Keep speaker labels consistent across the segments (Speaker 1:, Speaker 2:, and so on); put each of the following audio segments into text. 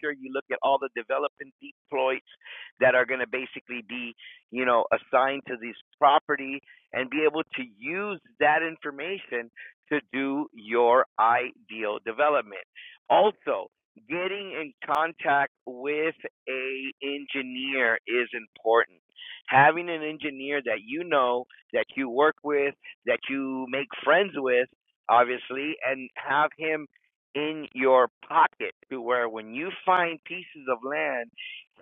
Speaker 1: sure you look at all the development deploys that are going to basically be, you know, assigned to this property and be able to use that information to do your ideal development. Also, getting in contact with a engineer is important. Having an engineer that you know, that you work with, that you make friends with, obviously, and have him in your pocket to where when you find pieces of land,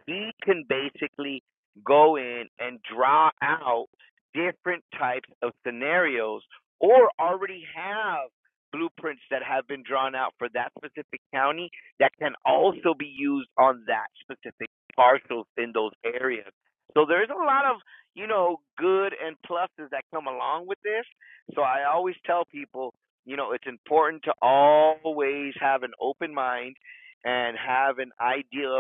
Speaker 1: he can basically go in and draw out different types of scenarios or already have blueprints that have been drawn out for that specific county that can also be used on that specific parcels in those areas. So there's a lot of, you know, good and pluses that come along with this. So I always tell people you know, it's important to always have an open mind and have an idea,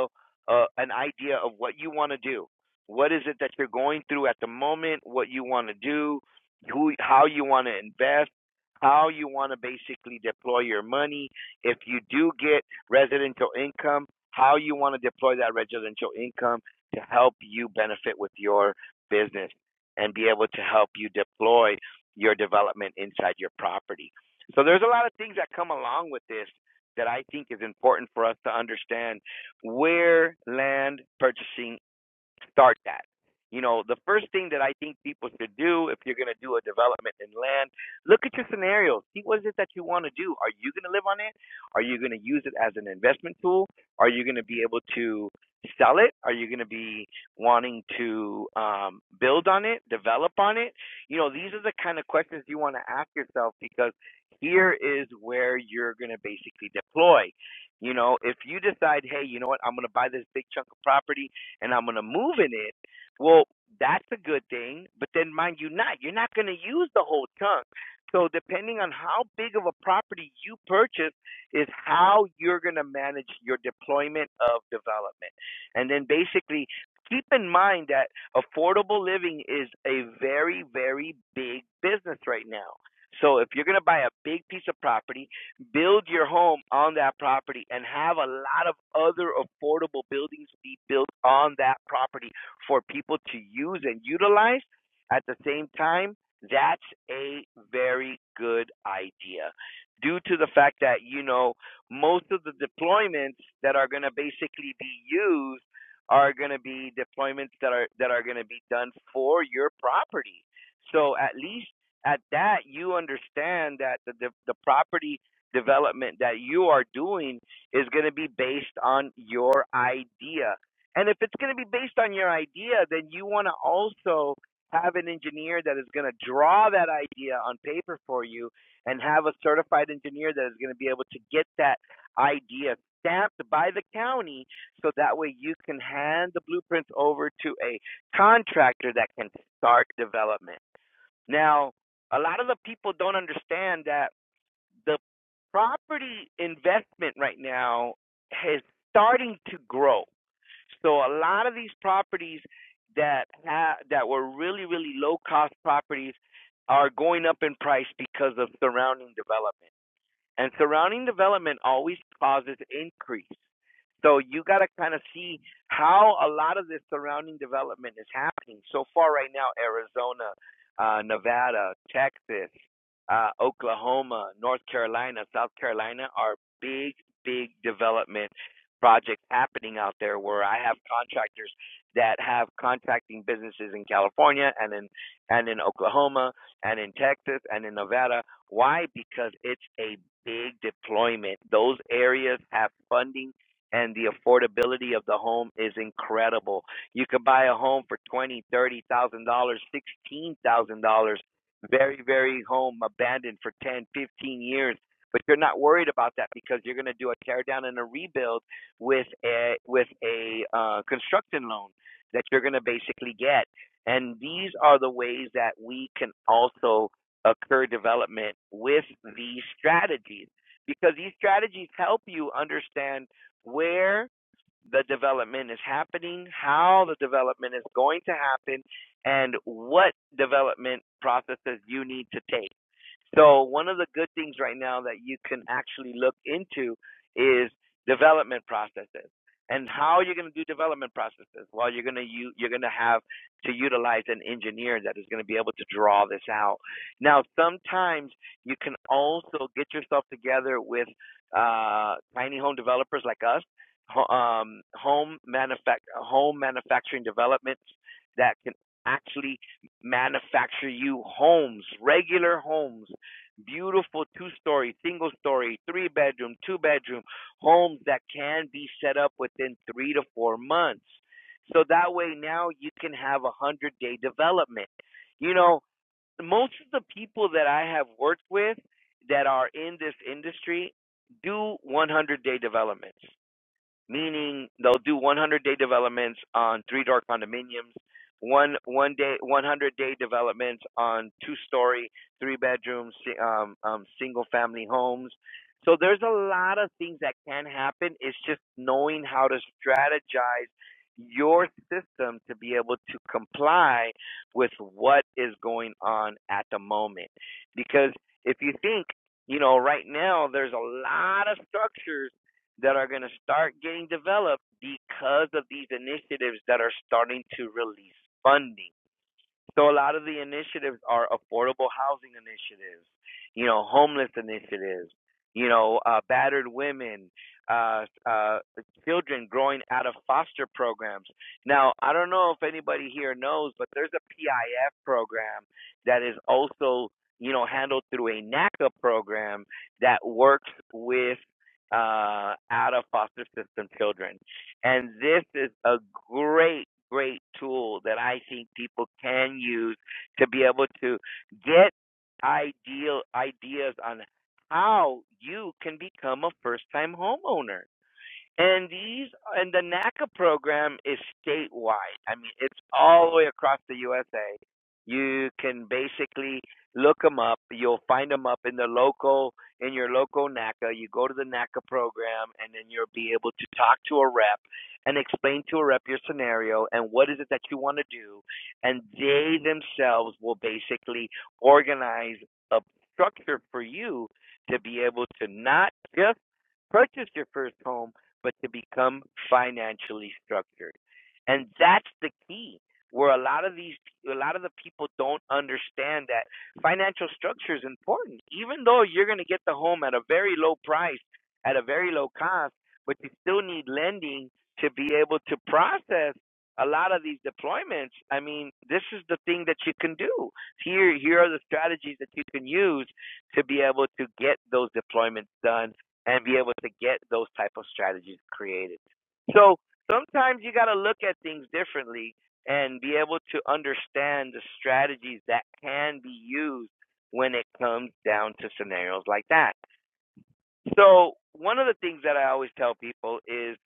Speaker 1: uh, an idea of what you want to do. What is it that you're going through at the moment? What you want to do? Who? How you want to invest? How you want to basically deploy your money? If you do get residential income, how you want to deploy that residential income to help you benefit with your business and be able to help you deploy your development inside your property. So there's a lot of things that come along with this that I think is important for us to understand where land purchasing start that. You know, the first thing that I think people should do if you're going to do a development in land, look at your scenarios. See what is it that you want to do. Are you going to live on it? Are you going to use it as an investment tool? Are you going to be able to sell it? Are you going to be wanting to um, build on it, develop on it? You know, these are the kind of questions you want to ask yourself because here is where you're going to basically deploy. You know, if you decide, hey, you know what, I'm going to buy this big chunk of property and I'm going to move in it, well, that's a good thing. But then, mind you, not you're not going to use the whole chunk. So, depending on how big of a property you purchase, is how you're going to manage your deployment of development. And then, basically, keep in mind that affordable living is a very, very big business right now. So, if you're going to buy a big piece of property, build your home on that property and have a lot of other affordable buildings be built on that property for people to use and utilize at the same time, that's a very good idea. Due to the fact that, you know, most of the deployments that are going to basically be used are going to be deployments that are that are going to be done for your property. So at least at that you understand that the the, the property development that you are doing is going to be based on your idea. And if it's going to be based on your idea, then you want to also have an engineer that is going to draw that idea on paper for you and have a certified engineer that is going to be able to get that idea stamped by the county so that way you can hand the blueprints over to a contractor that can start development. Now, a lot of the people don't understand that the property investment right now is starting to grow. So a lot of these properties that ha- that were really really low cost properties are going up in price because of surrounding development. And surrounding development always causes increase. So you got to kind of see how a lot of this surrounding development is happening. So far, right now, Arizona, uh, Nevada, Texas, uh, Oklahoma, North Carolina, South Carolina are big, big development projects happening out there where I have contractors that have contracting businesses in California and in and in Oklahoma and in Texas and in Nevada. Why? Because it's a big deployment. Those areas have funding and the affordability of the home is incredible. You could buy a home for twenty, thirty thousand dollars, sixteen thousand dollars, very, very home abandoned for ten, fifteen years. But you're not worried about that because you're going to do a tear down and a rebuild with a with a uh, construction loan that you're going to basically get. And these are the ways that we can also occur development with these strategies because these strategies help you understand where the development is happening, how the development is going to happen, and what development processes you need to take. So, one of the good things right now that you can actually look into is development processes and how you're going to do development processes. Well, you're going to u- you're going to have to utilize an engineer that is going to be able to draw this out. Now, sometimes you can also get yourself together with uh, tiny home developers like us um, home manufact- home manufacturing developments that can actually manufacture you homes, regular homes, beautiful two story, single story, three bedroom, two bedroom homes that can be set up within three to four months. So that way now you can have a hundred day development. You know, most of the people that I have worked with that are in this industry do 100 day developments meaning they'll do 100 day developments on three door condominiums one one day 100 day developments on two story three bedroom si- um, um, single family homes so there's a lot of things that can happen it's just knowing how to strategize your system to be able to comply with what is going on at the moment because if you think you know right now there's a lot of structures that are going to start getting developed because of these initiatives that are starting to release funding. So a lot of the initiatives are affordable housing initiatives, you know, homeless initiatives, you know, uh, battered women, uh, uh, children growing out of foster programs. Now, I don't know if anybody here knows, but there's a PIF program that is also, you know, handled through a NACA program that works with uh, out of foster system children. And this is a great great tool that I think people can use to be able to get ideal ideas on how you can become a first time homeowner. And these and the NACA program is statewide. I mean, it's all the way across the USA. You can basically look them up. You'll find them up in the local in your local NACA. You go to the NACA program, and then you'll be able to talk to a rep and explain to a rep your scenario and what is it that you want to do. And they themselves will basically organize a structure for you to be able to not just purchase your first home but to become financially structured. And that's the key where a lot of these a lot of the people don't understand that financial structure is important. Even though you're going to get the home at a very low price, at a very low cost, but you still need lending to be able to process a lot of these deployments. I mean, this is the thing that you can do. Here here are the strategies that you can use to be able to get those deployments done and be able to get those type of strategies created. So sometimes you got to look at things differently and be able to understand the strategies that can be used when it comes down to scenarios like that. So one of the things that I always tell people is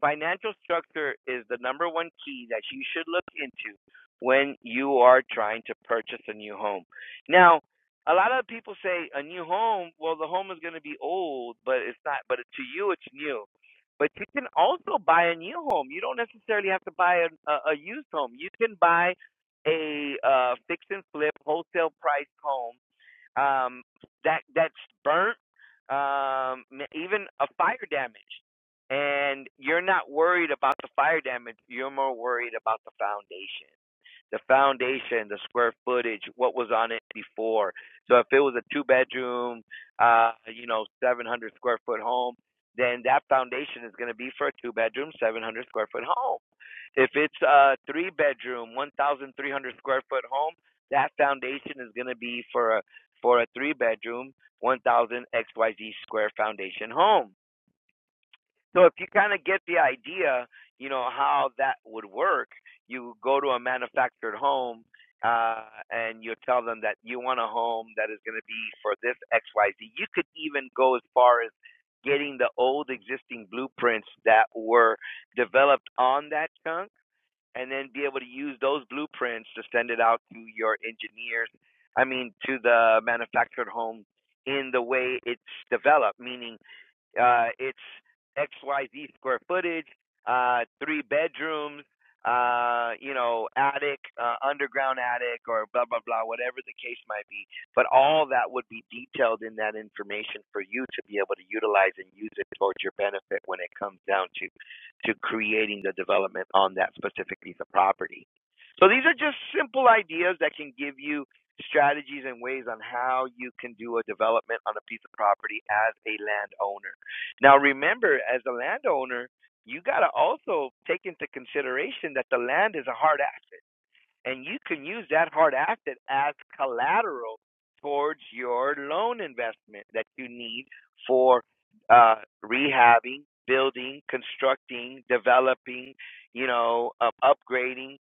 Speaker 1: financial structure is the number one key that you should look into when you are trying to purchase a new home. Now, a lot of people say a new home, well, the home is going to be old, but it's not, but to you, it's new. But you can also buy a new home. You don't necessarily have to buy a, a, a used home. You can buy a uh, fix and flip wholesale price home um, that that's burnt, um, even a fire damage. And you're not worried about the fire damage. You're more worried about the foundation the foundation, the square footage, what was on it before. So if it was a two bedroom, uh, you know, 700 square foot home, then that foundation is going to be for a two bedroom, 700 square foot home. If it's a three bedroom, 1,300 square foot home, that foundation is going to be for a for a three bedroom, 1,000 XYZ square foundation home. So if you kind of get the idea, you know how that would work. You go to a manufactured home, uh, and you tell them that you want a home that is going to be for this X Y Z. You could even go as far as getting the old existing blueprints that were developed on that chunk and then be able to use those blueprints to send it out to your engineers. I mean, to the manufactured home in the way it's developed, meaning uh, it's XYZ square footage, uh, three bedrooms, uh, you know, attic, uh, underground attic, or blah, blah, blah, whatever the case might be. But all that would be detailed in that information for you to be able to utilize and use it towards your benefit when it comes down to to creating the development on that specific piece of property. So these are just simple ideas that can give you strategies and ways on how you can do a development on a piece of property as a landowner. Now remember, as a landowner, you got to also take into consideration that the land is a hard asset and you can use that hard asset as collateral towards your loan investment that you need for uh, rehabbing, building, constructing, developing, you know, uh, upgrading,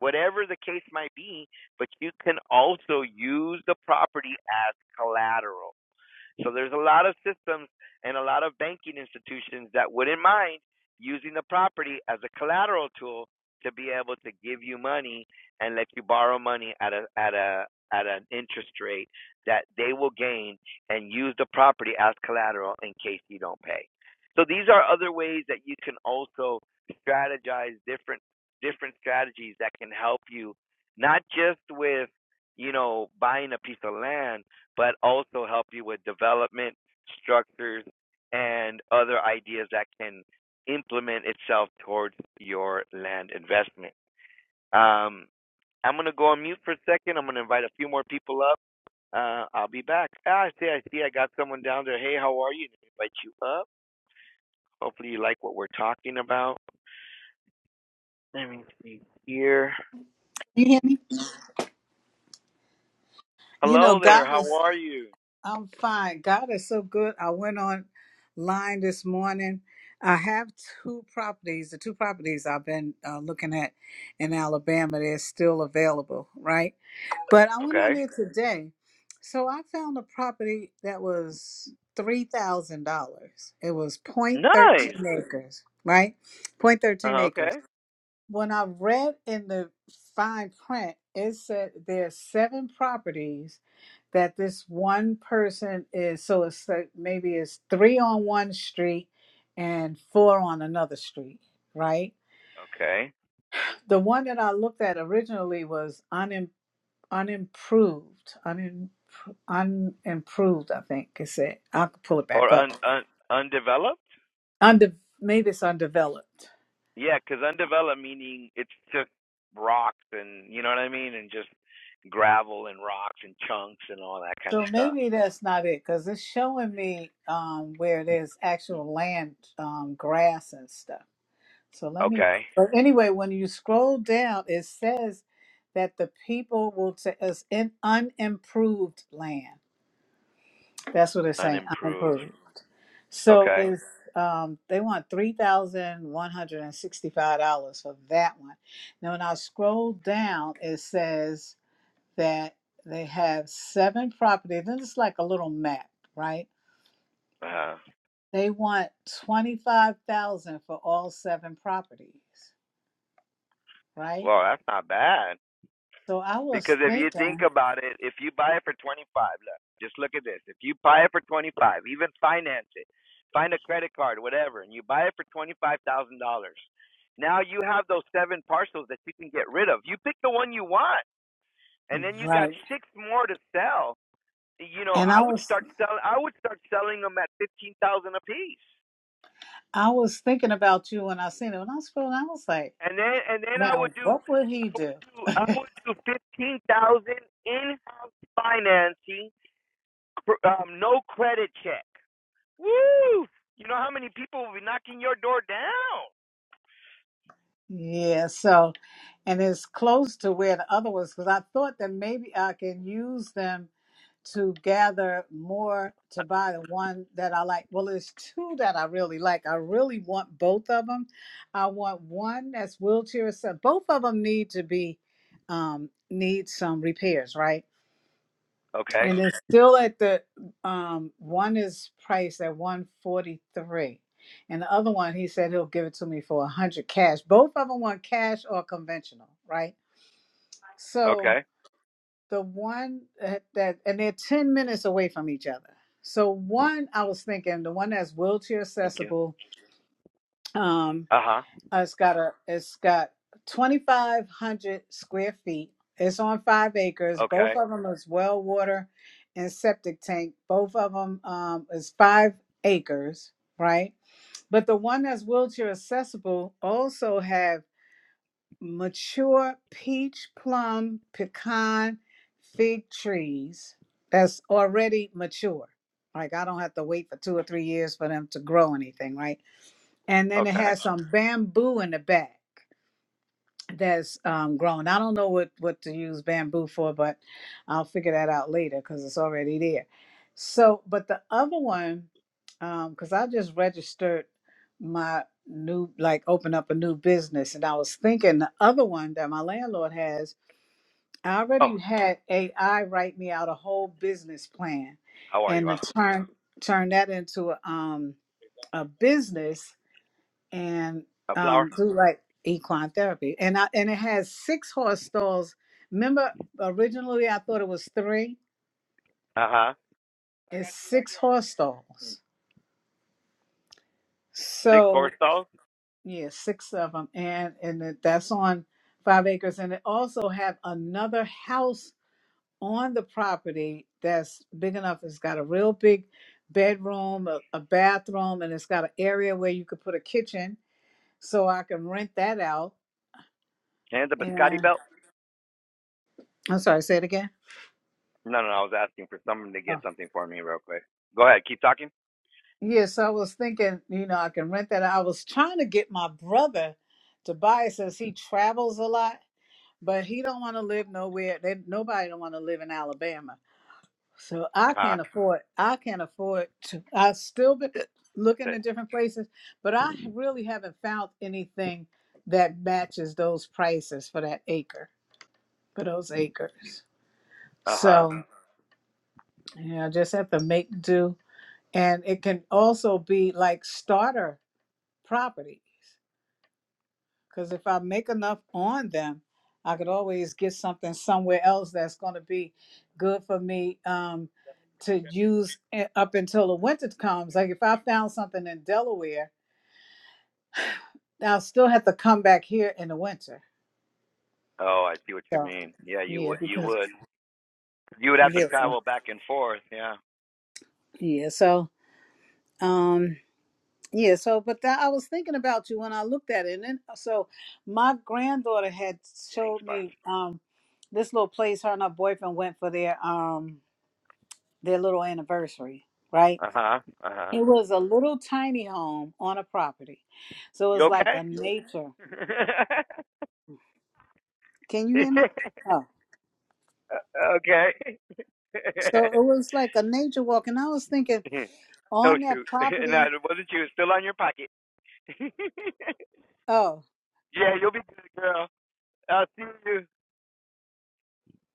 Speaker 1: whatever the case might be. But you can also use the property as collateral. So there's a lot of systems and a lot of banking institutions that wouldn't mind using the property as a collateral tool to be able to give you money and let you borrow money at a at a at an interest rate that they will gain and use the property as collateral in case you don't pay. So these are other ways that you can also strategize different different strategies that can help you not just with you know buying a piece of land but also help you with development structures and other ideas that can implement itself towards your land investment. Um, I'm gonna go on mute for a second. I'm gonna invite a few more people up. Uh, I'll be back. Ah, I see, I see. I got someone down there. Hey, how are you? Invite you up. Hopefully, you like what we're talking about. Let me see here.
Speaker 2: You hear me? You know,
Speaker 1: Hello there.
Speaker 2: God
Speaker 1: How
Speaker 2: is,
Speaker 1: are you?
Speaker 2: I'm fine. God is so good. I went online this morning. I have two properties, the two properties I've been uh, looking at in Alabama. They're still available, right? But I went on
Speaker 1: Okay.
Speaker 2: there today. So I found a property that was $3,000. It was point thirteen
Speaker 1: Nice.
Speaker 2: acres, right? Point thirteen
Speaker 1: Uh,
Speaker 2: acres.
Speaker 1: okay.
Speaker 2: when I read in the fine print, it said there are seven properties that this one person is. So it's like maybe it's three on one street and four on another street, right?
Speaker 1: Okay.
Speaker 2: The one that I looked at originally was unim unimproved, unim unimproved. I think it said. I could pull it
Speaker 1: Or
Speaker 2: back up.
Speaker 1: un, un undeveloped?
Speaker 2: Unde- maybe it's undeveloped
Speaker 1: Yeah, because undeveloped meaning it's took rocks and you know what I mean, and just gravel and rocks and chunks and all that kind
Speaker 2: So
Speaker 1: of stuff.
Speaker 2: maybe that's not it because it's showing me um, where there's actual land, um, grass, and stuff. So let me.
Speaker 1: Okay,
Speaker 2: But anyway, when you scroll down, it says that the people will say us in unimproved land. That's what it's saying,
Speaker 1: unimproved.
Speaker 2: unimproved. So
Speaker 1: Okay,
Speaker 2: it's um, they want three thousand one hundred and sixty-five dollars for that one. Now, when I scroll down, it says that they have seven properties, and it's like a little map, right?
Speaker 1: uh,
Speaker 2: They want twenty-five thousand for all seven properties, right?
Speaker 1: well that's not bad
Speaker 2: So I was
Speaker 1: because if you think
Speaker 2: thinking,
Speaker 1: about it, if you buy it for twenty five, look, just look at this. If you buy it for twenty five, even finance it, find a credit card, whatever, and you buy it for twenty five thousand dollars. Now you have those seven parcels that you can get rid of. You pick the one you want and then you got
Speaker 2: right,
Speaker 1: six more to sell. You know,
Speaker 2: and
Speaker 1: I
Speaker 2: I
Speaker 1: would
Speaker 2: was
Speaker 1: start selling. I would start selling them at fifteen thousand a piece,
Speaker 2: I was thinking about you when I seen it. When I scrolled, I was like,
Speaker 1: and then and then I
Speaker 2: now
Speaker 1: would do,
Speaker 2: what would he
Speaker 1: I
Speaker 2: do?
Speaker 1: would do, I would do fifteen thousand in-house financing, um, no credit check. Woo! You know how many people will be knocking your door down?
Speaker 2: Yeah, so and it's close to where the other was because I thought that maybe I can use them to gather more to buy the one that I like. Well, there's two that I really like. I really want both of them. I want one that's wheelchair so both of them need to be um need some repairs, right?
Speaker 1: Okay.
Speaker 2: And it's still at the um one is priced at 143. And the other one he said he'll give it to me for 100 cash. Both of them want cash or conventional, right? So
Speaker 1: Okay.
Speaker 2: the one that, that and they're 10 minutes away from each other so one i was thinking the one that's wheelchair
Speaker 1: Thank you.
Speaker 2: accessible um
Speaker 1: Uh huh.
Speaker 2: uh, it's got a it's got 2500 square feet it's on five acres both
Speaker 1: Okay.
Speaker 2: of them is well water and septic tank both of them um is five acres right but the one that's wheelchair accessible also have mature peach, plum, pecan, fig trees that's already mature. Like I don't have to wait for two or three years for them to grow anything, right? And then it
Speaker 1: Okay.
Speaker 2: has some bamboo in the back that's um, grown. I don't know what what to use bamboo for, but I'll figure that out later because it's already there. So, but the other one, because I just registered my new, like, open up a new business, and I was thinking the other one that my landlord has. I
Speaker 1: Oh,
Speaker 2: already had AI write me out a whole business plan,
Speaker 1: how are you?
Speaker 2: and to
Speaker 1: Awesome.
Speaker 2: turn turn that into a, um, a business and
Speaker 1: A flower.
Speaker 2: um, do like equine therapy. And I and it has six horse stalls. Remember, originally I thought it was three.
Speaker 1: Uh huh.
Speaker 2: It's six horse stalls.
Speaker 1: Six
Speaker 2: So
Speaker 1: horse stalls
Speaker 2: yeah, six of them, and and it- that's on five acres. And it also have another house on the property that's big enough. It's got a real big bedroom, a, a bathroom, and it's got an area where you could put a kitchen. So I can rent that out.
Speaker 1: and a biscotti
Speaker 2: And
Speaker 1: belt.
Speaker 2: I'm sorry, say it again.
Speaker 1: No, no, no, I was asking for someone to get something for me real quick. Go ahead, keep talking.
Speaker 2: Yes, I was thinking, you know, I can rent that. out. I was trying to get my brother to buy it since he travels a lot, but he don't want to live nowhere. They, nobody don't want to live in Alabama. So
Speaker 1: Uh
Speaker 2: I
Speaker 1: huh.
Speaker 2: can't afford, I can't afford to, I've still been looking
Speaker 1: That's it.
Speaker 2: at different places, but I really haven't found anything that matches those prices for that acre, for those acres.
Speaker 1: Uh huh.
Speaker 2: So, you know, just have to make do. And it can also be like starter properties Because if I make enough on them, I could always get something somewhere else that's going to be good for me um, to use i- up until the winter comes. Like if I found something in Delaware, I'll still have to come back here in the winter.
Speaker 1: Oh, I see what you
Speaker 2: So
Speaker 1: mean. Yeah, you
Speaker 2: yeah,
Speaker 1: would. You
Speaker 2: because
Speaker 1: would. You would have to
Speaker 2: yeah, so,
Speaker 1: travel back and forth. Yeah.
Speaker 2: yeah. So um, yeah. So but that, I was thinking about you when I looked at it, and then, so my granddaughter had
Speaker 1: Thanks,
Speaker 2: showed
Speaker 1: boss.
Speaker 2: me um, this little place her and her boyfriend went for their um their little anniversary, right?
Speaker 1: Uh huh. Uh huh.
Speaker 2: It was a little tiny home on a property. So it
Speaker 1: You
Speaker 2: was like
Speaker 1: okay?
Speaker 2: a nature. Can you hear me? Oh.
Speaker 1: okay.
Speaker 2: So it was like a nature walk. And I was thinking
Speaker 1: oh
Speaker 2: on that
Speaker 1: shoot! no,
Speaker 2: property,
Speaker 1: it wasn't you. It's still on your pocket.
Speaker 2: oh,
Speaker 1: yeah, you'll be good, girl. I'll see you.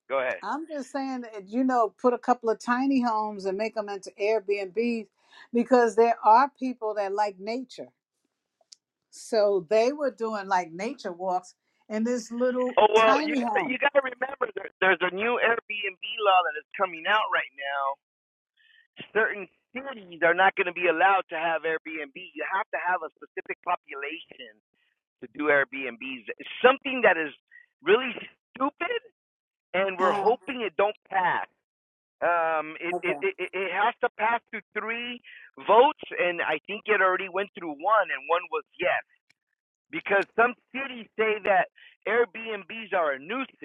Speaker 1: Go ahead.
Speaker 2: I'm just saying that, you know, put a couple of tiny homes and make them into Airbnbs because there are people that like nature. So they were doing like nature walks in this little
Speaker 1: Oh well, you
Speaker 2: tiny
Speaker 1: gotta
Speaker 2: home.
Speaker 1: you gotta remember there, there's a new Airbnb law that is coming out right now. Certain cities are not going to be allowed to have Airbnb. You have to have a specific population to do Airbnbs. It's something that is really stupid, and we're
Speaker 2: Uh-huh.
Speaker 1: hoping it don't pass. Um, it
Speaker 2: Okay.
Speaker 1: it it, it it has to pass through three votes, and I think it already went through one, and one was yes because some cities say that Airbnbs are a nuisance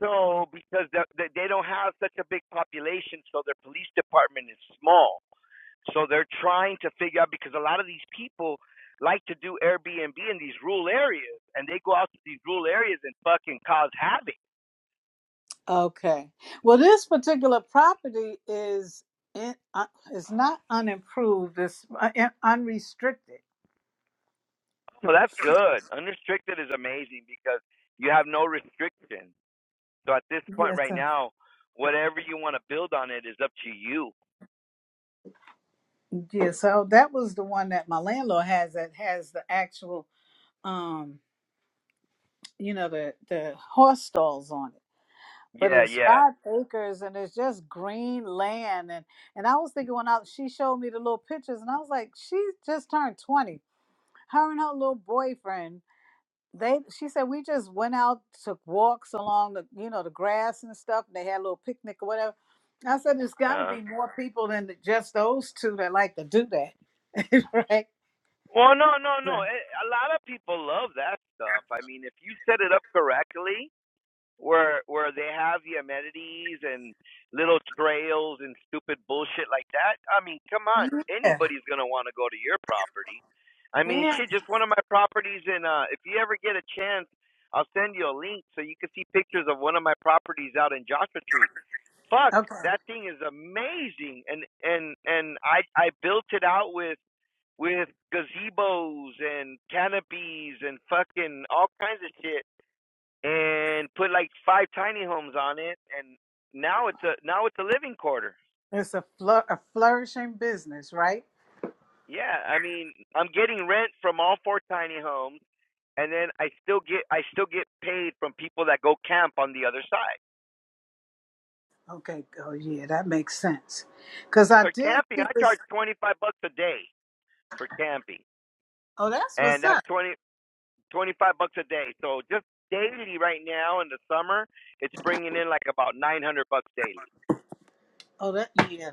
Speaker 1: So, because the, they don't have such a big population, so their police department is small. So they're trying to figure out because a lot of these people like to do Airbnb in these rural areas, and they go out to these rural areas and fucking cause havoc.
Speaker 2: Okay. Well, this particular property is in, uh, is not unimproved. It's uh, in- unrestricted.
Speaker 1: So that's good. Unrestricted is amazing because you have no restriction. So at this point
Speaker 2: Yes,
Speaker 1: right
Speaker 2: sir.
Speaker 1: now, whatever you want to build on it is up to you.
Speaker 2: Yeah. So that was the one that my landlord has that has the actual, um, you know, the the horse stalls on it. But
Speaker 1: Yeah,
Speaker 2: it's
Speaker 1: yeah.
Speaker 2: five acres and it's just green land. And and I was thinking when I she showed me the little pictures and I was like, she just turned twenty. Her and her little boyfriend they she said we just went out took walks along the you know the grass and stuff and they had a little picnic or whatever i said there's
Speaker 1: Uh
Speaker 2: got to
Speaker 1: huh.
Speaker 2: be more people than just those two that like to do that right
Speaker 1: Well, no, no, no. Eh, A lot of people love that stuff. I mean, if you set it up correctly, where where they have the amenities and little trails and stupid bullshit like that, I mean, come
Speaker 2: yeah
Speaker 1: on,
Speaker 2: yeah
Speaker 1: anybody's gonna want to go to your property. I mean,
Speaker 2: Yeah.
Speaker 1: shit, just one of my properties in. Uh, if you ever get a chance, I'll send you a link so you can see pictures of one of my properties out in Joshua Tree fuck
Speaker 2: okay
Speaker 1: that thing is amazing and and and i i built it out with with gazebos and canopies and fucking all kinds of shit and put like five tiny homes on it and now it's a now it's a living quarter.
Speaker 2: it's a, flou- a flourishing business right
Speaker 1: Yeah, I mean, I'm getting rent from all four tiny homes and then I still get I still get paid from people that go camp on the other side.
Speaker 2: okay oh yeah that makes sense because i
Speaker 1: For
Speaker 2: did
Speaker 1: camping,
Speaker 2: see
Speaker 1: I
Speaker 2: this
Speaker 1: charge 25 bucks a day for camping.
Speaker 2: oh that's
Speaker 1: And
Speaker 2: what's
Speaker 1: that's
Speaker 2: up
Speaker 1: 20 25 bucks a day. So just daily right now in the summer, it's bringing in like about 900 bucks daily.
Speaker 2: oh that yeah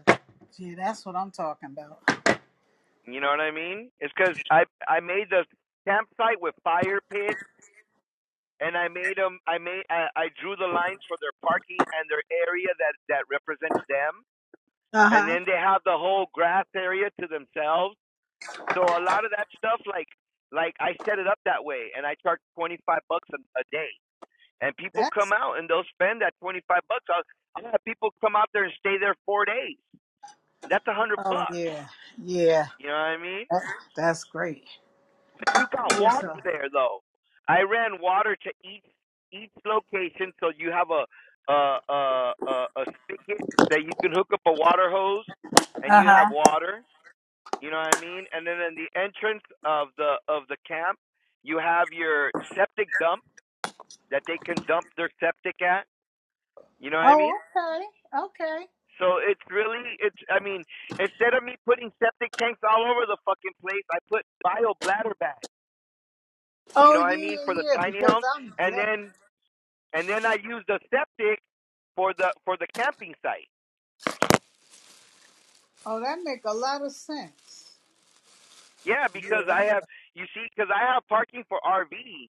Speaker 2: yeah that's what i'm talking about
Speaker 1: You know what I mean? It's cuz I I made the campsite with fire pit and I made them I made I, I drew the lines for their parking and their area that that represents them and
Speaker 2: uh-huh
Speaker 1: then they have the whole grass area to themselves. So a lot of that stuff like like I set it up that way and I charge 25 bucks a, a day and people
Speaker 2: that's
Speaker 1: come out and they'll spend that 25 bucks. I'll, I'll have people come out there and stay there four days. That's a hundred
Speaker 2: oh
Speaker 1: bucks.
Speaker 2: yeah yeah
Speaker 1: You know what I mean?
Speaker 2: that, that's great
Speaker 1: But you got
Speaker 2: Yes,
Speaker 1: water
Speaker 2: sir.
Speaker 1: there though. I ran water to each each location, so you have a a a a, a spigot that you can hook up a water hose, and
Speaker 2: Uh
Speaker 1: you have
Speaker 2: huh.
Speaker 1: water. You know what I mean? And then in the entrance of the of the camp, you have your septic dump that they can dump their septic at. You know what I
Speaker 2: Oh,
Speaker 1: mean?
Speaker 2: okay, okay.
Speaker 1: So it's really it's I mean, instead of me putting septic tanks all over the fucking place, I put bio bladder bags. You
Speaker 2: Oh,
Speaker 1: know what I
Speaker 2: yeah,
Speaker 1: mean? For
Speaker 2: yeah,
Speaker 1: the
Speaker 2: yeah.
Speaker 1: tiny
Speaker 2: Because
Speaker 1: homes
Speaker 2: I'm
Speaker 1: and
Speaker 2: deaf.
Speaker 1: then and then I use the septic for the for the camping site.
Speaker 2: Oh, that make a lot of sense.
Speaker 1: Yeah,
Speaker 2: Yeah.
Speaker 1: because
Speaker 2: That
Speaker 1: I have you see, because I have parking for RVs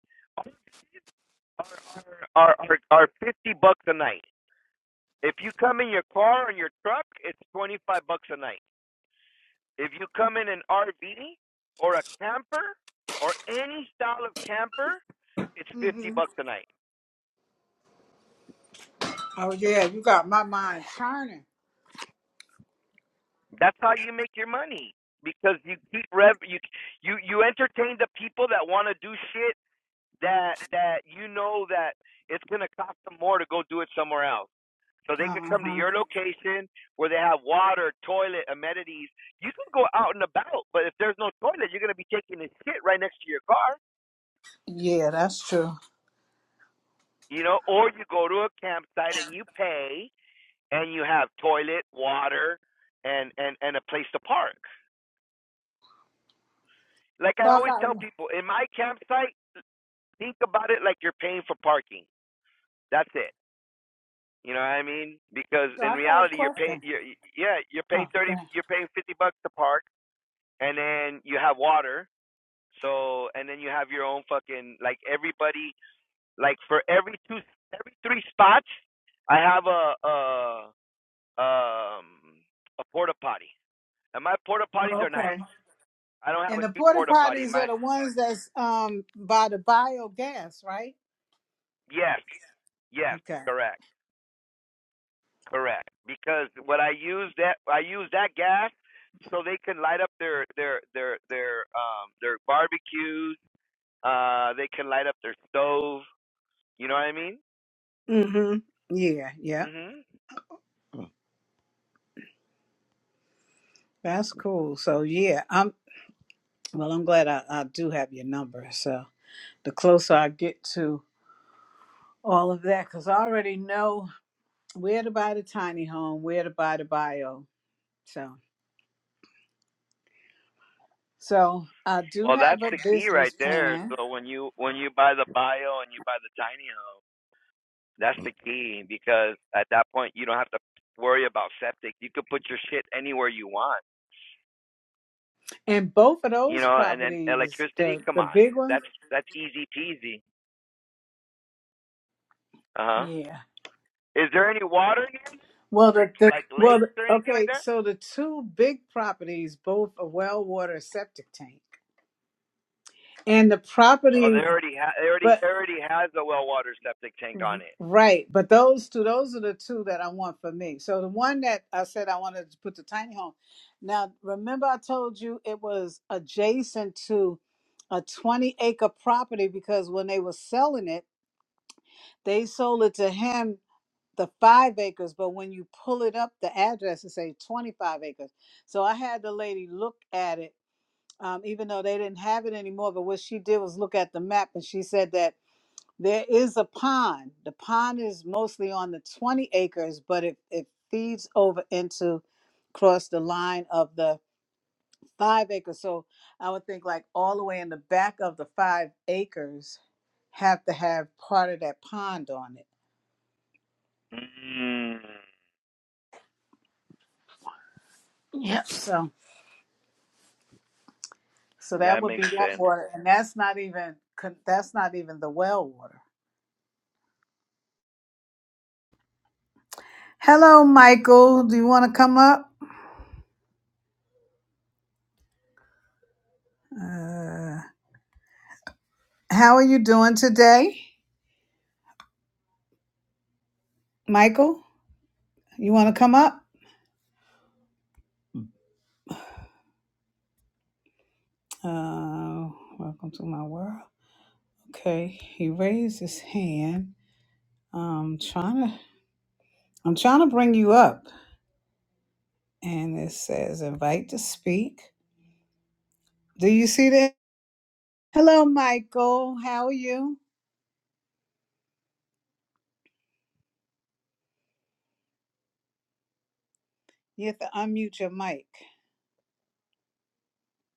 Speaker 1: are are are are fifty bucks a night. If you come in your car and your truck, it's twenty five bucks a night. If you come in an RV or a camper or any style of camper, it's
Speaker 2: make-
Speaker 1: 50
Speaker 2: mhm.
Speaker 1: bucks a night.
Speaker 2: Oh, yeah. You got my mind turning.
Speaker 1: That's how you make your money because you keep rev you you you entertain the people that want to do shit that that you know that it's going to cost them more to go do it somewhere else. So they could
Speaker 2: Uh
Speaker 1: come to
Speaker 2: huh.
Speaker 1: your location where they have water, toilet, amenities. You can go out and about, but if there's no toilet, you're going to be taking a shit right next to your car.
Speaker 2: Yeah, that's true.
Speaker 1: you know, or you go to a campsite and you pay and you have toilet, water, and and and a place to park. Like I
Speaker 2: So I
Speaker 1: always
Speaker 2: got,
Speaker 1: tell people, in my campsite, think about it like you're paying for parking. That's it. You know what I mean? Because
Speaker 2: so
Speaker 1: in
Speaker 2: I got a
Speaker 1: reality, you're paying.
Speaker 2: question.
Speaker 1: You're, yeah, you're paying
Speaker 2: Oh,
Speaker 1: thirty.
Speaker 2: dang.
Speaker 1: You're paying fifty bucks to park, and then you have water. So and then you have your own fucking like everybody like for every two every three spots, I have a a um a porta potty. And my porta
Speaker 2: Oh,
Speaker 1: potties are
Speaker 2: okay.
Speaker 1: nice. I don't have a
Speaker 2: And the
Speaker 1: cheap
Speaker 2: porta
Speaker 1: porta potty.
Speaker 2: potties
Speaker 1: My
Speaker 2: are the ones that's um by the biogas, right?
Speaker 1: yes, yes,
Speaker 2: Okay.
Speaker 1: correct, correct. Because what I use that I use that gas so they can light up their their their their um their barbecues. Uh, they can light up their stove. You know what I mean?
Speaker 2: Mm-hmm. Yeah, yeah.
Speaker 1: Mhm.
Speaker 2: That's cool. So yeah, I'm well I'm glad I, I do have your number. So the closer I get to all of that, because I already know where to buy the tiny home, where to buy the bio. So, so I do
Speaker 1: Well, that's
Speaker 2: have a
Speaker 1: the key right
Speaker 2: business
Speaker 1: there.
Speaker 2: plan,
Speaker 1: So when you when you buy the bio and you buy the tiny home That's the key because at that point you don't have to worry about septic. You could put your shit anywhere you want,
Speaker 2: and both of
Speaker 1: you
Speaker 2: those
Speaker 1: know. And then
Speaker 2: properties,
Speaker 1: electricity,
Speaker 2: the
Speaker 1: come
Speaker 2: the
Speaker 1: on,
Speaker 2: big ones,
Speaker 1: that's that's easy peasy. Uh huh.
Speaker 2: yeah.
Speaker 1: Is there any water here,
Speaker 2: Well, the, the
Speaker 1: like
Speaker 2: well,
Speaker 1: lakes
Speaker 2: the,
Speaker 1: or anything like
Speaker 2: okay.
Speaker 1: that?
Speaker 2: So the two big properties, both a well water septic tank, and the
Speaker 1: Oh, they
Speaker 2: property,
Speaker 1: already ha- they
Speaker 2: but
Speaker 1: already already has a well water septic tank on
Speaker 2: Mhm.
Speaker 1: it.
Speaker 2: Right, but those two, those are the two that I want for me. So the one that I said I wanted to put the tiny home. Now, remember I told you it was adjacent to a 20 acre property because when they were selling it, they sold it to him the five acres, but when you pull it up, the address it say 25 acres. So I had the lady look at it, um, even though they didn't have it anymore. But what she did was look at the map, and she said that. There is a pond. The pond is mostly on the 20 acres, but it, it feeds over into across the line of the five acres. So I would think like all the way in the back of the five acres have to have part of that pond on it.
Speaker 1: Mm,
Speaker 2: Yep. So so that
Speaker 1: that
Speaker 2: would be
Speaker 1: makes
Speaker 2: that
Speaker 1: sense.
Speaker 2: water. And that's not even con- that's not even the well water. Hello, Michael. Do you want to come up? Uh, how are you doing today, Michael? You want to come up? Uh, welcome to my world. Okay, he raised his hand. Um, trying to, I'm trying to bring you up, and it says invite to speak. Do you see that? Hello, Michael. How are you? You have to unmute your mic.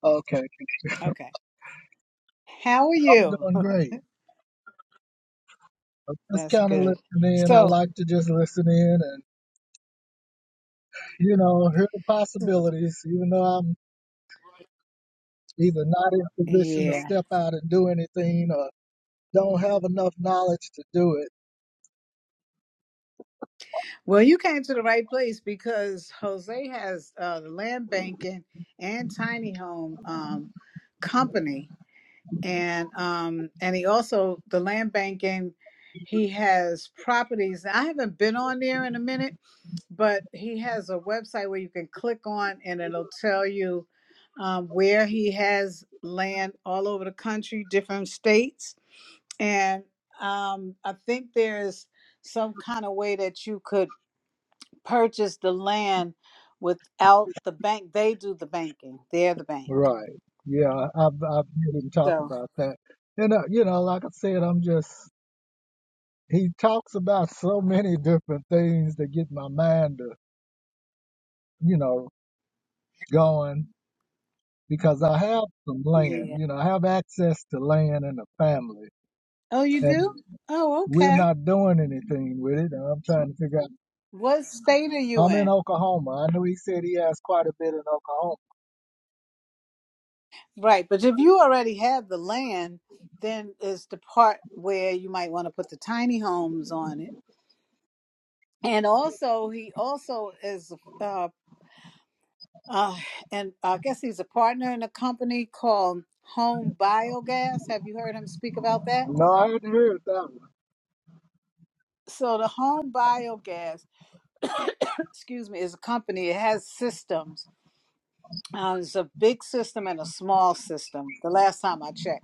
Speaker 3: Okay,
Speaker 2: Okay. How are
Speaker 3: I'm
Speaker 2: you?
Speaker 3: doing great. I'm just
Speaker 2: That's
Speaker 3: kind of
Speaker 2: good.
Speaker 3: listening in. I
Speaker 2: So,
Speaker 3: like to just listen in and, you know, hear the possibilities, even though I'm either not in a position to
Speaker 2: yeah.
Speaker 3: step out and do anything or don't have enough knowledge to do it.
Speaker 2: Well, you came to the right place because Jose has uh, the land banking and tiny home um, company and um and he also the land banking he has properties i haven't been on there in a minute but he has a website where you can click on and it'll tell you um, where he has land all over the country different states and um, i think there's some kind of way that you could purchase the land without the bank they do the banking they're the bank
Speaker 3: Right. Yeah, I've, I've heard him talk
Speaker 2: so
Speaker 3: about that. And, uh, you know, like I said, I'm just, he talks about so many different things that get my mind to, you know, going because I have some land,
Speaker 2: yeah
Speaker 3: you know, I have access to land and a family
Speaker 2: oh you
Speaker 3: and
Speaker 2: do oh
Speaker 3: we're
Speaker 2: okay
Speaker 3: not doing anything with it. I'm trying to figure out.
Speaker 2: What state are you
Speaker 3: I'm in
Speaker 2: in?
Speaker 3: Oklahoma. I know he said he has quite a bit in Oklahoma.
Speaker 2: Right, but if you already have the land, then is the part where you might want to put the tiny homes on it. And also, he also is, uh, uh, and I guess he's a partner in a company called Home Biogas. Have you heard him speak about that?
Speaker 3: No, I hadn't heard that one.
Speaker 2: So the Home Biogas, excuse me, is a company. It has systems. Uh, it's a big system and a small system. The last time I checked.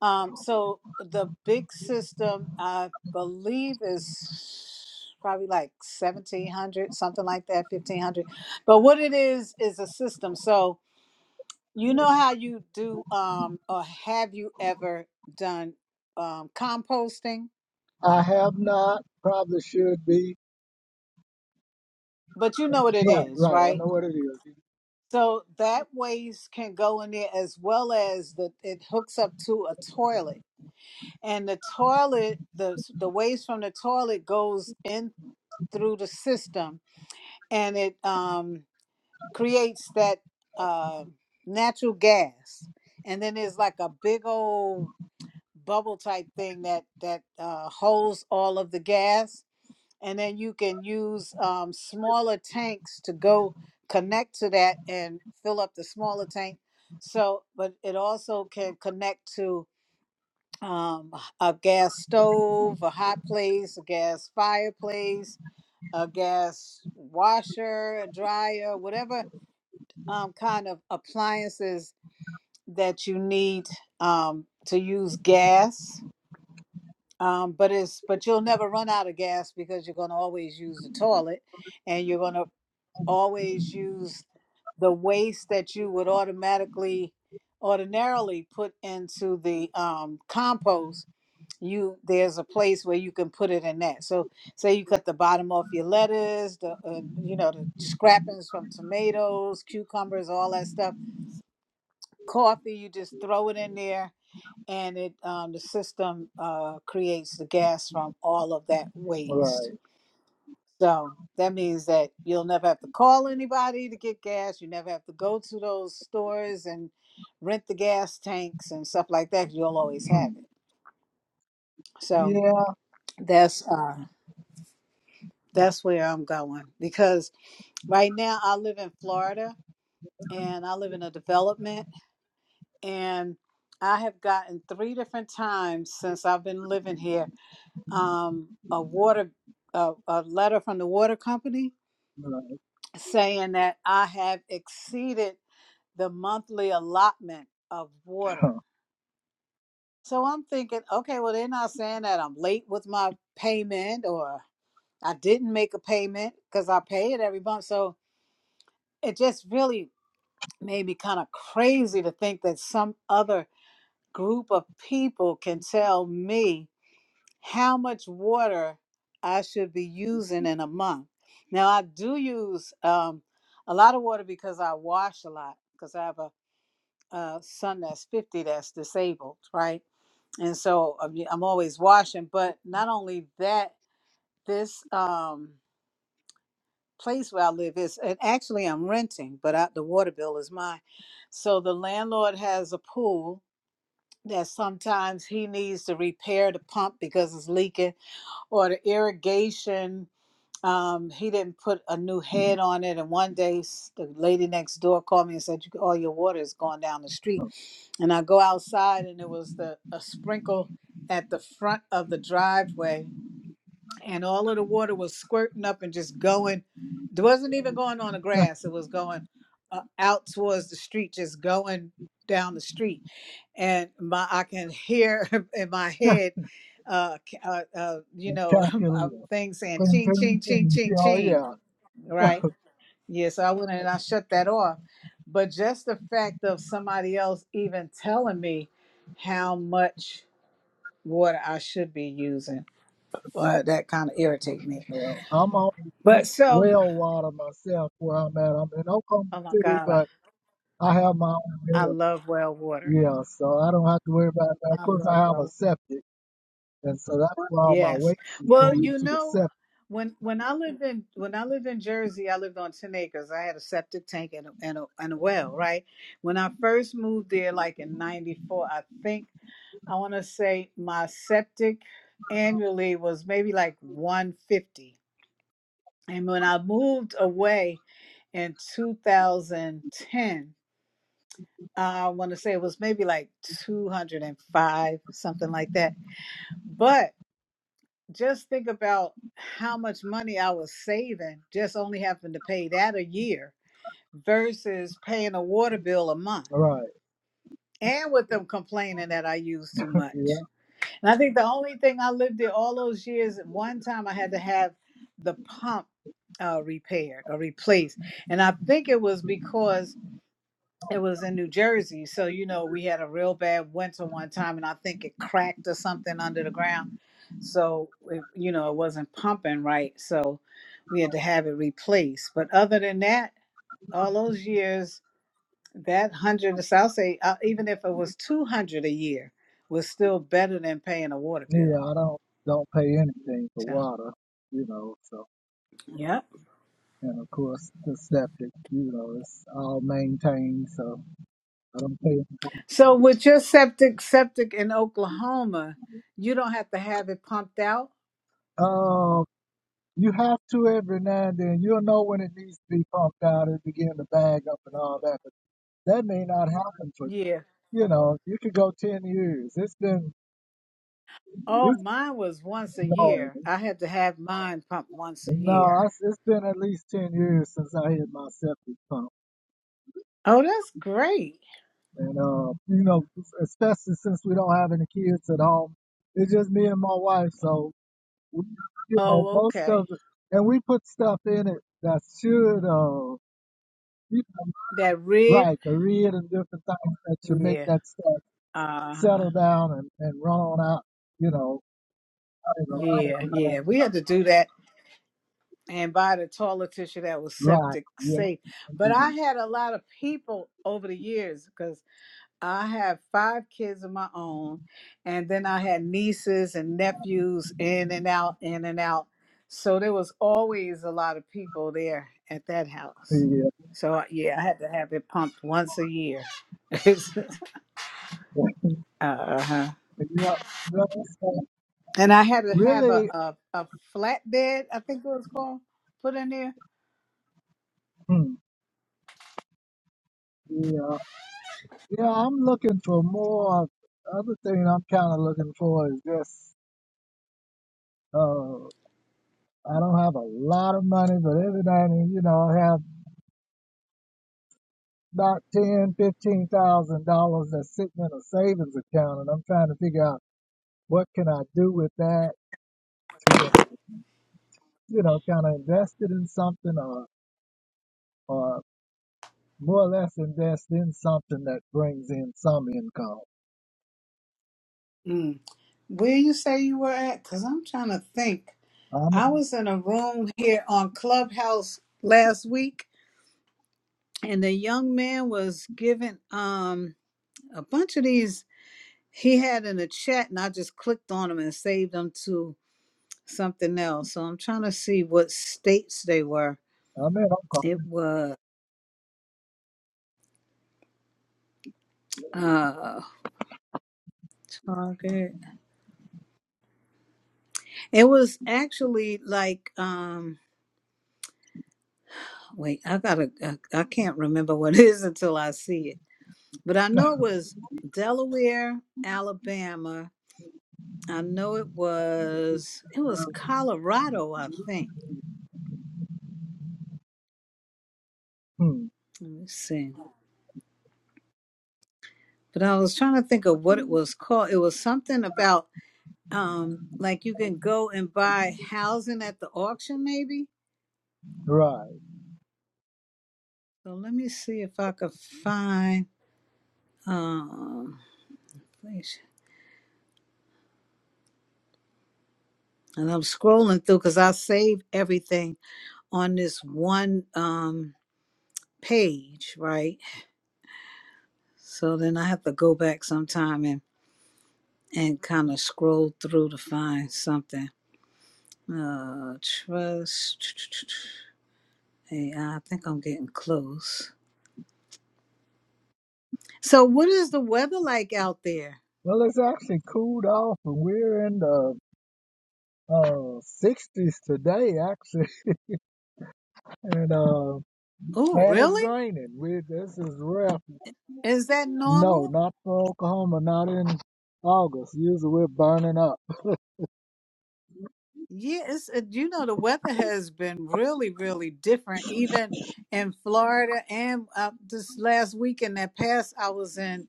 Speaker 2: Um, so the big system, I believe, is probably like seventeen hundred, something like that, fifteen hundred. But what it is is a system. So you know how you do, um, or have you ever done um, composting?
Speaker 3: I have not. Probably should be.
Speaker 2: But you know what it
Speaker 3: Right,
Speaker 2: is,
Speaker 3: right. I
Speaker 2: right?
Speaker 3: know what it is.
Speaker 2: So that waste can go in there as well as the it hooks up to a toilet, and the toilet, the the waste from the toilet goes in through the system and it um, creates that uh, natural gas. And then there's like a big old bubble type thing that that uh, holds all of the gas. And then you can use um, smaller tanks to go connect to that and fill up the smaller tank. So, but it also can connect to um, a gas stove, a hot place, a gas fireplace, a gas washer, a dryer, whatever um, kind of appliances that you need um, to use gas. Um, but it's but you'll never run out of gas because you're going to always use the toilet, and you're going to always use the waste that you would automatically ordinarily put into the um, compost. You there's a place where you can put it in that. So say you cut the bottom off your lettuce, the uh, you know the scrappings from tomatoes, cucumbers, all that stuff coffee you just throw it in there and it um, the system uh, creates the gas from all of that waste
Speaker 3: Right.
Speaker 2: so that means that you'll never have to call anybody to get gas you never have to go to those stores and rent the gas tanks and stuff like that 'cause you'll always have
Speaker 3: Hmm.
Speaker 2: it so
Speaker 3: Yeah.
Speaker 2: that's uh, that's where i'm going because right now i live in florida and i live in a development and i have gotten three different times since i've been living here um, a water a, a letter from the water company
Speaker 3: Right.
Speaker 2: saying that I have exceeded the monthly allotment of water. So I'm thinking, okay, well they're not saying that I'm late with my payment or I didn't make a payment because I pay it every month. So it just really made me kind of crazy to think that some other group of people can tell me how much water I should be using in a month. Now I do use um, a lot of water because I wash a lot because I have a, a son that's 50 that's disabled, right? And so I mean, I'm always washing. But not only that, this um, place where I live is, and actually I'm renting, but I, the water bill is mine. So the landlord has a pool that sometimes he needs to repair the pump because it's leaking or the irrigation um, he didn't put a new head on it and one day s- the lady next door called me and said "You- all your water is going down the street and i go outside and it was the a sprinkle at the front of the driveway and all of the water was squirting up and just going it wasn't even going on the grass it was going uh, out towards the street just going down the street and my I can hear in my head, uh, c- uh, uh you know, a
Speaker 3: Calculator.
Speaker 2: thing saying ching
Speaker 3: Concerning
Speaker 2: ching ching
Speaker 3: things. Yeah,
Speaker 2: ching
Speaker 3: Oh
Speaker 2: ching,
Speaker 3: yeah.
Speaker 2: right? Yes, I wouldn't and I shut that off, but just the fact of somebody else even telling me how much water I should be using, well, that kind of irritate me.
Speaker 3: Well, I'm on
Speaker 2: But so,
Speaker 3: well water myself where I'm at. I'm in Oklahoma
Speaker 2: oh my
Speaker 3: City,
Speaker 2: God,
Speaker 3: but I have my own
Speaker 2: I, I
Speaker 3: well.
Speaker 2: love well water.
Speaker 3: Yeah, so I don't have to worry about that. Of
Speaker 2: I
Speaker 3: course, I
Speaker 2: love
Speaker 3: have
Speaker 2: well
Speaker 3: a
Speaker 2: water.
Speaker 3: septic, and so that's why all my
Speaker 2: Yes.
Speaker 3: waste is
Speaker 2: Well,
Speaker 3: going
Speaker 2: you
Speaker 3: to the
Speaker 2: know,
Speaker 3: septic.
Speaker 2: when when I lived in when I lived in Jersey, I lived on 10 acres. I had a septic tank and a, and a, and a well, right? When I first moved there like in 94, I think I want to say my septic annually was maybe like 150. And when I moved away in 2010, I want to say it was maybe like 205, something like that. but. just think about how much money I was saving just only having to pay that a year versus paying a water bill a month.
Speaker 3: Right.
Speaker 2: And with them complaining that I use too much.
Speaker 3: Yeah.
Speaker 2: And I think the only thing I lived there all those years, at one time I had to have the pump uh, repaired or replaced. And I think it was because it was in New Jersey. So, you know, we had a real bad winter one time and I think it cracked or something under the ground. So, it, you know, it wasn't pumping right. So we had to have it replaced. But other than that, all those years, that hundred, so I'll say, uh, even if it was 200 a year, was still better than paying a water
Speaker 3: Yeah,
Speaker 2: bill.
Speaker 3: I don't don't pay anything for
Speaker 2: So,
Speaker 3: water, you know. So
Speaker 2: yeah.
Speaker 3: and of course the septic, you know, it's all maintained, so I don't pay.
Speaker 2: So with your septic, septic in Oklahoma, you don't have to have it pumped out.
Speaker 3: Um, you have to every now and then. You'll know when it needs to be pumped out. It begin to bag up and all that, but that may not happen for
Speaker 2: Yeah.
Speaker 3: you know. You could go ten years. It's been
Speaker 2: Oh,
Speaker 3: it's
Speaker 2: mine was once a year.
Speaker 3: annoying.
Speaker 2: I had to have mine pumped once a
Speaker 3: No,
Speaker 2: year.
Speaker 3: it's, it's been at least 10 years since I hit my septic pump.
Speaker 2: Oh, that's great.
Speaker 3: And, uh, you know, especially since we don't have any kids at home, it's just me and my wife. So, we, you know,
Speaker 2: Oh,
Speaker 3: most of
Speaker 2: okay.
Speaker 3: it, and we put stuff in it that should, uh, you know,
Speaker 2: That red.
Speaker 3: right, the rid and different things that should make
Speaker 2: Yeah.
Speaker 3: that stuff
Speaker 2: Uh huh.
Speaker 3: settle down and, and run on out, you know,
Speaker 2: Yeah, yeah. We had to do that and buy the toilet tissue that was
Speaker 3: right,
Speaker 2: septic
Speaker 3: yeah,
Speaker 2: safe.
Speaker 3: yeah,
Speaker 2: But I had a lot of people over the years because. I have five kids of my own, and then I had nieces and nephews in and out, in and out. So there was always a lot of people there at that house.
Speaker 3: yeah.
Speaker 2: So yeah, I had to have it pumped once a year. uh-huh.
Speaker 3: yeah.
Speaker 2: And I had to have a,
Speaker 3: Really,
Speaker 2: a, a flatbed, I think it was called, put in there.
Speaker 3: yeah. Yeah, I'm looking for more. Other thing I'm kind of looking for is just uh, I don't have a lot of money, but every now and then, you know, I have about ten, fifteen thousand dollars that's sitting in a savings account, and I'm trying to figure out what can I do with that to, uh, you know, kind of invest it in something, or or more or less invest in something that brings in some income.
Speaker 2: Mm. Where you say you were at? Because I'm trying to think.
Speaker 3: I'm
Speaker 2: I was in a room here on Clubhouse last week and the young man was given um a bunch of these he had in a chat and i just clicked on them and saved them to something else so i'm trying to see what states they were
Speaker 3: I'm at Uncle.
Speaker 2: it was uh target it was actually like um wait i gotta i, I can't remember what it is until i see it but i know it was delaware alabama i know it was it was colorado i think
Speaker 3: Hmm,
Speaker 2: let me see but I was trying to think of what it was called. It was something about um like you can go and buy housing at the auction, maybe.
Speaker 3: right.
Speaker 2: So let me see if I could find um and I'm scrolling through because I saved everything on this one um page, right? So then I have to go back sometime and and kind of scroll through to find something. Uh trust. Hey, I think I'm getting close. So, what is the weather like out there?
Speaker 3: Well, it's actually cooled off, and we're in the uh, 60s today, actually. And uh,
Speaker 2: Oh,
Speaker 3: man, it's
Speaker 2: really?
Speaker 3: raining. We this is rough.
Speaker 2: Is that
Speaker 3: No,
Speaker 2: normal?
Speaker 3: not for Oklahoma. Not in August. Usually we're burning up.
Speaker 2: Yeah, it's, uh, you know, the weather has been really, really different, even in Florida. And uh, this last weekend that passed, I was in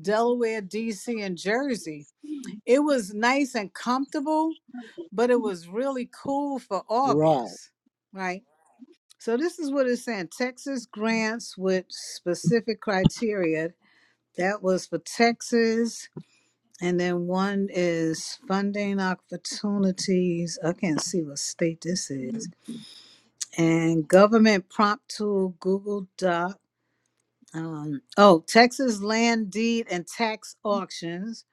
Speaker 2: Delaware, D.C., and Jersey. It was nice and comfortable, but it was really cool for
Speaker 3: Right.
Speaker 2: August, right? So, this is what it's saying Texas grants with specific criteria. That was for Texas And then one is funding opportunities. I can't see what state this is. And government prompt tool, Google Doc. Um, oh, Texas land deed and tax auctions.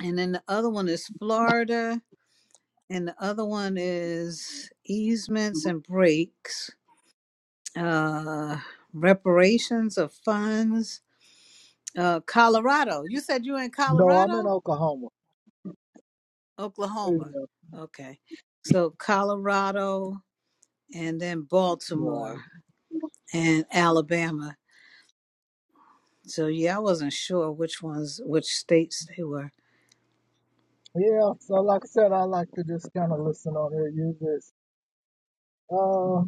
Speaker 2: And then the other one is Florida. And the other one is easements and breaks, uh, reparations of funds. Uh, Colorado. You said you were in
Speaker 3: No, I'm in
Speaker 2: Colorado?
Speaker 3: Oklahoma. Yeah,
Speaker 2: Oklahoma. Okay. So Colorado, and then
Speaker 3: right.
Speaker 2: Baltimore and Alabama. So yeah, I wasn't sure which ones, which states they were.
Speaker 3: Yeah. So like I said, I like to just kind of listen on here. Use this. Uh,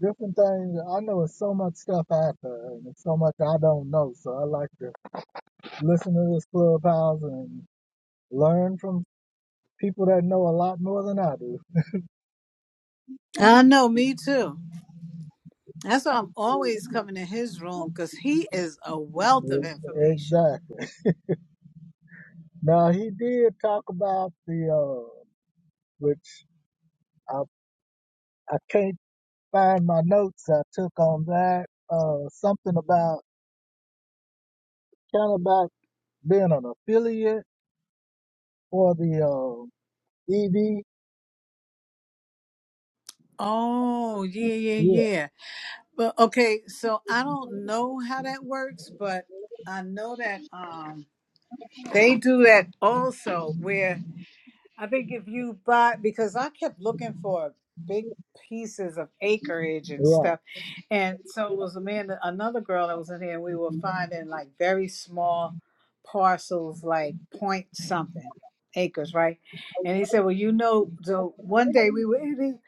Speaker 3: different things. I know it's so much stuff out there, and it's so much I don't know. So I like to listen to this clubhouse and learn from people that know a lot more than I
Speaker 2: I know, me too. That's why I'm
Speaker 3: do.
Speaker 2: always coming to his room because he is a wealth of
Speaker 3: Yes,
Speaker 2: information.
Speaker 3: exactly. Now he did talk about the uh, which I I can't find my notes I took on that. Uh, something about kind of about being an affiliate for the uh, ED.
Speaker 2: Oh yeah, yeah,
Speaker 3: Yeah,
Speaker 2: yeah. But okay, so I don't know how that works, but I know that um they do that also where I think if you buy, because I kept looking for big pieces of acreage and
Speaker 3: right,
Speaker 2: stuff. And so it was a man, another girl that was in here, and we were finding like very small parcels, like point something acres, right? And he said, Well, you know, so one day we were eating,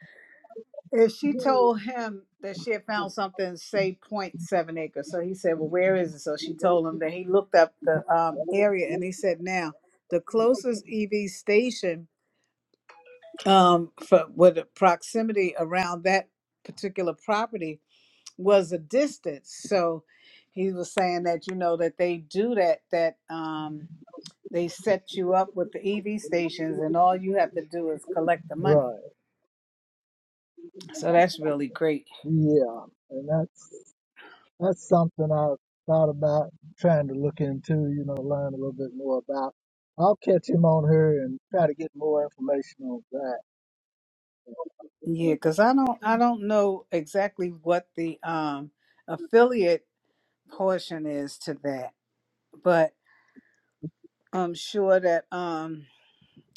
Speaker 2: and she told him that she had found something, say, point seven acres. So he said, Well, where is it? So she told him that he looked up the um, area and he said, Now, the closest EV station um, for with the proximity around that particular property was a distance. So he was saying that you know that they do that that um, they set you up with the EV stations, and all you have to do is collect the money.
Speaker 3: right.
Speaker 2: So that's really great.
Speaker 3: Yeah, and that's that's something I thought about trying to look into. You know, learn a little bit more about. I'll catch him on her and try to get more information on that.
Speaker 2: Yeah, because I don't I don't know exactly what the um, affiliate portion is to that. But I'm sure that um,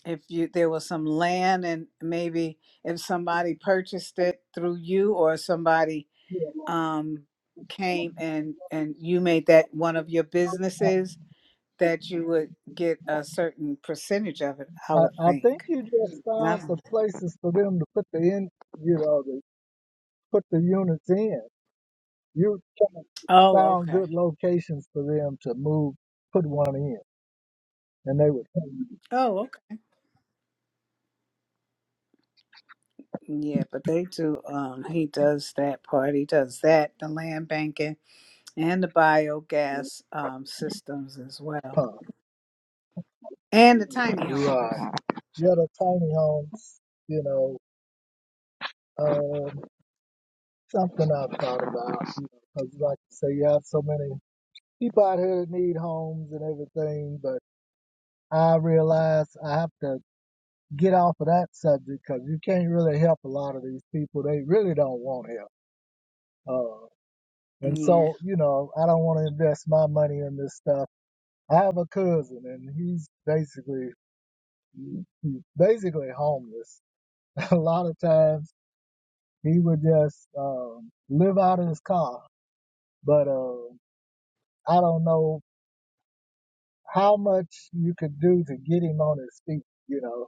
Speaker 2: if you there was some land and maybe if somebody purchased it through you or somebody
Speaker 3: Yeah.
Speaker 2: um, came and and you made that one of your businesses that you would get a certain percentage of it. I
Speaker 3: I,
Speaker 2: would
Speaker 3: I
Speaker 2: think.
Speaker 3: think you just
Speaker 2: And
Speaker 3: found the
Speaker 2: I'm-
Speaker 3: places for them to put the in, you know, to put the units in. You kinda
Speaker 2: oh,
Speaker 3: found
Speaker 2: okay.
Speaker 3: good locations for them to move, put one in, and they would come
Speaker 2: Oh, okay. Yeah, but they do. Um, he does that part. He does that. The land banking. and the biogas um, systems as well,
Speaker 3: to the
Speaker 2: and the
Speaker 3: pump.
Speaker 2: tiny
Speaker 3: Right.
Speaker 2: homes.
Speaker 3: Yeah, the other tiny homes, you know, um, something I've thought about, you know, 'cause like I say, you have so many people out here that need homes and everything, but I realize I have to get off of that subject because you can't really help a lot of these people. They really don't want help. Uh, and
Speaker 2: Yeah.
Speaker 3: so, you know, I don't want to invest my money in this stuff. I have a cousin and he's basically, he's basically homeless. a lot of times he would just, um, live out of his car, but, uh, I don't know how much you could do to get him on his feet, you know,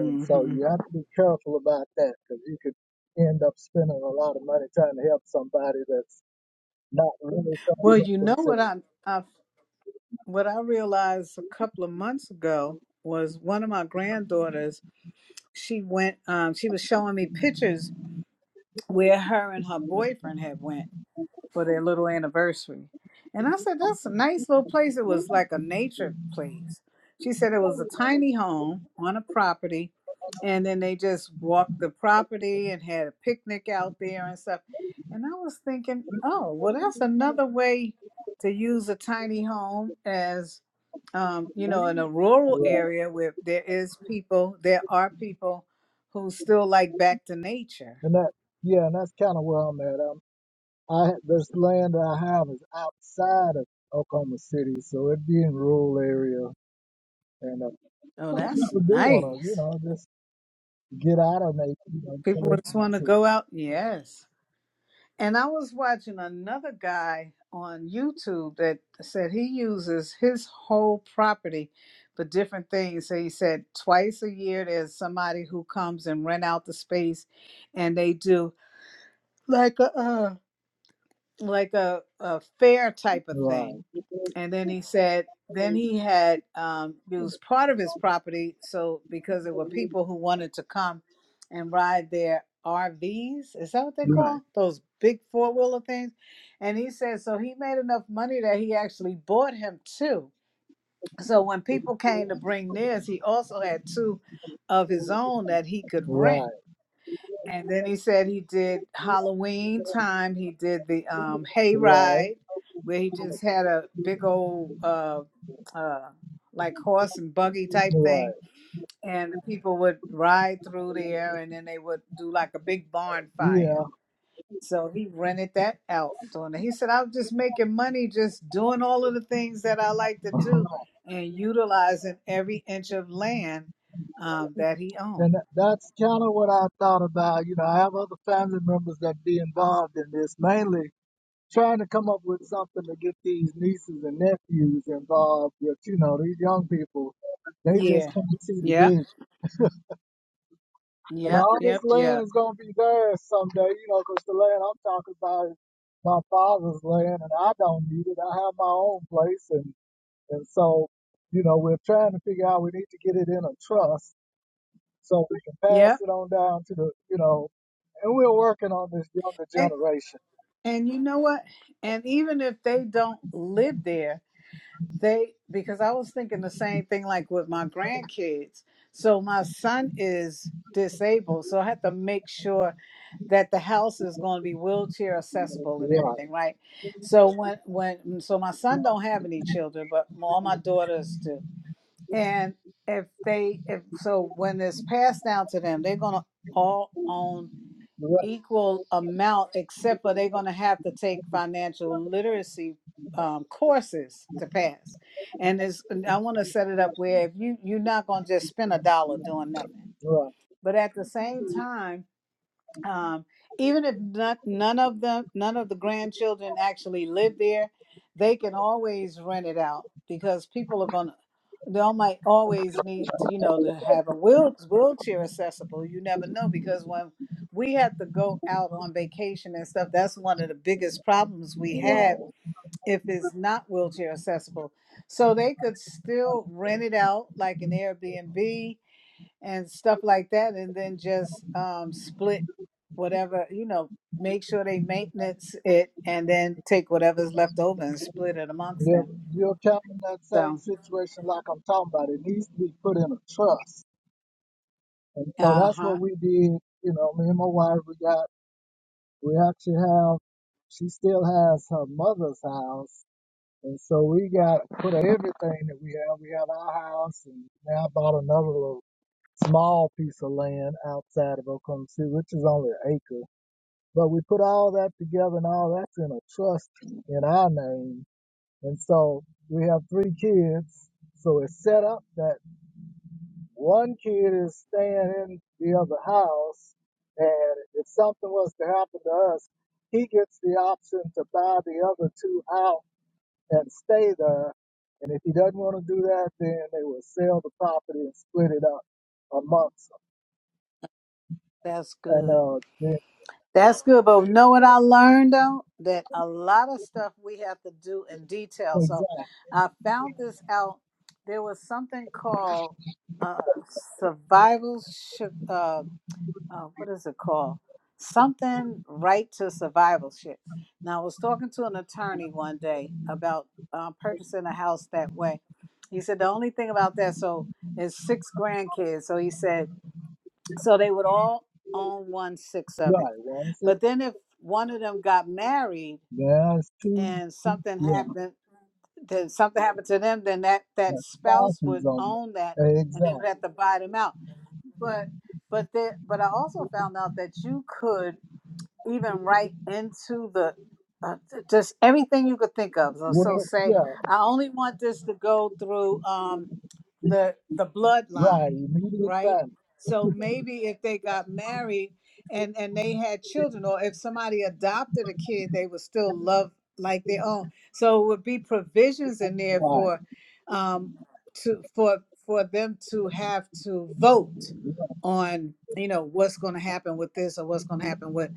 Speaker 3: And so you have to be careful about that because you could end up spending a lot of money trying to help somebody that's not really trying to
Speaker 2: Well,
Speaker 3: help
Speaker 2: you know
Speaker 3: themselves.
Speaker 2: what I, I what I realized a couple of months ago was one of my granddaughters. She went. Um, she was showing me pictures where her and her boyfriend had went. for their little anniversary. And I said, That's a nice little place. It was like a nature place. She said it was a tiny home on a property. And then they just walked the property and had a picnic out there and stuff. And I was thinking, oh, well, that's another way to use a tiny home as, um, you know, in a rural
Speaker 3: Right.
Speaker 2: area where there is people, there are people who still like back to nature.
Speaker 3: And that, yeah, and that's kind of where I'm at. Um, I this land that I have is outside of Oklahoma City, so it'd be in rural area. And uh,
Speaker 2: Oh,
Speaker 3: some
Speaker 2: that's
Speaker 3: people do want to, you
Speaker 2: nice.
Speaker 3: know, just get out of nature. You know, get
Speaker 2: People
Speaker 3: away
Speaker 2: just
Speaker 3: from the
Speaker 2: want to
Speaker 3: city.
Speaker 2: go out. Yes. And I was watching another guy on YouTube that said he uses his whole property for different things. So he said twice a year there's somebody who comes and rent out the space and they do like a uh, like a, a fair type of
Speaker 3: right,
Speaker 2: thing. And then he said, then he had um, used part of his property. So, because there were people who wanted to come and ride their RVs, is that what they
Speaker 3: right,
Speaker 2: call those big four wheeler things? And he said, so he made enough money that he actually bought him two. So, when people came to bring theirs, he also had two of his own that he could rent
Speaker 3: right,
Speaker 2: and then he said he did Halloween time. He did the um,
Speaker 3: right,
Speaker 2: hayride, where he just had a big old uh, uh, like horse and buggy type
Speaker 3: right.
Speaker 2: thing, and the people would ride through there, and then they would do like a big barn fire.
Speaker 3: Yeah.
Speaker 2: So he rented that out. Doing it. He said, "I'm just making money, just doing all of the things that I like to do, and utilizing every inch of land um, that he
Speaker 3: And
Speaker 2: owned."
Speaker 3: that- that's kind of what I thought about. You know, I have other family members that be involved in this, mainly trying to come up with something to get these nieces and nephews involved with, you know, these young people. They just
Speaker 2: Yeah.
Speaker 3: can't see the
Speaker 2: Yep.
Speaker 3: vision. And
Speaker 2: Yep.
Speaker 3: all this
Speaker 2: Yep. Yep.
Speaker 3: land is going to be theirs someday, you know, 'cause the land I'm talking about is my father's land and I don't need it. I have my own place. And, and so, you know, we're trying to figure out we need to get it in a trust so we can pass
Speaker 2: Yeah,
Speaker 3: it on down to the, you know, and we're working on this younger
Speaker 2: And
Speaker 3: generation.
Speaker 2: and you know what? And even if they don't live there, they because I was thinking the same thing like with my grandkids. So my son is disabled, so I have to make sure that the house is going to be wheelchair accessible and
Speaker 3: Right,
Speaker 2: everything, right? So when when mm, so my son don't have any children, but all my daughters do. And if they if so when it's passed down to them, they're going to all own
Speaker 3: right,
Speaker 2: equal amount, except for they're going to have to take financial literacy um, courses to pass. And it's, I want to set it up where if you you're not going to just spend a dollar doing nothing,
Speaker 3: right,
Speaker 2: but at the same time um, even if not, none of them, none of the grandchildren actually live there, they can always rent it out because people are gonna, they all might always need, you know, to have a wheel, wheelchair accessible. You never know because when we have to go out on vacation and stuff, that's one of the biggest problems we have
Speaker 3: right.
Speaker 2: if it's not wheelchair accessible. So they could still rent it out like an Airbnb and stuff like that and then just um, split whatever you know make sure they maintenance it and then take whatever's left over and split it amongst
Speaker 3: You're,
Speaker 2: them
Speaker 3: you're counting that same
Speaker 2: so
Speaker 3: situation like I'm talking about. It needs to be put in a trust. And so that's
Speaker 2: uh-huh
Speaker 3: what we did. You know, me and my wife, we got, we actually have, she still has her mother's house. And so we got put everything that we have. We have our house and now I bought another little small piece of land outside of Oklahoma City, which is only an acre. But we put all that together and all that's in a trust in our name. And so we have three kids. So it's set up that one kid is staying in the other house. And if something was to happen to us, he gets the option to buy the other two out and stay there. And if he doesn't want to do that, then they will sell the property and split it up amongst them.
Speaker 2: that's
Speaker 3: and
Speaker 2: good
Speaker 3: uh,
Speaker 2: that's good but know what i learned though that a lot of stuff we have to do in detail so
Speaker 3: Exactly.
Speaker 2: i found this out there was something called uh survival sh- uh, uh, what is it called? Something right to survivalship. Now, I was talking to an attorney one day about um, purchasing a house that way. He said the only thing about that, so is six grandkids. So he said, so they would all own one sixth of it.
Speaker 3: Right. One six.
Speaker 2: But then if one of them got married
Speaker 3: There's two.
Speaker 2: and something
Speaker 3: Yeah.
Speaker 2: happened, then something happened to them, then that that
Speaker 3: The
Speaker 2: spouse would
Speaker 3: thousands on
Speaker 2: own that, and they would
Speaker 3: Exactly.
Speaker 2: have to buy them out but but there but i also found out that you could even write into the uh, just everything you could think of so,
Speaker 3: Well,
Speaker 2: so say
Speaker 3: yeah.
Speaker 2: i only want this to go through um the the
Speaker 3: Right.
Speaker 2: bloodline
Speaker 3: Immediate
Speaker 2: right
Speaker 3: family.
Speaker 2: so maybe if they got married and and they had children or if somebody adopted a kid they would still love like their own so it would be provisions in there
Speaker 3: Right.
Speaker 2: for um to for for them to have to vote on you know what's going to happen with this or what's going to happen with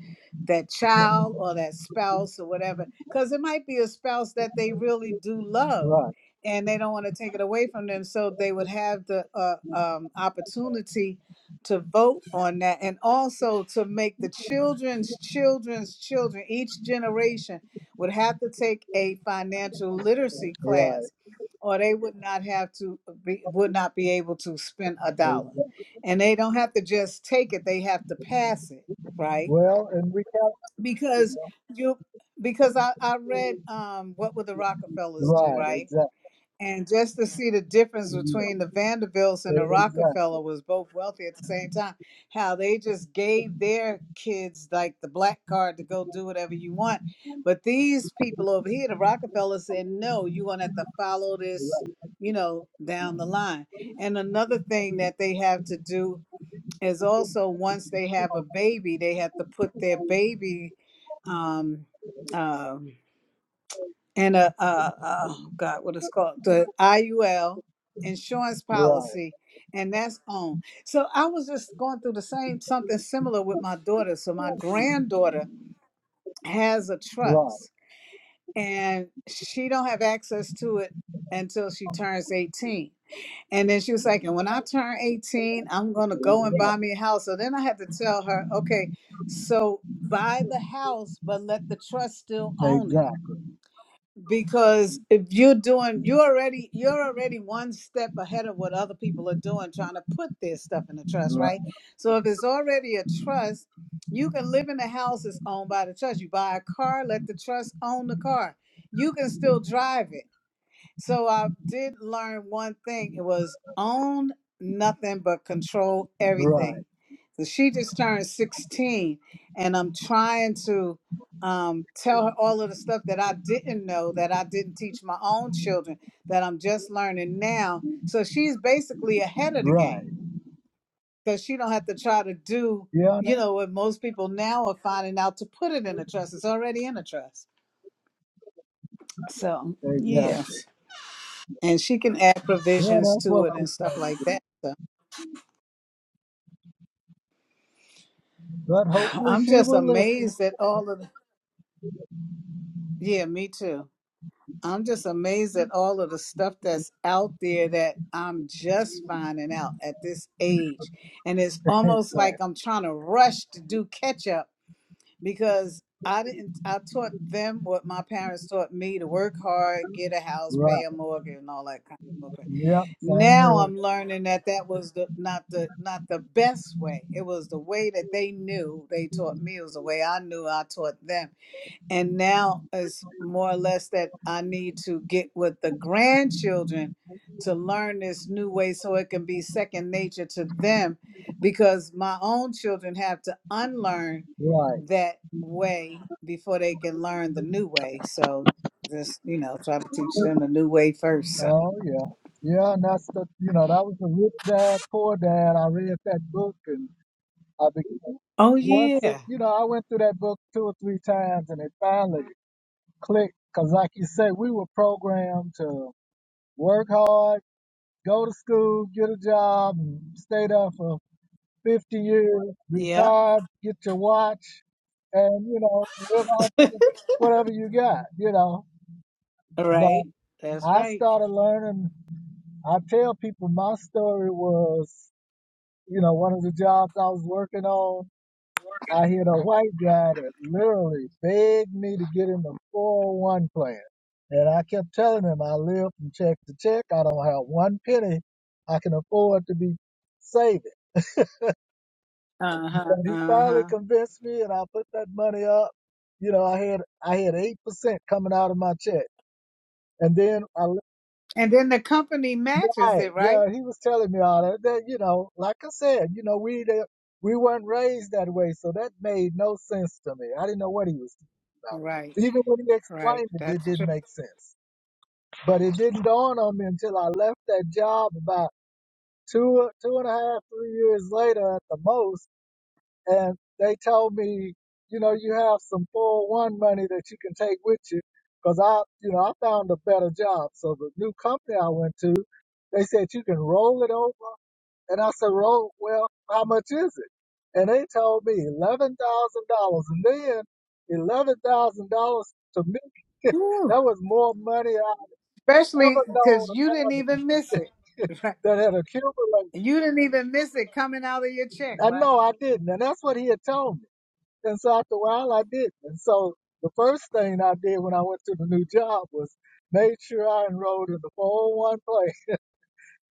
Speaker 2: that child or that spouse or whatever because it might be a spouse that they really do love
Speaker 3: Right.
Speaker 2: and they don't want to take it away from them so they would have the uh, um, opportunity to vote on that and also to make the children's children's children each generation would have to take a financial literacy
Speaker 3: Right.
Speaker 2: class or they would not have to be, would not be able to spend a dollar
Speaker 3: Exactly.
Speaker 2: and they don't have to just take it they have to pass it right
Speaker 3: Well, and we have.
Speaker 2: because you because i, I read um, what would the rockefellers do
Speaker 3: Right.
Speaker 2: right
Speaker 3: Exactly.
Speaker 2: and just to see the difference between
Speaker 3: Yeah.
Speaker 2: the Vanderbilts and the
Speaker 3: Exactly.
Speaker 2: Rockefeller was both wealthy at the same time. How they just gave their kids like the black card to go do whatever you want. But these people over here, the Rockefeller said, no, you're gonna have to follow this,
Speaker 3: Right.
Speaker 2: you know, down the line. And another thing that they have to do is also once they have a baby, they have to put their baby um um and a, a, a oh God, what it's called, the IUL insurance
Speaker 3: Right.
Speaker 2: policy, and that's on. So I was just going through the same something similar with my daughter. So my granddaughter has a
Speaker 3: Right.
Speaker 2: trust, and she don't have access to it until she turns 18. And then she was like, and when I turn 18, I'm gonna go and buy
Speaker 3: Exactly.
Speaker 2: me a house. So then I had to tell her, okay, so buy the house, but let the trust still own it
Speaker 3: Exactly.
Speaker 2: because if you're doing you're already you're already one step ahead of what other people are doing trying to put their stuff in the trust
Speaker 3: Right.
Speaker 2: right so if it's already a trust you can live in a house that's owned by the trust you buy a car let the trust own the car you can still drive it so I did learn one thing. It was own nothing but control everything.
Speaker 3: Right.
Speaker 2: So she just turned 16 and I'm trying to um, tell her all of the stuff that I didn't know that I didn't teach my own children that I'm just learning now. So she's basically ahead of the
Speaker 3: Right.
Speaker 2: game because she don't have to try to do,
Speaker 3: Yeah.
Speaker 2: you
Speaker 3: That's,
Speaker 2: know, what most people now are finding out to put it in a trust. It's already in a trust. So yeah.
Speaker 3: exactly.
Speaker 2: and she can add
Speaker 3: Yeah.
Speaker 2: provisions
Speaker 3: That's
Speaker 2: to
Speaker 3: what
Speaker 2: it
Speaker 3: I'm
Speaker 2: and stuff
Speaker 3: trying
Speaker 2: like
Speaker 3: to do.
Speaker 2: that. So
Speaker 3: But hopefully
Speaker 2: I'm
Speaker 3: she
Speaker 2: just
Speaker 3: will listen.
Speaker 2: amazed at all of the, yeah, me too. I'm just amazed at all of the stuff that's out there that I'm just finding out at this age. And it's almost like
Speaker 3: Exactly.
Speaker 2: I'm trying to rush to do catch up because I didn't. I taught them what my parents taught me to work hard, get a house, pay
Speaker 3: Right.
Speaker 2: a mortgage, and all that kind of stuff.
Speaker 3: Yep. Same
Speaker 2: Now
Speaker 3: here.
Speaker 2: I'm learning that that was the not the not the best way. It was the way that they knew. They taught me. It was the way I knew. I taught them and now it's more or less that I need to get with the grandchildren to learn this new way so it can be second nature to them because my own children have to unlearn
Speaker 3: Right.
Speaker 2: that way before they can learn the new way. So just, you know, try to teach them the new way first. So.
Speaker 3: Oh yeah. Yeah, and that's the you know, that was the rich dad, poor dad. I read that book and I became
Speaker 2: Oh
Speaker 3: once it
Speaker 2: yeah.
Speaker 3: you know, I went through that book two or three times and it finally clicked because like you say, we were programmed to work hard, go to school, get a job, and stay there for fifty years,
Speaker 2: Yeah.
Speaker 3: retire, get your watch, and you know live off of whatever you got, you know. But
Speaker 2: Right. That's
Speaker 3: I
Speaker 2: right.
Speaker 3: started learning. I tell people my story was, you know, one of the jobs I was working on, I hit a white guy that literally begged me to get in the 401 plan. And I kept telling him I live from check to check. I don't have one penny I can afford to be saving.
Speaker 2: Uh-huh.
Speaker 3: But he finally
Speaker 2: Uh-huh.
Speaker 3: convinced me and I put that money up. You know, I had I had eight percent coming out of my check. And then I
Speaker 2: And then the company matches
Speaker 3: Right.
Speaker 2: it, right?
Speaker 3: Yeah, he was telling me all that. That you know, like I said, you know, we the, we weren't raised that way, so that made no sense to me. I didn't know what he was talking
Speaker 2: Right.
Speaker 3: about. Even when he
Speaker 2: Right.
Speaker 3: explained it, it
Speaker 2: That's
Speaker 3: didn't make sense. But it didn't dawn on me until I left that job about two two and a half, three years later at the most and they told me, you know, you have some 401 money that you can take with you, because I, you know, I found a better job. So the new company I went to, they said you can roll it over, and I said, roll. Well, how much is it? And they told me eleven thousand dollars, and then eleven thousand dollars to me.
Speaker 2: true.
Speaker 3: That was more money I ever
Speaker 2: Especially
Speaker 3: known
Speaker 2: because
Speaker 3: of
Speaker 2: you didn't
Speaker 3: having
Speaker 2: even miss it. Right?
Speaker 3: that had accumulated.
Speaker 2: You didn't even miss it coming out of your check,
Speaker 3: I
Speaker 2: right?
Speaker 3: know I didn't, and that's what he had told me. And so after a while, I didn't. And so the first thing I did when I went to the new job was made sure I enrolled in the 401 plan.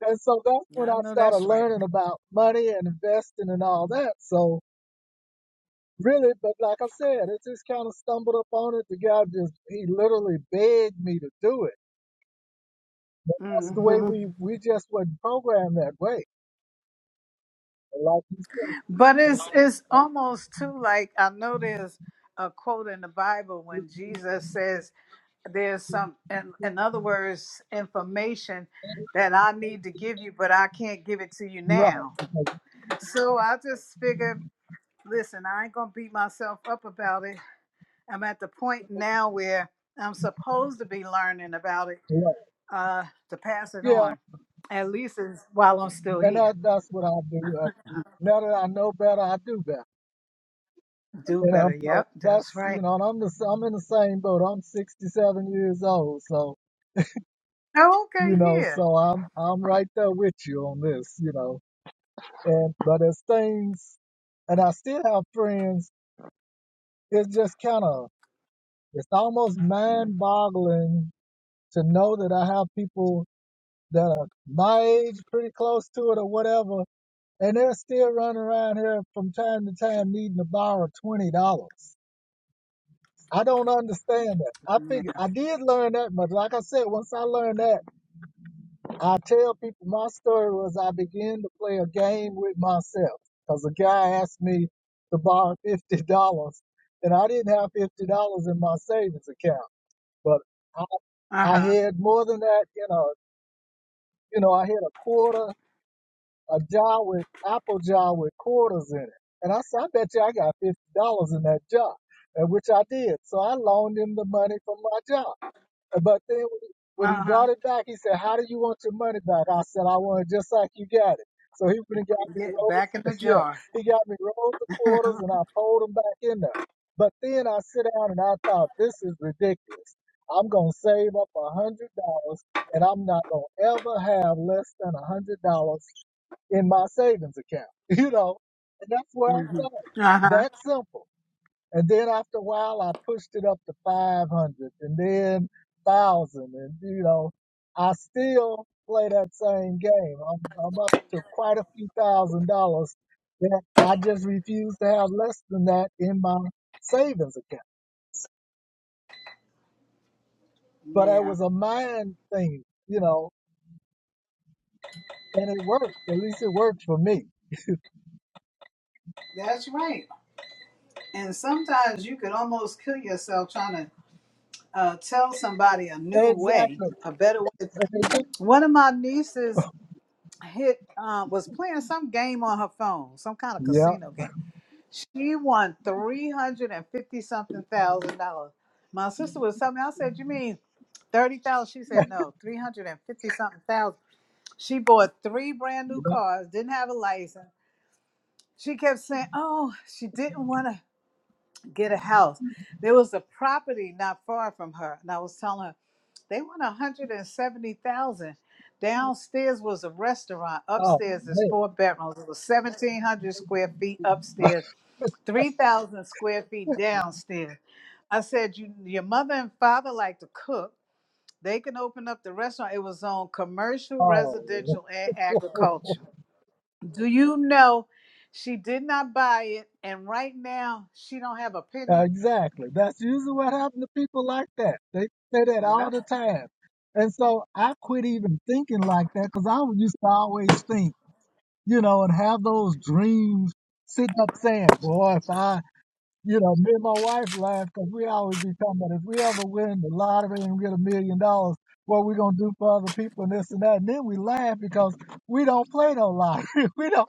Speaker 3: And so that's when
Speaker 2: Yeah, I
Speaker 3: I
Speaker 2: know
Speaker 3: started
Speaker 2: that's right.
Speaker 3: learning about money and investing and all that. So really, but like I said, it just kind of stumbled upon it. The guy just, he literally begged me to do it. That's the way
Speaker 2: hmm
Speaker 3: we, we just wasn't programmed that way. And like you said,
Speaker 2: But it's it's almost too like I know there's a quote in the Bible when Jesus says there's some in, in other words information that I need to give you, but I can't give it to you
Speaker 3: right.
Speaker 2: now.
Speaker 3: because-
Speaker 2: So I just figured, listen, I ain't gonna beat myself up about it. I'm at the point now where I'm supposed to be learning about it
Speaker 3: right.
Speaker 2: uh, to pass it
Speaker 3: Yeah.
Speaker 2: on, at least it's while I'm still
Speaker 3: And
Speaker 2: here.
Speaker 3: that, that's what I do. Uh, Now that I know better, I do better.
Speaker 2: Do
Speaker 3: You know,
Speaker 2: better.
Speaker 3: so
Speaker 2: Yep, that's
Speaker 3: that's you
Speaker 2: right.
Speaker 3: know, and I'm the i I'm in the same boat. I'm 67 years old, so
Speaker 2: Oh, okay,
Speaker 3: you know,
Speaker 2: yeah.
Speaker 3: so I'm I'm right there with you on this, you know. And but as things, and I still have friends. It's just kind of it's almost mind-boggling to know that I have people that are my age, pretty close to it, or whatever, and they're still running around here from time to time needing to borrow twenty dollars. I don't understand that. I figure
Speaker 2: yeah.
Speaker 3: I did learn that, but like I said, once I learned that, I tell people my story was I began to play a game with myself because a guy asked me to borrow fifty dollars, and I didn't have fifty dollars in my savings account, but I,
Speaker 2: Uh
Speaker 3: I
Speaker 2: huh.
Speaker 3: had more than that. You know, you know, I had a quarter, a jar with apple jar with quarters in it, and I said, I bet you I got fifty dollars in that jar, and which I did. So I loaned him the money from my jar. But then when he, when he
Speaker 2: Uh huh.
Speaker 3: brought it back, he said, "How do you want your money back?" I said, "I want it just like you got it." So he went and got me
Speaker 2: Get
Speaker 3: rolled.
Speaker 2: back in the
Speaker 3: Yeah,
Speaker 2: jar.
Speaker 3: he got me rolled the quarters, and I pulled them back in there. But then I sit down and I thought, "This is ridiculous. I'm gonna save up a hundred dollars, and I'm not gonna ever have less than a hundred dollars in my savings account." You know, and that's where I
Speaker 2: hmm
Speaker 3: started.
Speaker 2: Uh huh.
Speaker 3: That simple. And then after a while, I pushed it up to 500 and then 1,000. And, you know, I still play that same game. I'm, I'm up to quite a few thousand dollars that I just refuse to have less than that in my savings account. But it
Speaker 2: Yeah,
Speaker 3: was a mind thing, you know, and it worked. At least it worked for me.
Speaker 2: that's right. And sometimes you could almost kill yourself trying to uh, tell somebody a new way,
Speaker 3: Exactly.
Speaker 2: a better way.
Speaker 3: And it did.
Speaker 2: One of my nieces hit uh, was playing some game on her phone, some kind of
Speaker 3: Yeah.
Speaker 2: casino game She won three hundred and fifty something thousand dollars. My sister was telling me, I said, You mean thirty thousand?" She said, No, three hundred and fifty something thousand." She bought three brand new
Speaker 3: yeah.
Speaker 2: cars, didn't have a license. She kept saying, Oh, she didn't want to get a house. There was a property not far from her, and I was telling her, they want a hundred and seventy thousand. Downstairs was a restaurant.
Speaker 3: Oh,
Speaker 2: Upstairs is
Speaker 3: man.
Speaker 2: four bedrooms. It was seventeen hundred square feet upstairs 3,000 square feet downstairs. I said, you, Your mother and father like to cook. They can open up the restaurant. It was on commercial,
Speaker 3: Oh.
Speaker 2: residential, and agriculture. Do you know she did not buy it? And right now, she don't have a penny.
Speaker 3: Exactly. That's usually what happened to people like that. They say that all
Speaker 2: Yep.
Speaker 3: the time. And so I quit even thinking like that because I used to always think, you know, and have those dreams sitting up saying, boy, if I, you know, me and my wife laugh because we always be talking about if we ever win the lottery and get a million dollars, what we going to do for other people and this and that. And then we laugh because we don't play no lottery. we don't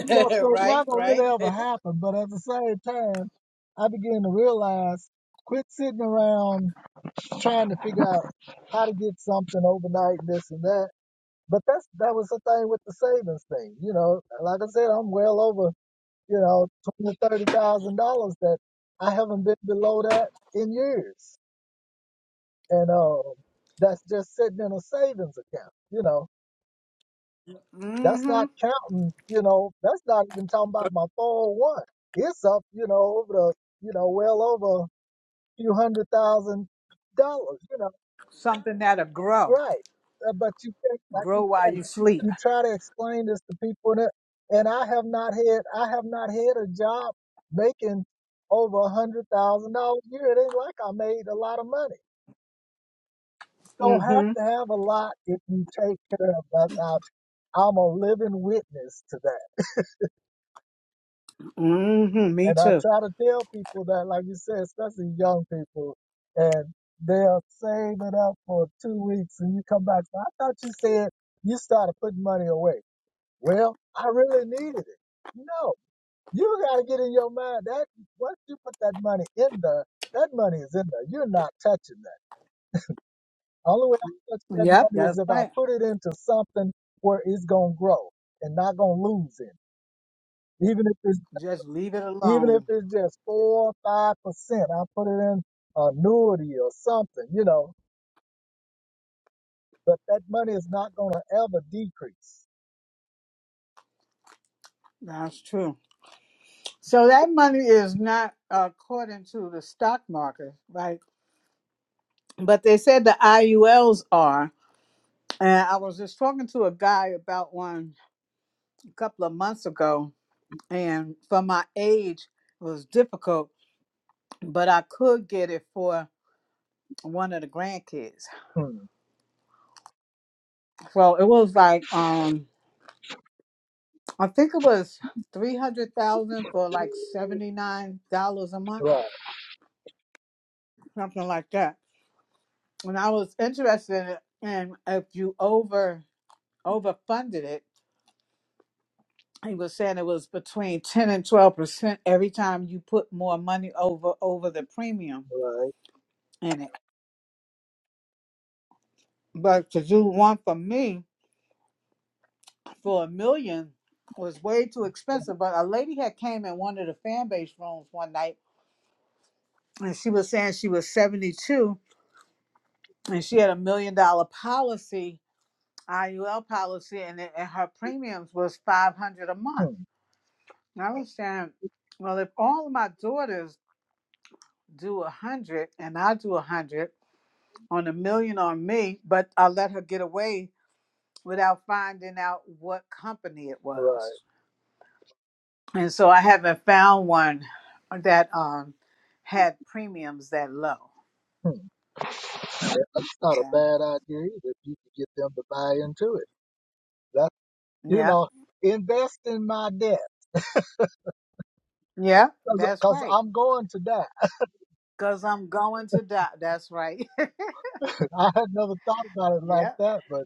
Speaker 3: you know, so it's not
Speaker 2: right,
Speaker 3: gonna really
Speaker 2: right.
Speaker 3: ever happen. But at the same time, I began to realize quit sitting around trying to figure out how to get something overnight, this and that. But that's that was the thing with the savings thing. You know, like I said, I'm well over, you know, twenty, thirty thousand dollars that I haven't been below that in years. And um that's just sitting in a savings account, you know. That's
Speaker 2: Mm-hmm.
Speaker 3: not counting, you know, that's not even talking about my 401. It's up, you know, over the, you know, well over a few hundred thousand dollars, you know,
Speaker 2: Something that'll grow.
Speaker 3: right. Uh, but you, can't- like you
Speaker 2: Grow while
Speaker 3: say,
Speaker 2: you sleep.
Speaker 3: you try to explain this to people and, it, and I have not had, I have not had a job making over a hundred thousand dollars a year. It ain't like I made a lot of money. don't have
Speaker 2: Mm-hmm.
Speaker 3: to have a lot if you take care of, I, I, I'm a living witness to that.
Speaker 2: Mm-hmm. Me
Speaker 3: And I
Speaker 2: too.
Speaker 3: try to tell people that, like you said, especially young people, and they'll save it up for two weeks and you come back. I thought you said you started putting money away. Well, I really needed it. No, you got to get in your mind that once you put that money in there, that money is in there. You're not touching that. Only way I touch that
Speaker 2: Yep,
Speaker 3: money is
Speaker 2: that's
Speaker 3: if I
Speaker 2: right.
Speaker 3: put it into something where it's going to grow and not going to lose it. Even if it's
Speaker 2: Just leave it
Speaker 3: even if
Speaker 2: alone.
Speaker 3: it's just four or five percent, I put it in annuity or something, you know. But that money is not going to ever decrease.
Speaker 2: That's true. So that money is not according to the stock market, right? But they said the IULs are. And I was just talking to a guy about one a couple of months ago, and for my age, it was difficult, but I could get it for one of the grandkids.
Speaker 3: Hmm.
Speaker 2: So it was like, um, I think it was three hundred thousand for like seventy nine dollars a month,
Speaker 3: Right,
Speaker 2: something like that. And I was interested in it, and if you over overfunded it. He was saying it was between ten and twelve percent every time you put more money over over the premium
Speaker 3: right,
Speaker 2: in it. But to do one for me for a million was way too expensive. But a lady had came in one of the fan base rooms one night and she was saying she was seventy two and she had a million dollar policy, IUL policy, and, it, and her premiums was five hundred a month.
Speaker 3: hmm,
Speaker 2: And I was saying, well, if all of my daughters do a hundred and I do a hundred on a million on me, but I let her get away without finding out what company it
Speaker 3: right.
Speaker 2: was. And so I haven't found one that um had premiums that low.
Speaker 3: Hmm. Yeah, That's not a
Speaker 2: So
Speaker 3: bad idea either. If you could get them to buy into it, that you
Speaker 2: yeah,
Speaker 3: know, invest in my debt
Speaker 2: yeah, that's
Speaker 3: because
Speaker 2: right.
Speaker 3: I'm going to die.
Speaker 2: Cause I'm going to die. That's right.
Speaker 3: I had never thought about it like
Speaker 2: yeah.
Speaker 3: that, but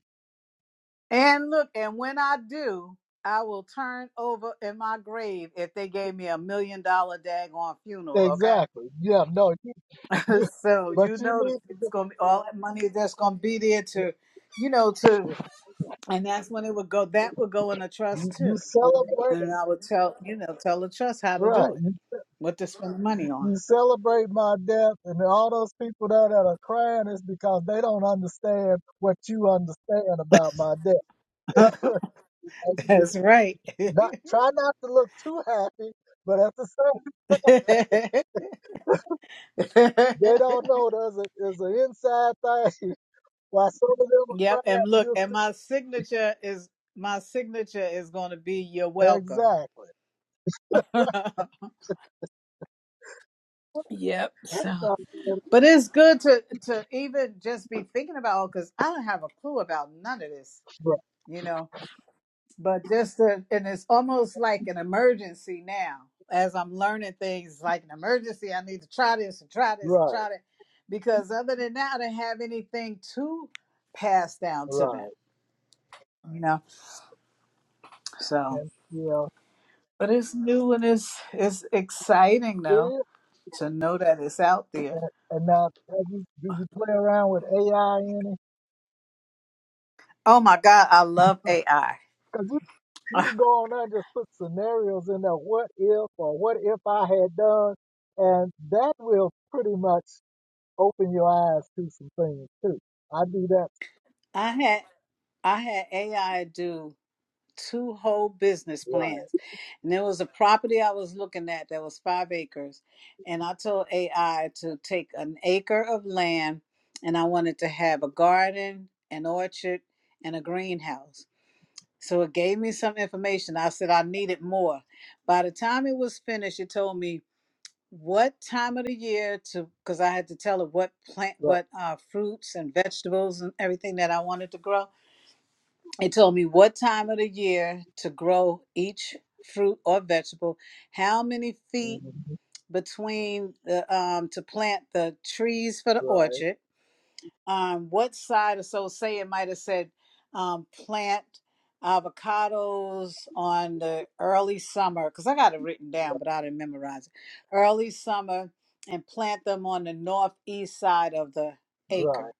Speaker 2: And look, and when I do, I will turn over in my grave if they gave me a million dollar daggone funeral. Okay.
Speaker 3: exactly, yeah, no, you, you,
Speaker 2: so
Speaker 3: but
Speaker 2: you
Speaker 3: you
Speaker 2: know the
Speaker 3: need to,
Speaker 2: it's
Speaker 3: get-
Speaker 2: gonna be all that money that's gonna be there to, you know, to and that's when it would go. That would go in a
Speaker 3: you,
Speaker 2: trust too,
Speaker 3: you celebrate, it.
Speaker 2: and I would tell you know tell the trust how to
Speaker 3: right?
Speaker 2: do it, what to spend the money on.
Speaker 3: You celebrate my death, and all those people there that are crying is because they don't understand what you understand about my death. Like,
Speaker 2: that's right.
Speaker 3: Not try not to look too happy, but at the same, they don't know there's a there's an inside thing. Why some of them are
Speaker 2: yep, and
Speaker 3: crying?
Speaker 2: look,
Speaker 3: You
Speaker 2: and my signature is my signature is gonna be you're
Speaker 3: see-
Speaker 2: welcome.
Speaker 3: exactly.
Speaker 2: Yep.
Speaker 3: That's
Speaker 2: So,
Speaker 3: not good.
Speaker 2: but it's good to to even just be thinking about because I don't have a clue about none of this. you know but just the, and it's almost like an emergency now as i'm learning things like an emergency i need to try this and try this and
Speaker 3: right,
Speaker 2: try that because other than that i don't have anything to pass down
Speaker 3: right,
Speaker 2: to them
Speaker 3: right,
Speaker 2: you know so
Speaker 3: and you know
Speaker 2: but it's new and it's it's exciting
Speaker 3: it
Speaker 2: though
Speaker 3: is.
Speaker 2: to know that it's out there
Speaker 3: And, and now, have you do you play around with AI any?
Speaker 2: oh my god i love ai
Speaker 3: Because you, you
Speaker 2: i
Speaker 3: can go on there and just put scenarios in there, what if or what if I had done, and that will pretty much open your eyes to some things too. I do that.
Speaker 2: I had i had ai do two whole business
Speaker 3: Right,
Speaker 2: plans. And there was a property I was looking at that was five acres. And I told AI to take an acre of land and I wanted to have a garden, an orchard, and a greenhouse. So it gave me some information. I said I needed more. By the time it was finished, it told me what time of the year to because I had to tell it what plant
Speaker 3: right,
Speaker 2: what uh, fruits and vegetables and everything that I wanted to grow it told me what time of the year to grow each fruit or vegetable, how many feet
Speaker 3: mhm,
Speaker 2: between the um, to plant the trees for the
Speaker 3: right,
Speaker 2: orchard, um, what side or so say it might have said um, plant avocados on the early summer because I got it written down
Speaker 3: right,
Speaker 2: but I didn't memorize it. Early summer and plant them on the northeast side of the acre
Speaker 3: right,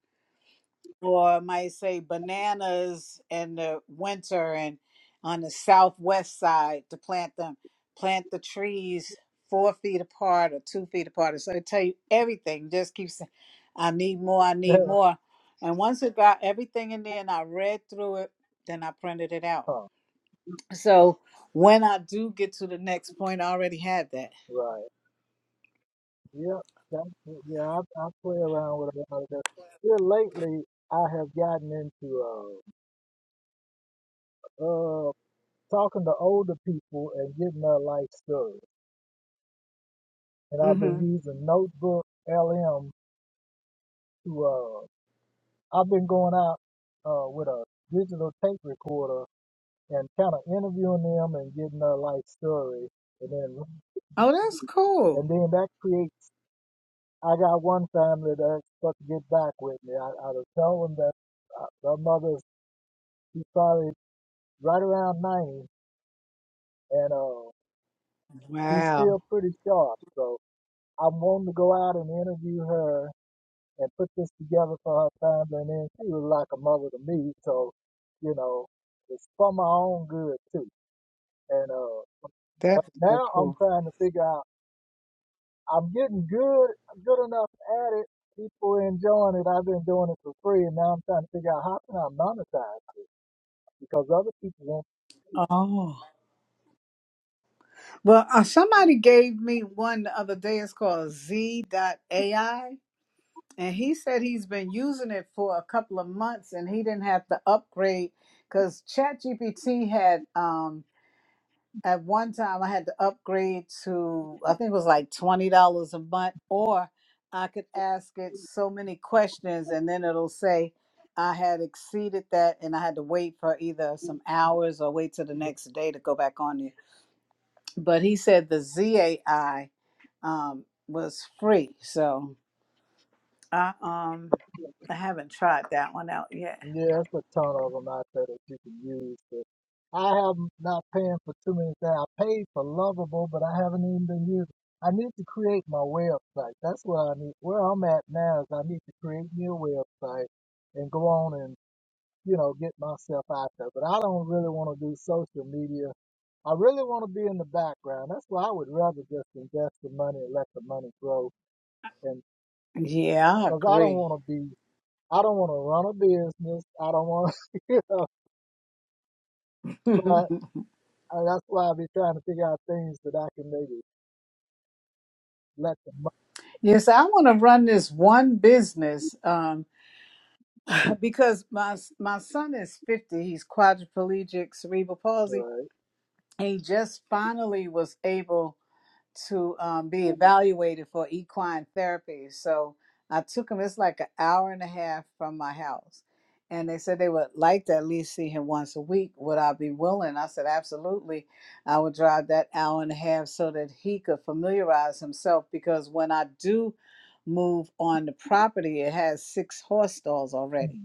Speaker 2: or I might say bananas in the winter and on the southwest side to plant them, plant the trees four feet apart or two feet apart. So I tell you everything. Just keep saying, I need more, I need more. And once it got everything in there and I read through it, then I printed it out.
Speaker 3: huh,
Speaker 2: So when I do get to the next point, I already had that.
Speaker 3: right. Yep, that, yeah, I, I play around with a lot of that. Here lately, I have gotten into uh, uh, talking to older people and getting their life story. And I've been
Speaker 2: hmm
Speaker 3: using Notebook LM to uh I've been going out uh with a digital tape recorder and kind of interviewing them and getting their life story and then
Speaker 2: Oh, that's
Speaker 3: and
Speaker 2: cool.
Speaker 3: then that creates I got one family that's supposed to get back with me. I, I was telling them that uh, their mother's she's probably right around ninety and uh she's
Speaker 2: Wow.
Speaker 3: still pretty sharp. So I'm wanting to go out and interview her and put this together for her family. And then she was like a mother to me. So, you know, it's for my own good too. And, uh, but
Speaker 2: That's so
Speaker 3: now I'm
Speaker 2: cool.
Speaker 3: trying to figure out, I'm getting good, good enough at it. People are enjoying it. I've been doing it for free. And now I'm trying to figure out how can I monetize it? Because other people won't
Speaker 2: Oh. Well, uh, somebody gave me one the other day. It's called Z. AI, And he said he's been using it for a couple of months and he didn't have to upgrade because ChatGPT had, um, at one time, I had to upgrade to, I think it was like $20 a month, or I could ask it so many questions and then it'll say, I had exceeded that and I had to wait for either some hours or wait till the next day to go back on it. But he said the ZAI um, was free. So I um I haven't tried that one out yet.
Speaker 3: Yeah, that's a ton of them out there that you can use. But I have not paying for too many things. I paid for Lovable, but I haven't even been using. I need to create my website. That's what I need. Where I'm at now is I need to create me a website and go on and you know get myself out there. But I don't really want to do social media. I really want to be in the background. That's why I would rather just invest the money and let the money grow. And
Speaker 2: Yeah, I
Speaker 3: because I don't
Speaker 2: agree.
Speaker 3: want to be. I don't want to run a business. I don't want to, you know, but And that's why I be trying to figure out things that I can maybe let them up.
Speaker 2: yes, I want to run this one business um, because my my son is fifty. He's quadriplegic, cerebral palsy.
Speaker 3: Right,
Speaker 2: He just finally was able to um, be evaluated for equine therapy. So I took him, it's like an hour and a half from my house. And they said they would like to at least see him once a week. Would I be willing? I said, absolutely. I would drive that hour and a half so that he could familiarize himself because when I do move on the property, it has six horse stalls already.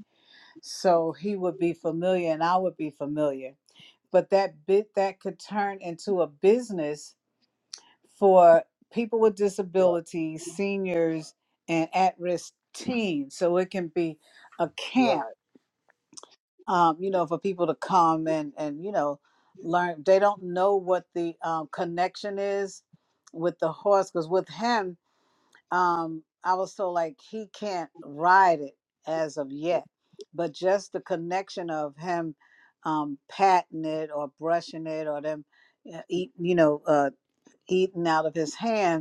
Speaker 2: So he would be familiar and I would be familiar. But that bit that could turn into a business for people with
Speaker 3: right,
Speaker 2: disabilities, seniors, and at risk teens. So it can be a camp,
Speaker 3: right,
Speaker 2: um, you know, for people to come and, and you know, learn. They don't know what the um, connection is with the horse because with him, um, I was told like he can't ride it as of yet, but just the connection of him um, patting it or brushing it or them uh, eat, you know, uh, eating out of his hand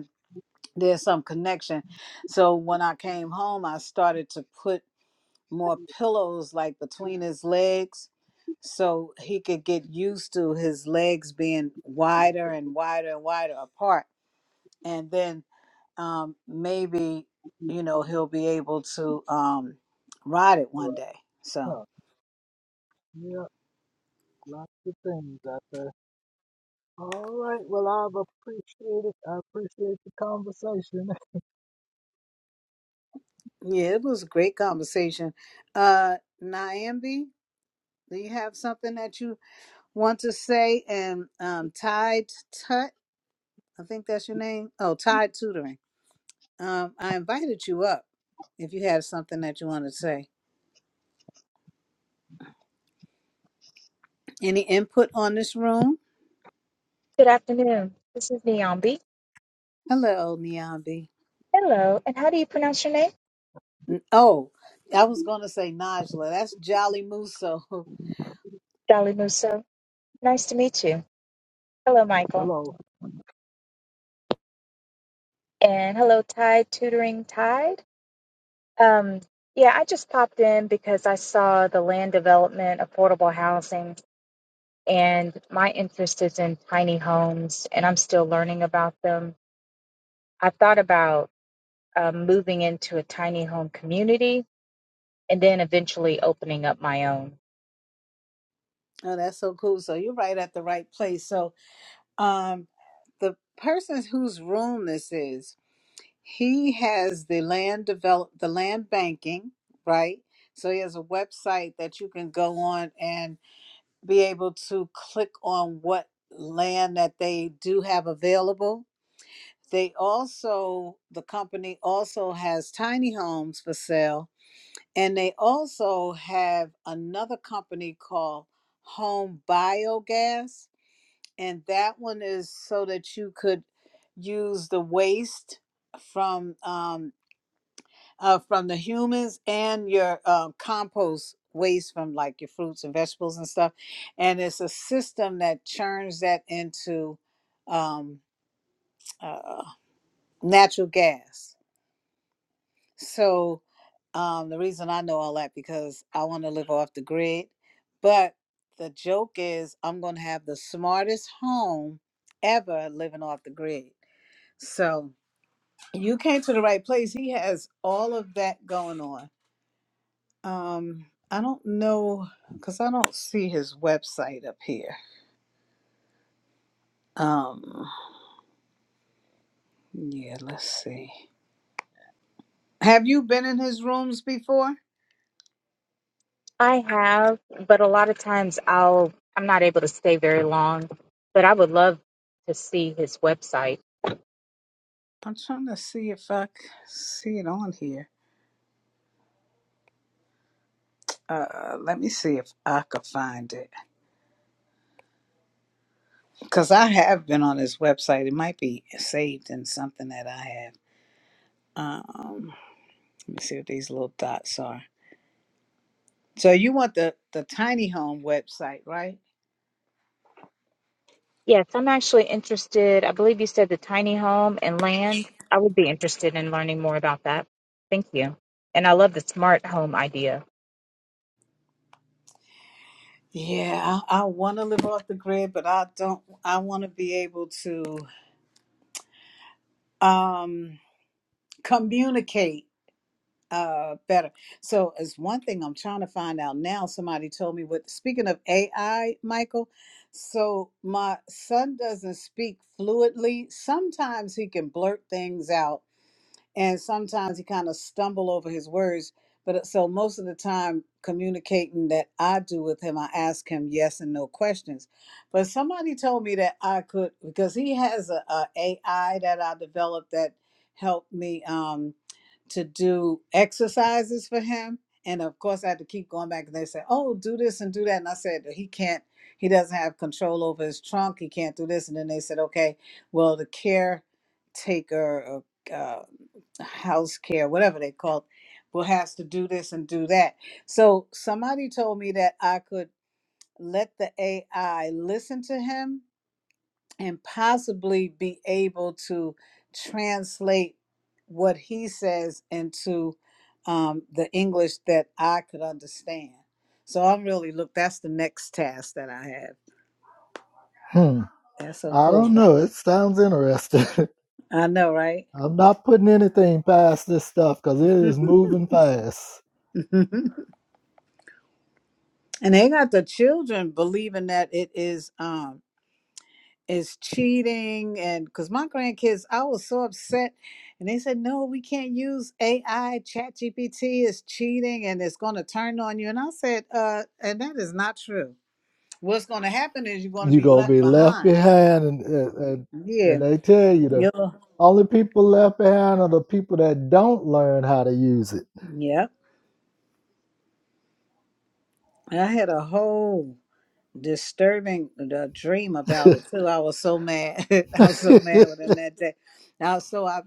Speaker 2: there's some connection. So when I came home, I started to put more pillows like between his legs so he could get used to his legs being wider and wider and wider apart. And then um, maybe, you know, he'll be able to um, ride it one
Speaker 3: right.
Speaker 2: day. So,
Speaker 3: Huh. Yeah, lots of things out there. All right, well, I've appreciated I appreciate the conversation.
Speaker 2: yeah, it was a great conversation. Uh, Nyambi, do you have something that you want to say? And um, Tide Tut? I think that's your name. Oh, Tide Tutoring. Um, I invited you up if you have something that you want to say. Any input on this room?
Speaker 4: Good afternoon. This is Niambi.
Speaker 2: Hello, Niambi.
Speaker 4: Hello. And how do you pronounce your name?
Speaker 2: N- Oh, I was going to say Najla. That's Jolly Muso.
Speaker 4: Jolly Muso. Nice to meet you. Hello, Michael.
Speaker 3: Hello.
Speaker 4: And hello, Tide Tutoring Tide. Um, yeah, I just popped in because I saw the land development, affordable housing, and my interest is in tiny homes, and I'm still learning about them. I thought about um, moving into a tiny home community and then eventually opening up my own.
Speaker 2: Oh, that's so cool. So you're right at the right place. So, um, the person whose room this is, he has the land develop the land banking, right? So he has a website that you can go on and. be able to click on what land that they do have available. They also, the company also has tiny homes for sale, and they also have another company called Home Biogas, and that one is so that you could use the waste from um, uh, from the humans and your uh, compost waste from like your fruits and vegetables and stuff. And it's a system that churns that into um, uh, natural gas. So um, the reason I know all that because I want to live off the grid. But the joke is I'm going to have the smartest home ever living off the grid. So you came to the right place. He has all of that going on Um, I don't know because I don't see his website up here. Um, yeah, let's see. Have you been in his rooms before?
Speaker 4: I have, but a lot of times I'll I'm not able to stay very long, but I would love to see his website.
Speaker 2: I'm trying to see if I c- see it on here. Uh, let me see if I could find it because I have been on his website. It might be saved in something that I have. Um, let me see what these little dots are. So you want the the tiny home website, right?
Speaker 4: Yes, I'm actually interested. I believe you said the tiny home and land. I would be interested in learning more about that. Thank you. And I love the smart home idea.
Speaker 2: Yeah, I want to live off the grid, but I don't. I want to be able to um, communicate uh, better. So, as one thing I'm trying to find out now, somebody told me what. Speaking of AI, Michael, so my son doesn't speak fluently. Sometimes he can blurt things out, and sometimes he kind of stumble over his words but uh, so most of the time communicating that i do with him i ask him yes and no questions but somebody told me that i could because he has a, a ai that i developed that helped me Um, to do exercises for him. And of course, I had to keep going back and they said, Oh, do this and do that. And I said, He can't, he doesn't have control over his trunk. He can't do this. And then they said, Okay, well, the caretaker, uh, uh, house care, whatever they call it, will has to do this and do that. So somebody told me that I could let the AI listen to him and possibly be able to translate what he says into um, the English that I could understand. So I'm really look. That's the next task that I have.
Speaker 3: Hmm.
Speaker 2: That's so
Speaker 3: I
Speaker 2: cool.
Speaker 3: don't know. It sounds interesting.
Speaker 2: I know, right?
Speaker 3: I'm not putting anything past this stuff because it is moving fast.
Speaker 2: and they got the children believing that it is. um, is cheating and because my grandkids i was so upset and they said no we can't use ai chat gpt is cheating and it's going to turn on you and i said uh and that is not true what's going to happen is you're going to
Speaker 3: You're
Speaker 2: be
Speaker 3: going to
Speaker 2: left
Speaker 3: be left
Speaker 2: behind
Speaker 3: behind, and, and, and
Speaker 2: yeah
Speaker 3: and they tell you the
Speaker 2: yeah
Speaker 3: only people left behind are the people that don't learn how to use it.
Speaker 2: yep. i had a whole disturbing the dream about it too. I was so mad. I was so mad with him that day. Now, so I,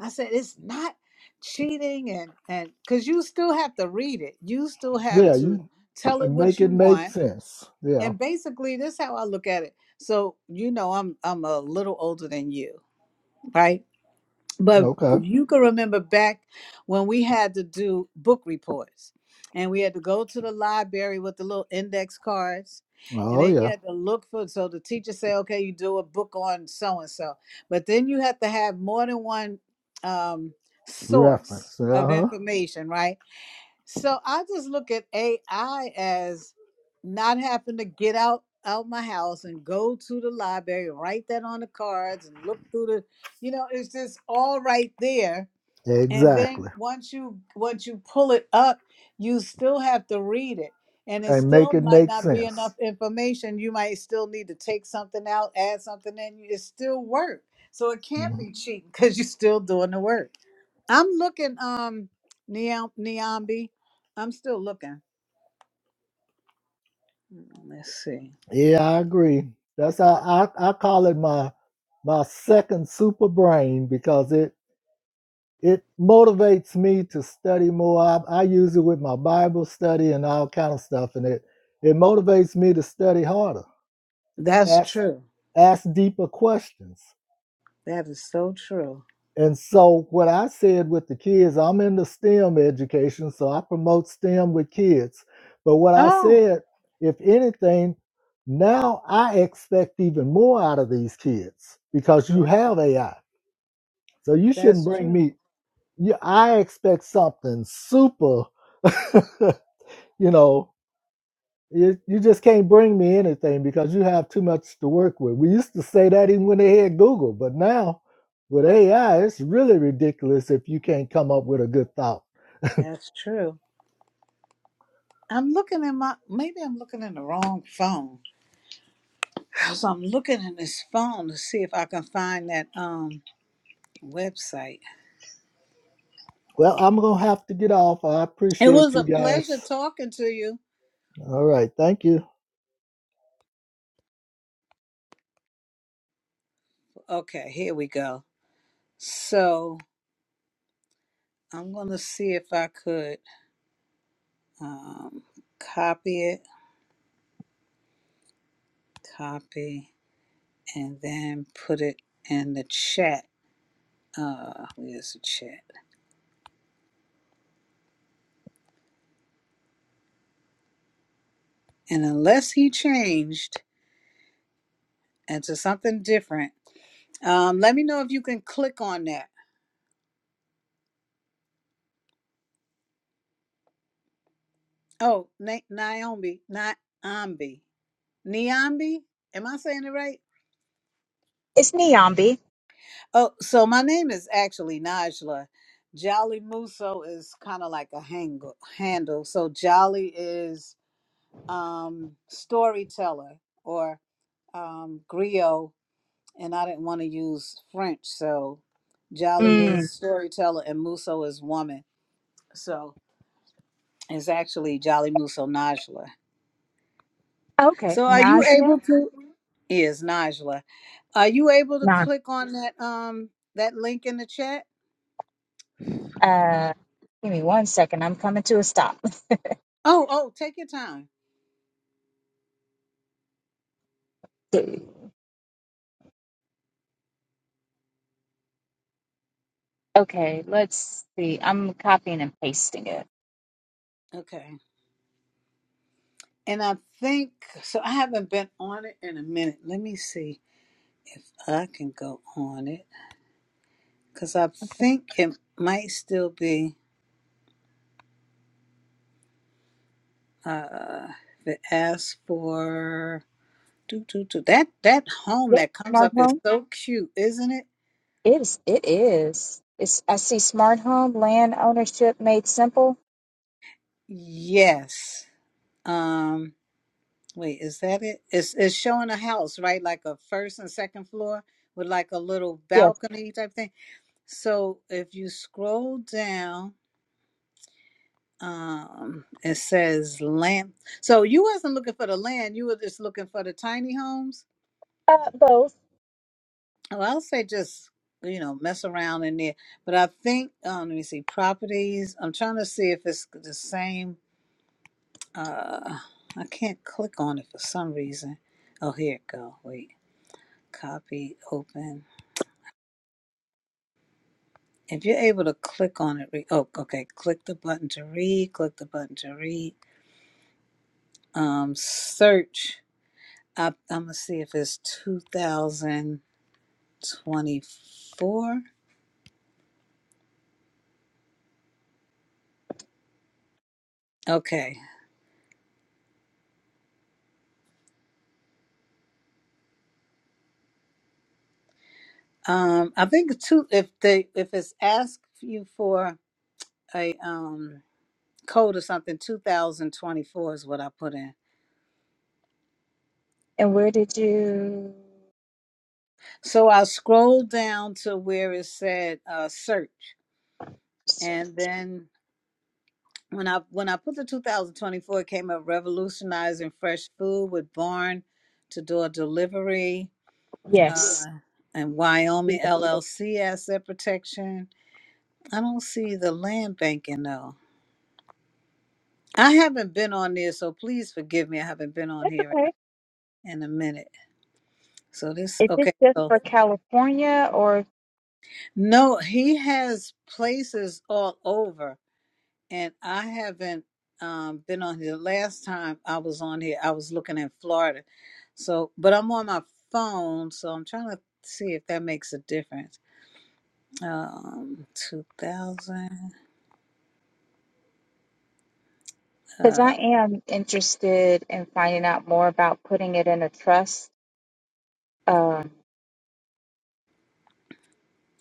Speaker 2: I said it's not cheating, and and because you still have to read it, you still have
Speaker 3: yeah,
Speaker 2: to
Speaker 3: you
Speaker 2: tell it what
Speaker 3: make it
Speaker 2: you
Speaker 3: make
Speaker 2: want,
Speaker 3: sense. Yeah.
Speaker 2: and basically this is how I look at it. So you know, I'm I'm a little older than you, right? but
Speaker 3: Okay.
Speaker 2: you can remember back when we had to do book reports and we had to go to the library with the little index cards and
Speaker 3: Oh
Speaker 2: then you
Speaker 3: yeah.
Speaker 2: had to look for so the teacher say okay you do a book on so and so but then you have to have more than one um, source
Speaker 3: Reference. Uh
Speaker 2: of
Speaker 3: huh.
Speaker 2: information right so I just look at AI as not having to get out out my house and go to the library, write that on the cards and look through the, you know, it's just all right there. And then
Speaker 3: Exactly.
Speaker 2: once you once you pull it up, you still have to read it. And it
Speaker 3: And make
Speaker 2: still
Speaker 3: it
Speaker 2: might
Speaker 3: make
Speaker 2: not be enough
Speaker 3: sense.
Speaker 2: information. You might still need to take something out, add something in. It's still work. So it can't
Speaker 3: Mhm.
Speaker 2: be cheating because you're still doing the work. I'm looking, um, Niam- Niambi. I'm still looking. Mm, Let's see.
Speaker 3: Yeah, I agree. That's how I, I call it my my second super brain because it it motivates me to study more. I, I use it with my Bible study and all kind of stuff, and it it motivates me to study harder,
Speaker 2: That's
Speaker 3: ask
Speaker 2: true.
Speaker 3: ask deeper questions.
Speaker 2: That is so true.
Speaker 3: And so, what I said with the kids, I'm in the STEM education, so I promote STEM with kids. But what I
Speaker 2: Oh,
Speaker 3: said, if anything, now I expect even more out of these kids because you
Speaker 2: that's
Speaker 3: have AI. So you shouldn't
Speaker 2: that's
Speaker 3: bring
Speaker 2: true.
Speaker 3: me. You, I expect something super, you know, you, you just can't bring me anything because you have too much to work with. We used to say that even when they had Google, but now with AI, it's really ridiculous if you can't come up with a good thought.
Speaker 2: That's true. I'm looking in my maybe I'm looking in the wrong phone. So I'm looking in this phone to see if I can find that um website.
Speaker 3: Well, I'm going to have to get off. I
Speaker 2: It
Speaker 3: appreciate
Speaker 2: was
Speaker 3: you
Speaker 2: a pleasure
Speaker 3: guys.
Speaker 2: talking to you.
Speaker 3: All right. Thank you.
Speaker 2: Okay, here we go. So I'm gonna see if I could um copy it. Copy. and then put it in the chat. Uh, where's the chat? And unless he changed into something different, um, let me know if you can click on that. Oh, Na- Naomi, Naambi, Niambi. Am I saying it right?
Speaker 4: It's Niambi.
Speaker 2: Oh, so my name is actually Najla. Jolly Muso is kind of like a hangle, handle. So Jolly is um, storyteller or um, griot and I didn't want to use French. So Jolly is
Speaker 4: Mm.
Speaker 2: storyteller and Muso is woman. So it's actually Jolly Muso Najla.
Speaker 4: Okay.
Speaker 2: So are you
Speaker 4: Najia?
Speaker 2: able to is Najla. Are you able to
Speaker 4: Nah.
Speaker 2: click on that um that link in the chat?
Speaker 4: Uh give me one second. I'm coming to a stop.
Speaker 2: Oh, oh, take your time.
Speaker 4: Okay, let's see. I'm copying and pasting it.
Speaker 2: Okay. And I think so I haven't been on it in a minute. Let me see if I can go on it cuz I think it might still be uh the ask for Do, do, do. That that home
Speaker 4: Yep,
Speaker 2: that comes
Speaker 4: smart
Speaker 2: up is
Speaker 4: home.
Speaker 2: so cute, isn't it?
Speaker 4: It is. It is. It's. I see smart home, land ownership made simple.
Speaker 2: Yes. Um, wait, is that it? It's it's showing a house, right? Like a first and second floor with like a little
Speaker 4: Yes.
Speaker 2: balcony type thing. So if you scroll down, um, it says land. So you wasn't looking for the land, you were just looking for the tiny homes.
Speaker 4: Uh, both.
Speaker 2: Well, I'll say just you know, mess around in there. But I think um let me see, properties. I'm trying to see if it's the same Uh, I can't click on it for some reason. Oh, here it go. Wait, copy, open. If you're able to click on it, re- oh, okay. Click the button to read. Click the button to read. Um, search. I, I'm gonna see if it's 2024. Okay. Um, I think two. If they if it's asked you for a um code or something, 2024 is what I put in.
Speaker 4: And where did you?
Speaker 2: So I scrolled down to where it said uh, search, and then when I when I put the 2024, it came up revolutionizing fresh food with Barn to door delivery, uh,
Speaker 4: Yes.
Speaker 2: Yeah. and
Speaker 4: That's
Speaker 2: Wyoming LLC asset protection. I don't see the land banking though. I haven't been on there, so please forgive me. I haven't been on here
Speaker 4: okay.
Speaker 2: in a, in a minute. So this
Speaker 4: Is this
Speaker 2: okay.
Speaker 4: just
Speaker 2: So
Speaker 4: for California, or
Speaker 2: no, he has places all over. and I haven't um, been on here. Last time I was on here, I was looking at Florida. So, but I'm on my phone, so I'm trying to see if that makes a difference. Um, 2000.
Speaker 4: Because I
Speaker 2: Uh,
Speaker 4: am interested in finding out more about putting it in a trust. Um,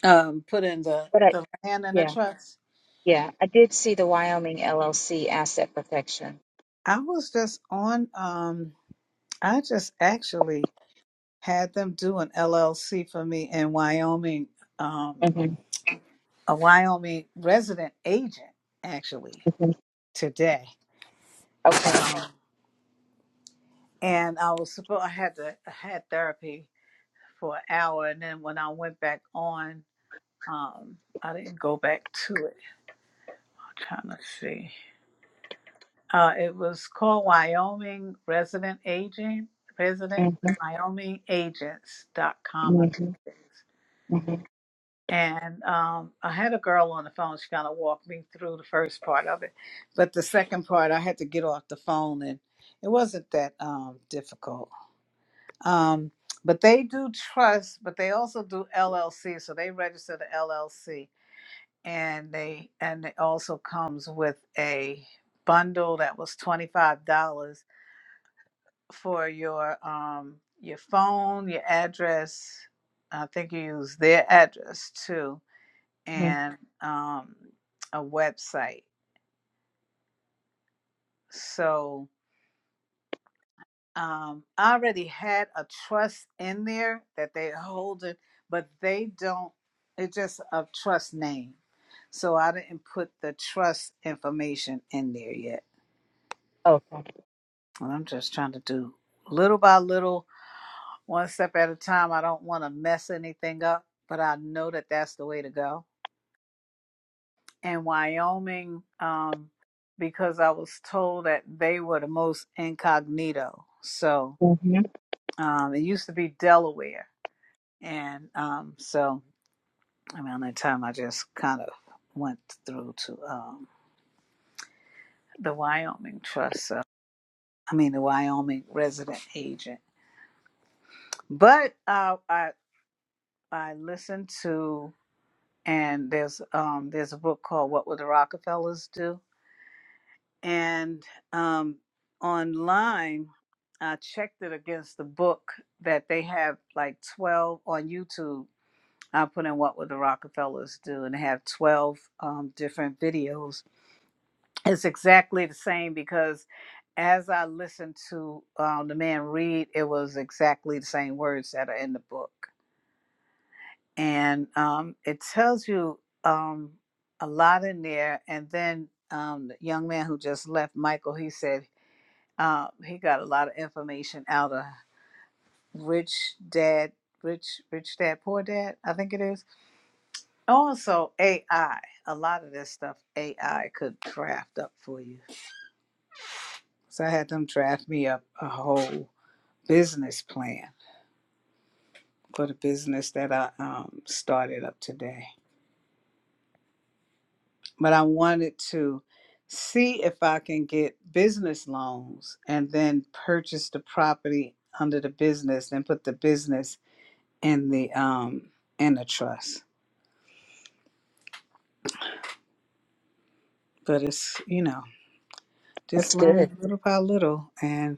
Speaker 2: um, put in the
Speaker 4: but I,
Speaker 2: the land and the
Speaker 4: yeah,
Speaker 2: trust.
Speaker 4: yeah, I did see the Wyoming LLC asset protection.
Speaker 2: I was just on. Um, I just actually had them do an LLC for me in Wyoming. Um,
Speaker 4: hmm
Speaker 2: a Wyoming resident agent actually
Speaker 4: hmm
Speaker 2: today.
Speaker 4: Okay.
Speaker 2: Um, and I was supposed I had to I had therapy for an hour, and then when I went back on, um, I didn't go back to it. I'm trying to see, uh, it was called Wyoming Resident Agent
Speaker 4: hmm
Speaker 2: Resident Wyoming Agents dot com.
Speaker 4: hmm
Speaker 2: I think it is.
Speaker 4: hmm
Speaker 2: And um, I had a girl on the phone. She kind of walked me through the first part of it, but the second part I had to get off the phone, and it wasn't that um, difficult. Um, but they do trust, but they also do LLC. So they register the LLC, and they and it also comes with a bundle that was twenty five dollars for your um your phone, your address. I think you use their address too,
Speaker 4: hmm
Speaker 2: and um, a website. So um, I already had a trust in there that they hold it, but they don't. It's just a trust name, so I didn't put the trust information in there yet.
Speaker 4: Okay.
Speaker 2: And I'm just trying to do little by little, one step at a time. I don't want to mess anything up, but I know that that's the way to go. And Wyoming, um, because I was told that they were the most incognito, so
Speaker 4: hmm
Speaker 2: um, it used to be Delaware And um, so around that time, I just kind of went through to um, the Wyoming Trust. So, I mean, the Wyoming resident agent. But uh, I I listened to and there's um, there's a book called What Would the Rockefellers Do? And um, online, I checked it against the book that they have like 12 on YouTube. I put in What Would the Rockefellers Do? And they have 12 um, different videos It's exactly the same because as I listened to um, the man read, it was exactly the same words that are in the book. And um, it tells you um, a lot in there. And then um, the young man who just left, Michael, he said uh, he got a lot of information out of Rich Dad, Rich, Rich Dad, Poor Dad, I think it is. Also, AI, a lot of this stuff AI could draft up for you So I had them draft me up a whole business plan for the business that I um, started up today. But I wanted to see if I can get business loans and then purchase the property under the business, then put the business in the um in the trust. But it's you know just
Speaker 4: That's good.
Speaker 2: learning little by little, and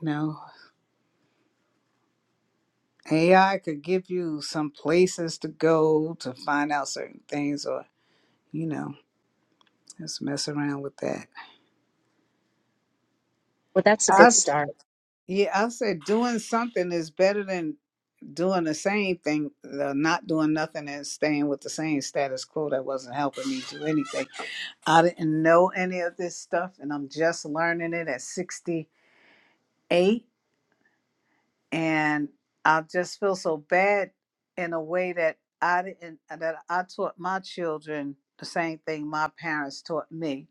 Speaker 2: you know AI could give you some places to go to find out certain things or. You know, Let's mess around with that.
Speaker 4: Well, that's a good
Speaker 2: I
Speaker 4: start.
Speaker 2: yeah, I said doing something is better than doing the same thing, uh, not doing nothing and staying with the same status quo that wasn't helping me do anything. I didn't know any of this stuff, and I'm just learning it at 68, and I just feel so bad in a way that I didn't that I taught my children the same thing my parents taught me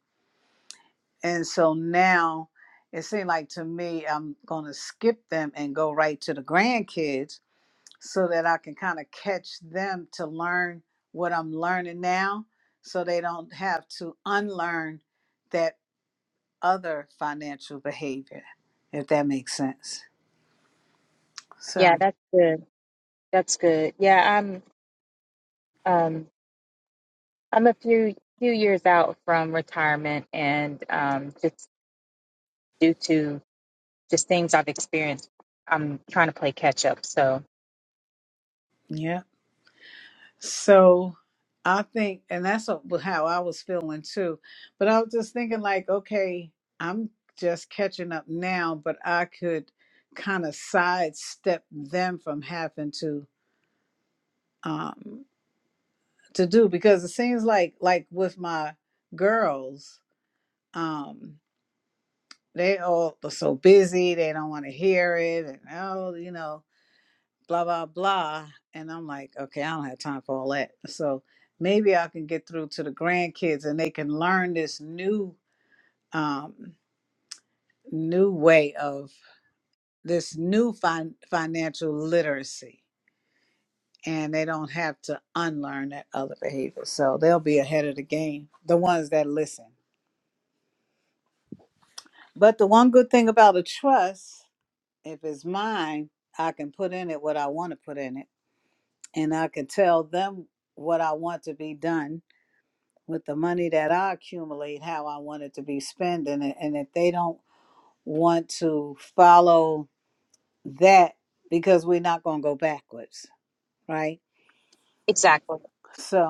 Speaker 2: And so now it seemed like to me, I'm going to skip them and go right to the grandkids so that I can kind of catch them to learn what I'm learning now so they don't have to unlearn that other financial behavior, if that makes sense.
Speaker 4: Yeah,
Speaker 2: So,
Speaker 4: that's good. That's good. Yeah, I'm um I'm a few few years out from retirement, and um just due to just things I've experienced, I'm trying to play catch up. So.
Speaker 2: yeah. So I think, and that's what- how I was feeling too. But I was just thinking, like, okay, I'm just catching up now, but I could kind of sidestep them from having to um to do because it seems like like with my girls, um, they all are so busy, they don't want to hear it, and oh, you know, blah blah blah and i'm like okay i don't have time for all that so maybe i can get through to the grandkids and they can learn this new um new way of this new fin- financial literacy and they don't have to unlearn that other behavior so they'll be ahead of the game the ones that listen but the one good thing about a trust if it's mine i can put in it what i want to put in it and i can tell them what i want to be done with the money that I accumulate, how I want it to be spending it. And if they don't want to follow that, because we're not going to go backwards, right?
Speaker 4: Exactly.
Speaker 2: So,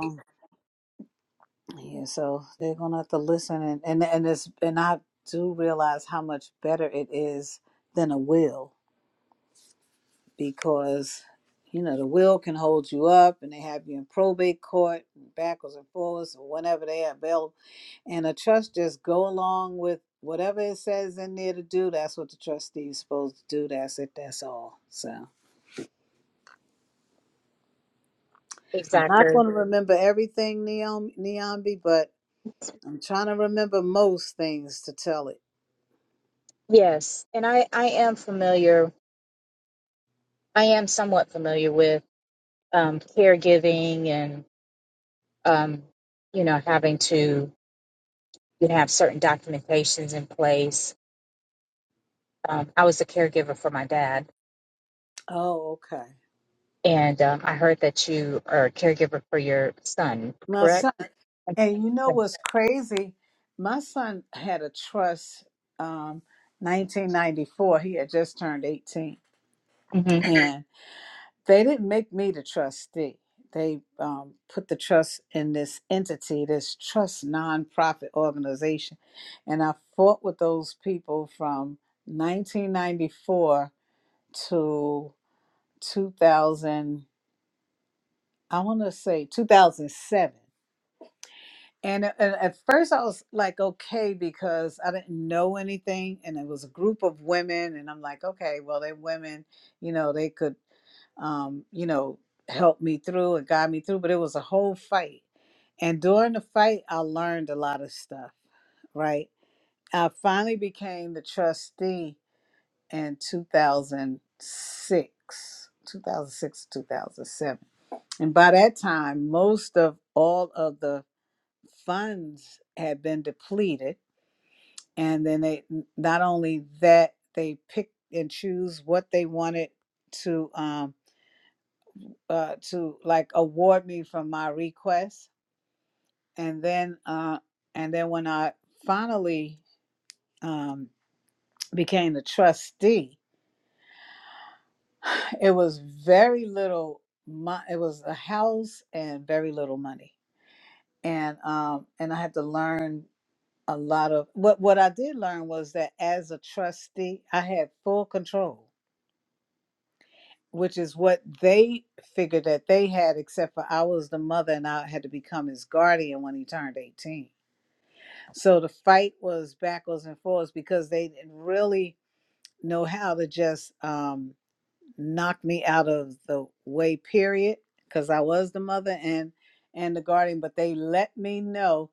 Speaker 2: yeah, so they're going to have to listen. And, and, and, it's, and I do realize how much better it is than a will. because you know the will can hold you up and they have you in probate court backwards and forwards or whenever they have bail and a trust just go along with whatever it says in there to do that's what the trustee is supposed to do that's it that's all so i'm not
Speaker 4: Exactly.
Speaker 2: going to remember everything Neom neombi but i'm trying to remember most things to tell it
Speaker 4: Yes. And I, I am familiar, I am somewhat familiar with um, caregiving and, um, you know, having to you know, have certain documentations in place. Um, I was a caregiver for my dad,
Speaker 2: oh okay
Speaker 4: and um, I heard that you are a caregiver for your son,
Speaker 2: Now,
Speaker 4: correct?
Speaker 2: And you know what's crazy? My son had a trust um 1994. He had just turned 18
Speaker 4: hmm
Speaker 2: and they didn't make me the trustee. They um, put the trust in this entity, this trust nonprofit organization. And I fought with those people from 1994 to 2000, I want to say 2007 And, a- and at first, I was like, okay, because I didn't know anything, and it was a group of women, and I'm like, okay, well, they're women, you know, they could, um, you know, help me through and guide me through. But it was a whole fight, and during the fight, I learned a lot of stuff. Right, I finally became the trustee in 2006, 2006, 2007, and by that time, most of all of the funds had been depleted and then they not only that they picked and choose what they wanted to um uh to like award me from my request and then uh and then when i finally um became the trustee it was very little mon- it was a house and very little money and um and i had to learn a lot of what what I did learn was that as a trustee, I had full control, which is what they figured that they had, except for I was the mother and I had to become his guardian when he turned 18. So the fight was backwards and forwards because they didn't really know how to just um knocked me out of the way period because i was the mother and and the guardian but they let me know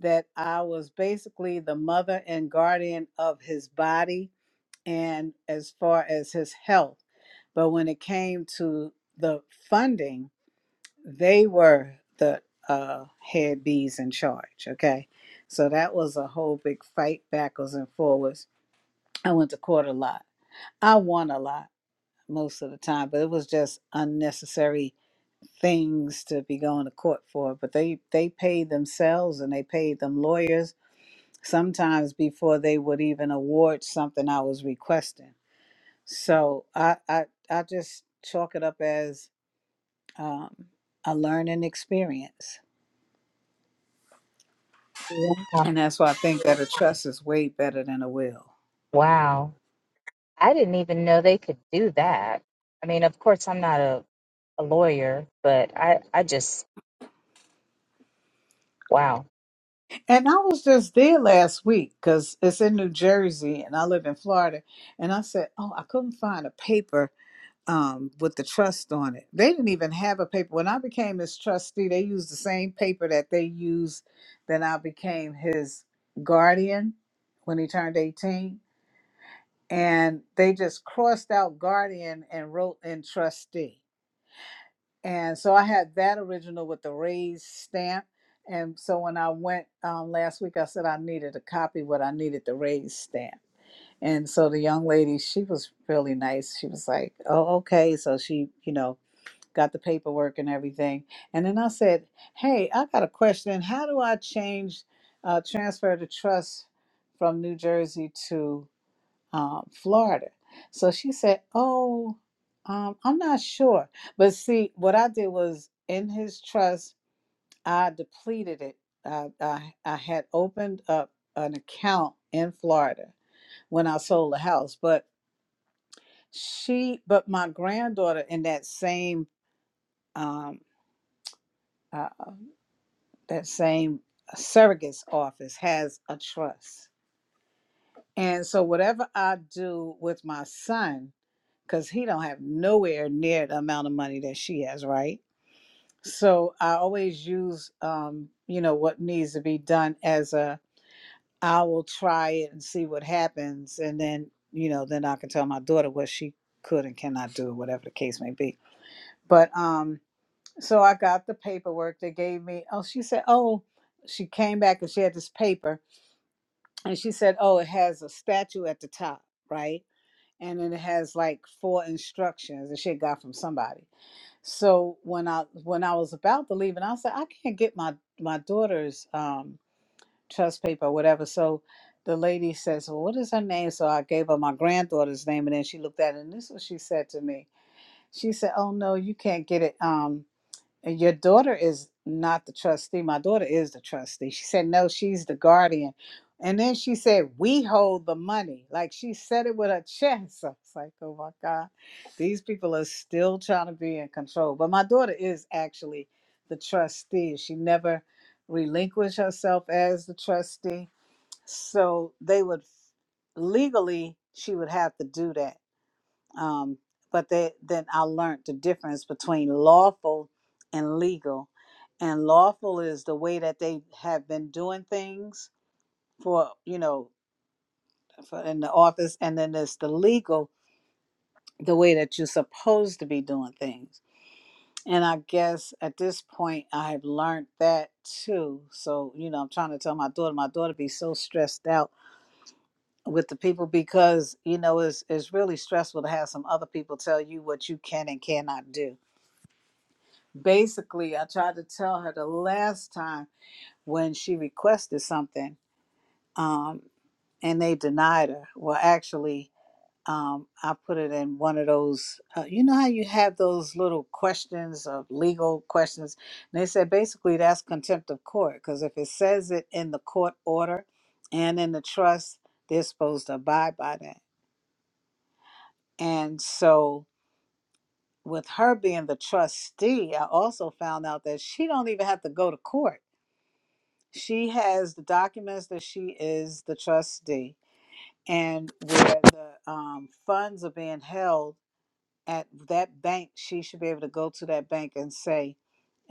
Speaker 2: that i was basically the mother and guardian of his body and as far as his health but when it came to the funding they were the uh, head bees in charge okay so that was a whole big fight backwards and forwards i went to court a lot i won a lot most of the time, but it was just unnecessary things to be going to court for. But they they paid themselves and they paid them lawyers sometimes before they would even award something I was requesting. So I I, I just chalk it up as um, a learning experience,
Speaker 4: Wow.
Speaker 2: and that's why I think that a trust is way better than a will.
Speaker 4: Wow. I didn't even know they could do that. I mean, of course, I'm not a, a lawyer, but I, I just, wow.
Speaker 2: And I was just there last week because it's in New Jersey and I live in Florida. And I said, Oh, I couldn't find a paper um, with the trust on it. They didn't even have a paper. When I became his trustee, they used the same paper that they used then I became his guardian when he turned 18. And they just crossed out guardian and wrote in trustee. And so I had that original with the raised stamp. And so when I went um, last week, I said I needed a copy, but I needed the raised stamp. And so the young lady, she was really nice. She was like, "Oh, okay." So she, you know, got the paperwork and everything. And then I said, "Hey, I got a question. How do I change uh, transfer the trust from New Jersey to um, Florida?" So she said, "Oh, um, I'm not sure." But see, what I did was in his trust, I depleted it. I, I, I had opened up an account in Florida when I sold the house, but she, but my granddaughter in that same um, uh." that same uh, surrogate's office has a trust. And so whatever I do with my son, because he don't have nowhere near the amount of money that she has, right? So I always use um, you know, what needs to be done as a I will try it and see what happens and then, you know, then I can tell my daughter what she could and cannot do, whatever the case may be. But um, so I got the paperwork they gave me. Oh, she said, Oh, she came back and she had this paper and she said, "Oh, it has a statue at the top, right? And then it has like four instructions that she had got from somebody." So when I when I was about to leave, and I said, "I can't get my my daughter's um, trust paper, or whatever." So the lady says, "Well, what is her name?" So I gave her my granddaughter's name, and then she looked at it, and this is what she said to me. She said, "Oh no, you can't get it. Um, and your daughter is not the trustee. My daughter is the trustee. She said, no, she's the guardian. And then she said, we hold the money. Like she said it with her chest. I was like, oh my God, these people are still trying to be in control. But my daughter is actually the trustee. She never relinquished herself as the trustee. So they would legally, she would have to do that um, but they, then I learned the difference between lawful and legal. And lawful is the way that they have been doing things for you know for in the office, and then there's the legal, the way that you're supposed to be doing things. And I guess at this point, I have learned that too. So you know, I'm trying to tell my daughter, my daughter be so stressed out with the people because you know it's it's really stressful to have some other people tell you what you can and cannot do basically i tried to tell her the last time when she requested something um, and they denied her well actually um, i put it in one of those uh, you know how you have those little questions of legal questions and they said basically that's contempt of court because if it says it in the court order and in the trust they're supposed to abide by that and so with her being the trustee i also found out that she don't even have to go to court she has the documents that she is the trustee and where the um, funds are being held at that bank she should be able to go to that bank and say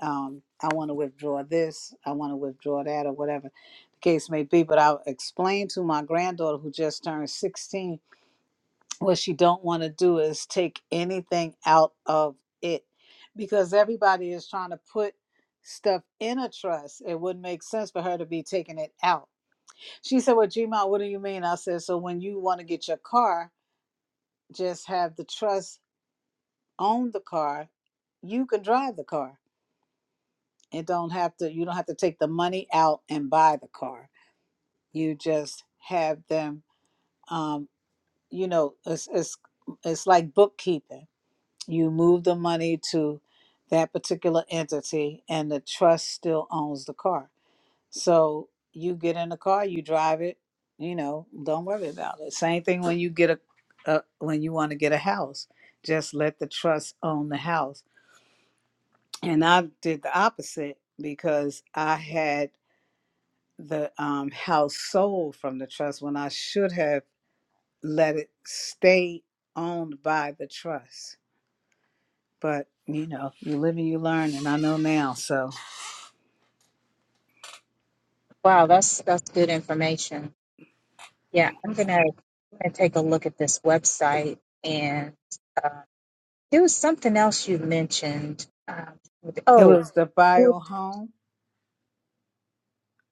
Speaker 2: um, i want to withdraw this i want to withdraw that or whatever the case may be but i'll explain to my granddaughter who just turned 16 what she don't want to do is take anything out of it because everybody is trying to put stuff in a trust it wouldn't make sense for her to be taking it out she said, Well, Gma, what do you mean? I said, So when you want to get your car, just have the trust own the car. You can drive the car. It don't have to you don't have to take the money out and buy the car. You just have them um, you know, it's it's it's like bookkeeping. You move the money to that particular entity and the trust still owns the car So you get in the car, you drive it, you know, don't worry about it. Same thing when you get a, a when you want to get a house, just let the trust own the house. And I did the opposite because I had the um, house sold from the trust when I should have let it stay owned by the trust. But you know, you live and you learn, and I know now. So
Speaker 4: Wow, that's that's good information. Yeah, I'm gonna, I'm gonna take a look at this website. And uh, there was something else you mentioned. Um
Speaker 2: it
Speaker 4: oh,
Speaker 2: was the bio home.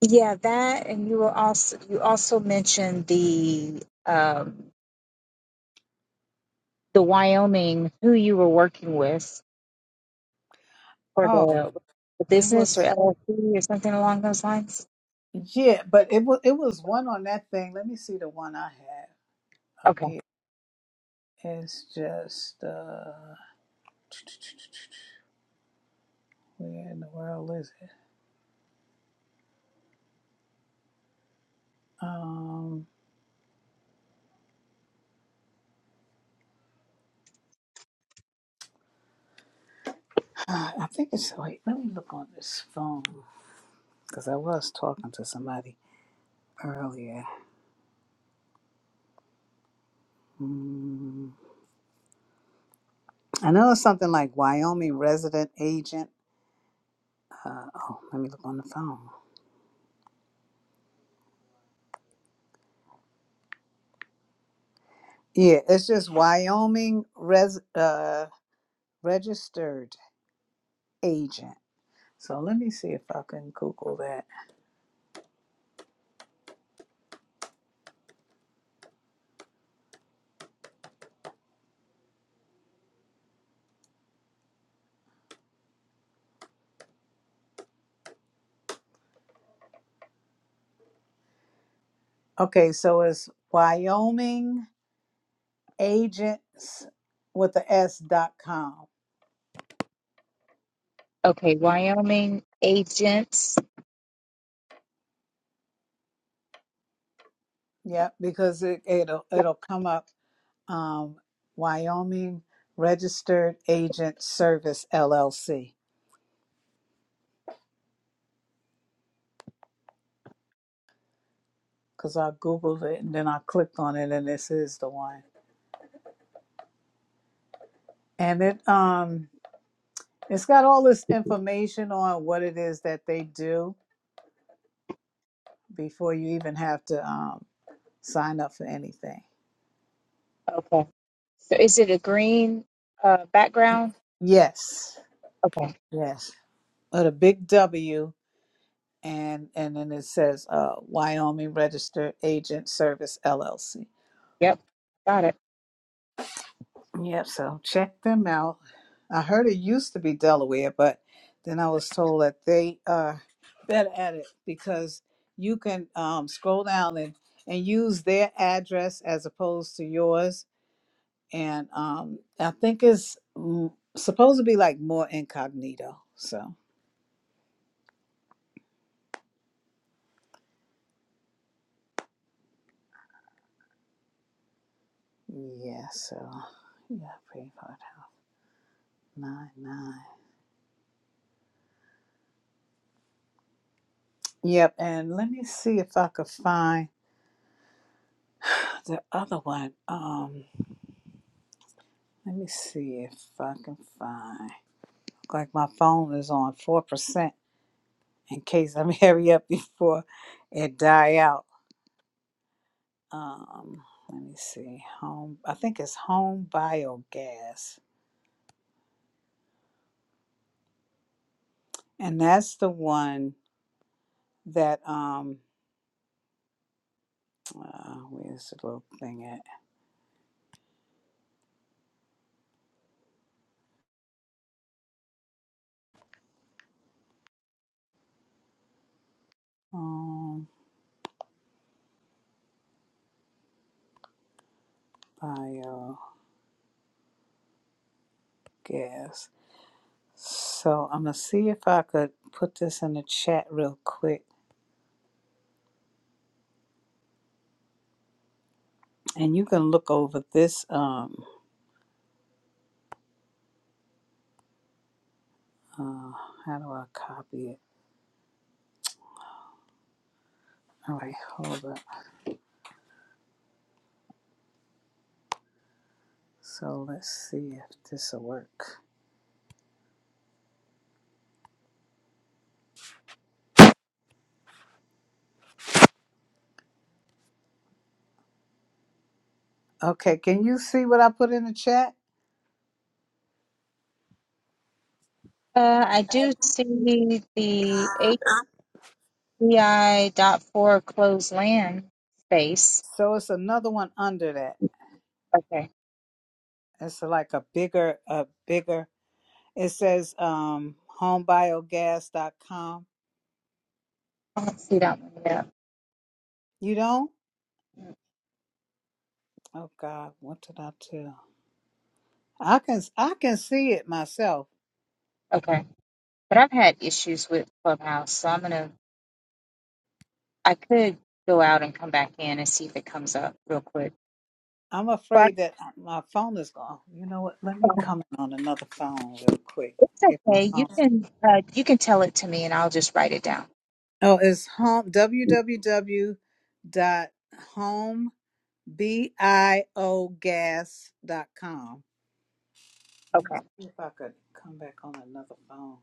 Speaker 4: yeah, that, and you were also you also mentioned the um, the Wyoming who you were working with for
Speaker 2: Oh,
Speaker 4: the, the
Speaker 2: it was.
Speaker 4: business or LLC or something along those lines.
Speaker 2: Yeah, but it was it was one on that thing. Let me see the one I have up
Speaker 4: Okay,
Speaker 2: here. It's just uh where in the world is it? Um I think it's wait, let me look on this phone because I was talking to somebody earlier. Mm, I know it's something like Wyoming resident agent. Uh, oh, let me look on the phone. Yeah, it's just Wyoming res uh registered agent. So let me see if I can Google that. Okay, so it's Wyoming Agents with the S dot com.
Speaker 4: okay, Wyoming agents.
Speaker 2: Yep, because it, it'll it'll come up um, Wyoming Registered Agent Service LLC. Because I googled it and then I clicked on it and this is the one. And it um it's got all this information on what it is that they do before you even have to um, sign up for anything.
Speaker 4: Okay, so is it a green uh, background?
Speaker 2: Yes.
Speaker 4: Okay.
Speaker 2: Yes. with a big W, and and then it says uh, Wyoming Registered Agent Service LLC.
Speaker 4: Yep, got it.
Speaker 2: Yep. So check them out. I heard it used to be Delaware, but then I was told that they are better at it because you can um, scroll down and and use their address as opposed to yours. And um, I think it's mm, supposed to be like more incognito. So yeah. So yeah. Pretty hard. Nine nine. Yep, and let me see if I could find the other one. Um, let me see if I can find. Look like my phone is on four percent in case I'm hurry up before it die out. Um, let me see. Home, I think it's home biogas, and that's the one that um, uh, where's the little thing at? Home biogas. So I'm gonna see if I could put this in the chat real quick, and you can look over this. Um, uh, how do I copy it? All right, hold up. So let's see if this will work. Okay, can you see what I put in the chat?
Speaker 4: Uh, I do see the HBI dot four closed land space.
Speaker 2: So it's another one under that.
Speaker 4: Okay,
Speaker 2: It's like a bigger, a bigger. It says um, homebiogas.com.
Speaker 4: I don't see that one yet.
Speaker 2: You don't? Oh God, what did I tell? I can I can see it myself
Speaker 4: Okay, but I've had issues with Clubhouse, so I'm gonna. I could go out and come back in and see if it comes up real quick.
Speaker 2: I'm
Speaker 4: But
Speaker 2: afraid that my phone is gone. You know what? Let me
Speaker 4: um,
Speaker 2: come on another phone real quick.
Speaker 4: it's
Speaker 2: Get my
Speaker 4: okay. You
Speaker 2: phone.
Speaker 4: can uh, you can tell it to me, and I'll just write it down.
Speaker 2: Oh, it's home www.homebiogas.com. I'm gonna
Speaker 4: Okay.
Speaker 2: see if I could come back on another phone.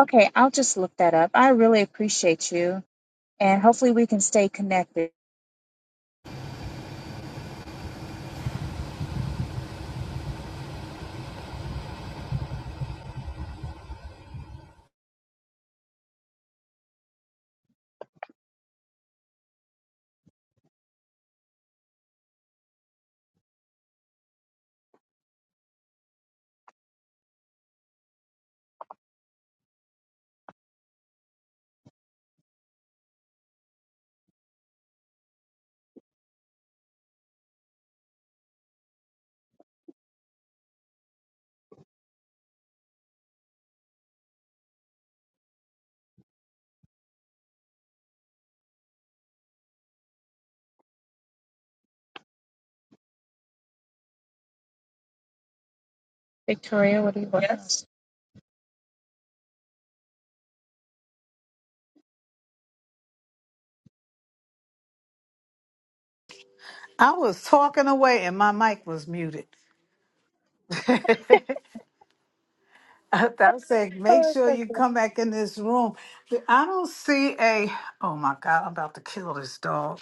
Speaker 4: Okay, I'll just look that up. I really appreciate you, and hopefully we can stay connected. Victoria, what do you want? Yes.
Speaker 2: I was talking away and my mic was muted. I was saying,
Speaker 4: Uh
Speaker 2: make
Speaker 4: oh. it's
Speaker 2: sure you
Speaker 4: Okay,
Speaker 2: come back in this room. I don't see a. Oh my God! I'm about to kill this dog.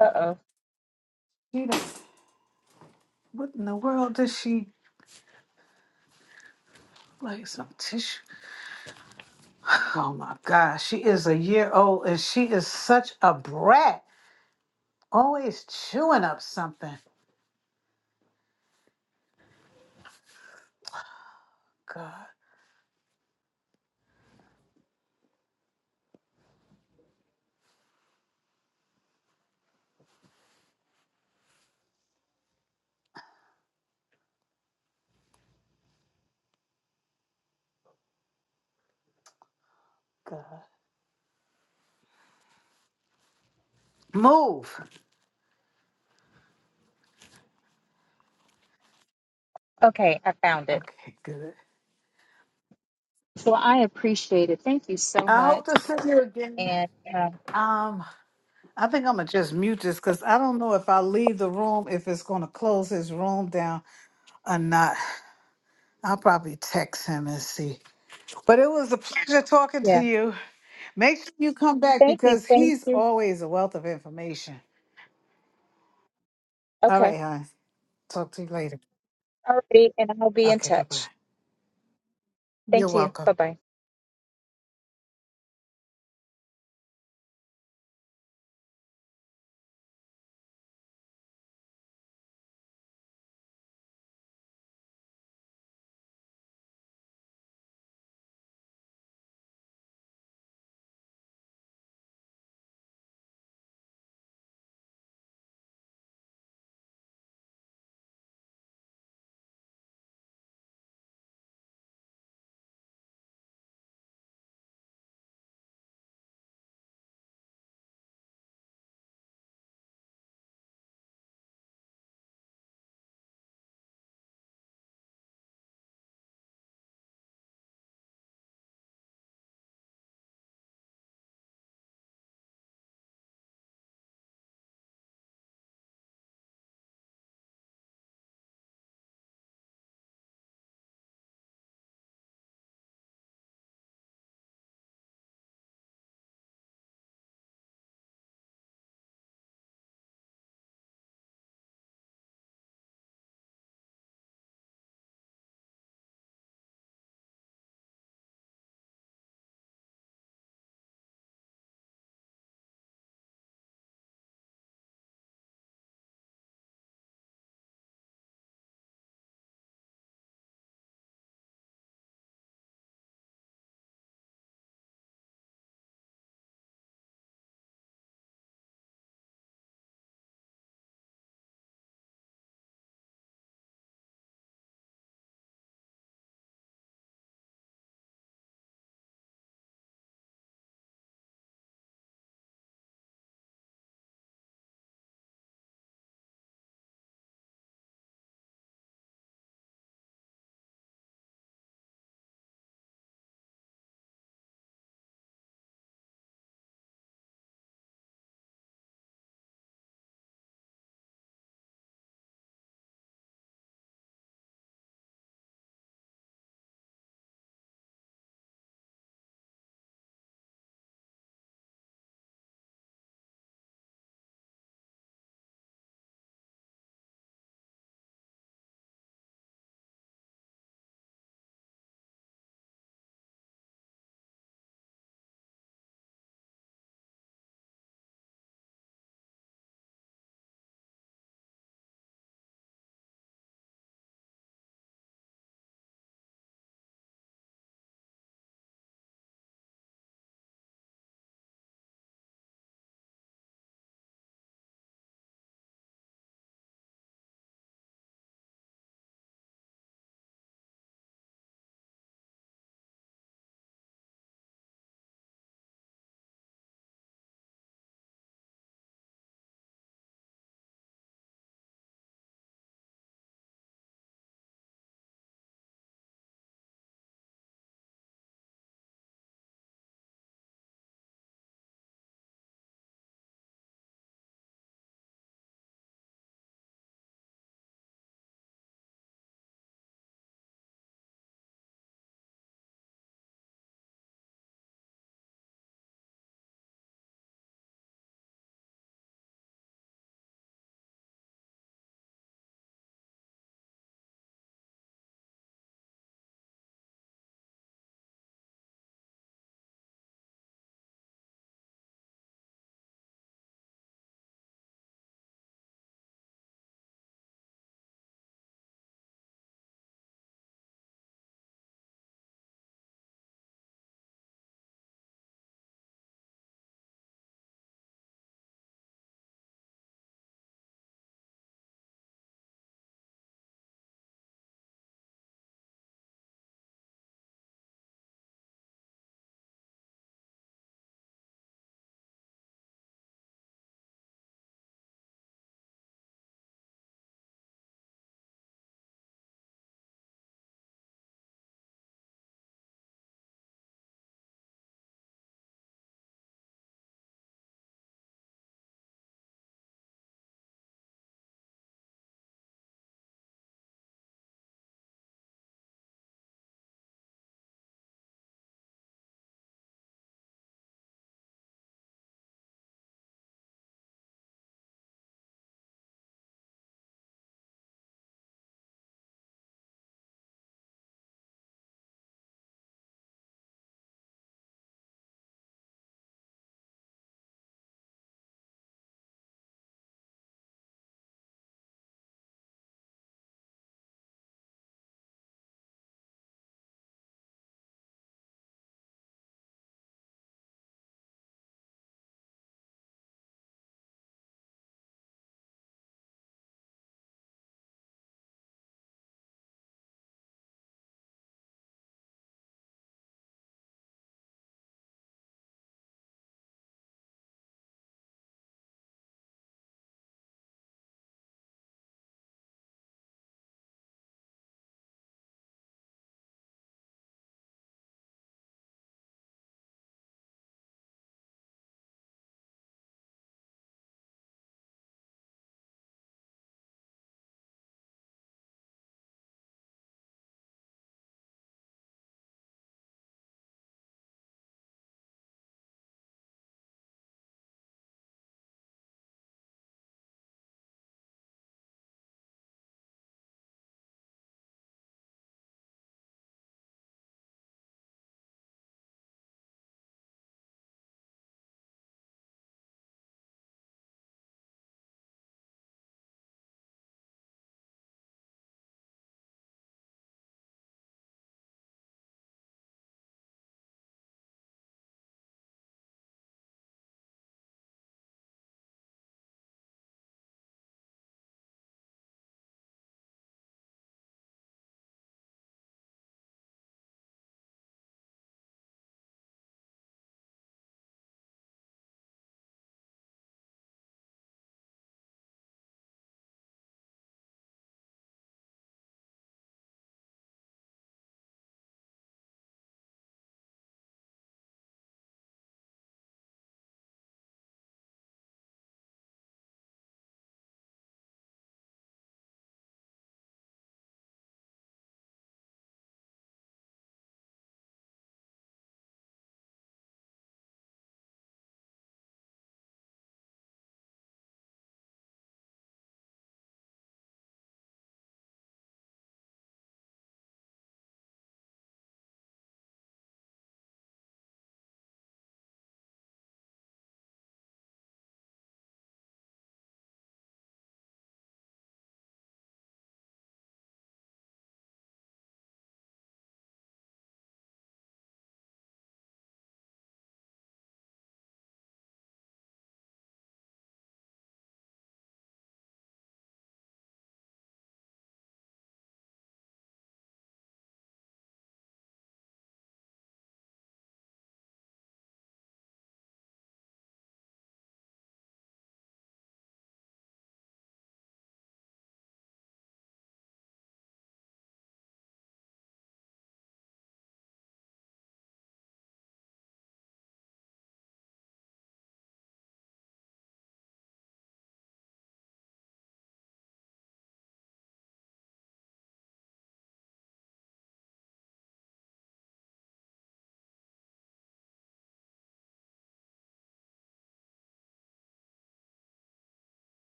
Speaker 4: Uh-oh.
Speaker 2: What in the world does she like some tissue? Oh my God, she is a year old and she is such a brat. Always chewing up something. God, God. Move.
Speaker 4: Okay, I found it.
Speaker 2: Okay, good.
Speaker 4: Well, I appreciate it. Thank you so
Speaker 2: I hope
Speaker 4: much.
Speaker 2: to see you again.
Speaker 4: And um,
Speaker 2: Um, I think I'm gonna just mute this because I don't know if I leave the room if it's gonna close his room down or not. I'll probably text him and see. But it was a pleasure talking to
Speaker 4: yeah,
Speaker 2: you. Make sure you come back
Speaker 4: thank you.
Speaker 2: because
Speaker 4: Thank
Speaker 2: he's
Speaker 4: you.
Speaker 2: always a wealth of information. All
Speaker 4: Okay.
Speaker 2: right, hon. Talk to you later.
Speaker 4: Alrighty. And I'll be in
Speaker 2: Okay, bye bye.
Speaker 4: touch.
Speaker 2: You're
Speaker 4: Thank you.
Speaker 2: welcome.
Speaker 4: Bye bye.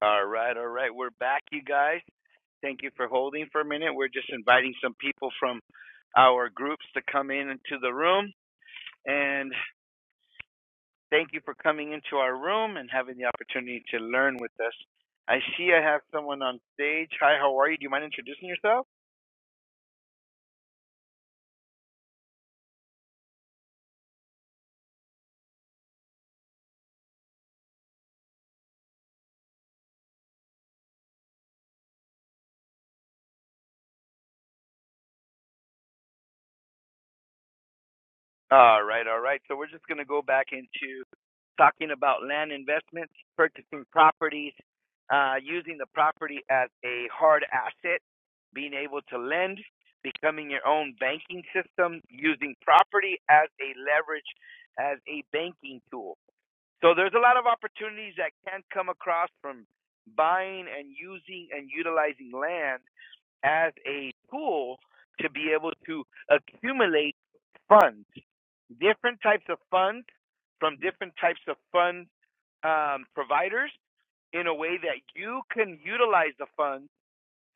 Speaker 1: All right, all right, we're back, you guys. Thank you for holding for a minute. We're just inviting some people from our groups to come in into the room. And Thank you for coming into our room and having the opportunity to learn with us. I see I have someone on stage. Hi, how are you? Do you mind introducing yourself? All right, all right. So we're just going to go back into talking about land investments, purchasing properties, uh, using the property as a hard asset, being able to lend, becoming your own banking system, using property as a leverage, as a banking tool. So there's a lot of opportunities that can come across from buying and using and utilizing land as a tool to be able to accumulate funds, different types of funds from different types of fund um, providers in a way that you can utilize the funds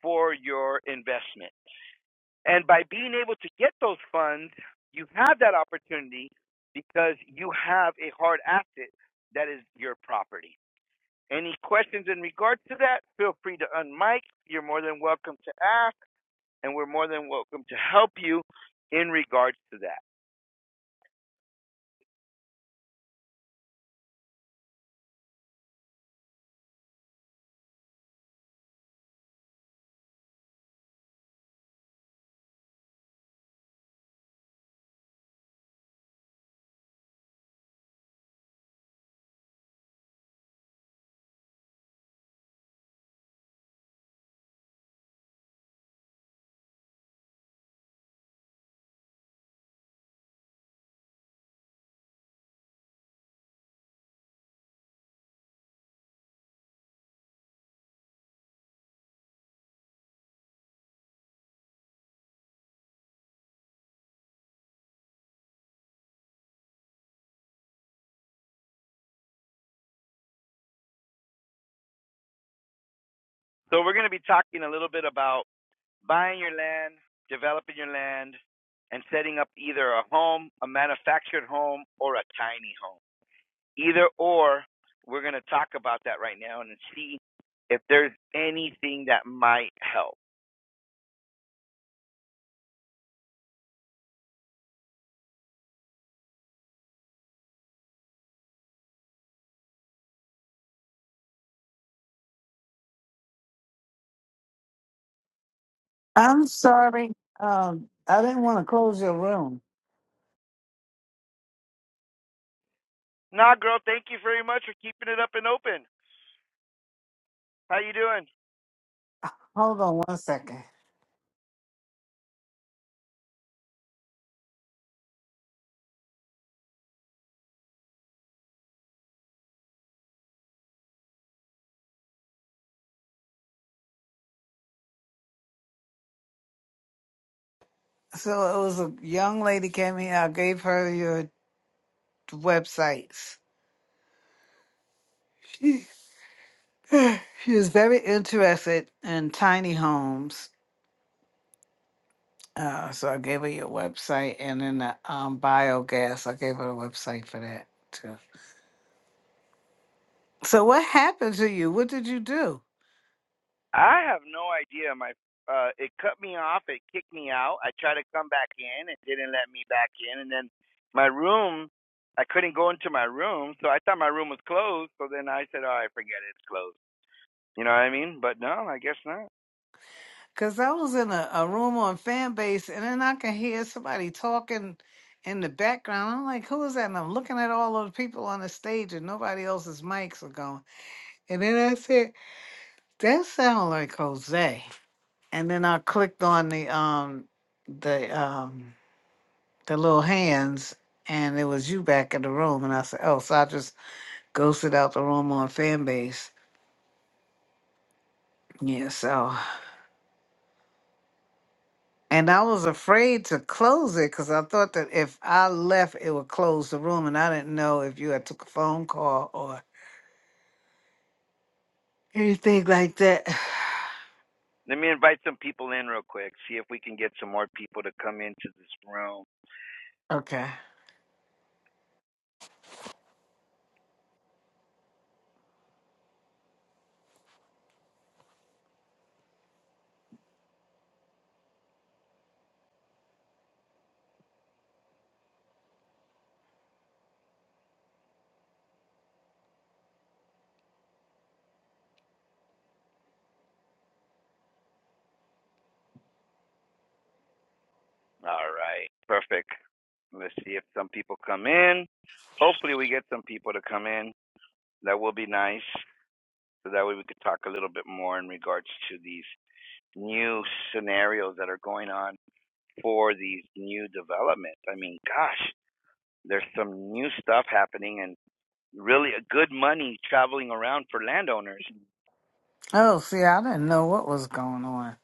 Speaker 1: for your investment. And by being able to get those funds, you have that opportunity because you have a hard asset that is your property. Any questions in regards to that? Feel free to unmic. You're more than welcome to ask, and we're more than welcome to help you in regards to that. So, we're going to be talking a little bit about buying your land, developing your land, and setting up either a home, a manufactured home, or a tiny home. Either or, we're going to talk about that right now and see if there's anything that might help.
Speaker 2: I'm sorry. Um, I didn't want to close your room.
Speaker 1: Nah, girl, thank you very much for keeping it up and open. How you doing?
Speaker 2: Hold on one second. So it was a young lady came in. I gave her your websites. She, she was very interested in tiny homes. Uh, so I gave her your website and then the um, biogas. I gave her a website for that too. So what happened to you? What did you do?
Speaker 1: I have no idea. My uh, it cut me off. It kicked me out. I tried to come back in. It didn't let me back in. And then my room, I couldn't go into my room, so I thought my room was closed. So then I said, "All right, forget it. It's closed." You know what I mean? But no, I guess not.
Speaker 2: Cause I was in a, a room on fan base and then I can hear somebody talking in the background. I'm like, who is that? And I'm looking at all of the people on the stage and nobody else's mics are going. And then I said, that sounds like Jose. And then I clicked on the um the um the little hands and it was you back in the room and I said, Oh, so I just ghosted out the room on fan base. Yeah, so And I was afraid to close it because I thought that if I left, it would close the room, and I didn't know if you had took a phone call or anything like that.
Speaker 1: Let me invite some people in real quick. See if we can get some more people to come into this room.
Speaker 2: Okay.
Speaker 1: All right. Perfect. Let's see if some people come in. Hopefully, we get some people to come in. That will be nice. So that way we could talk a little bit more in regards to these new scenarios that are going on for these new developments. I mean, gosh, there's some new stuff happening and really good money traveling around for landowners.
Speaker 2: Oh, see, I didn't know what was going on.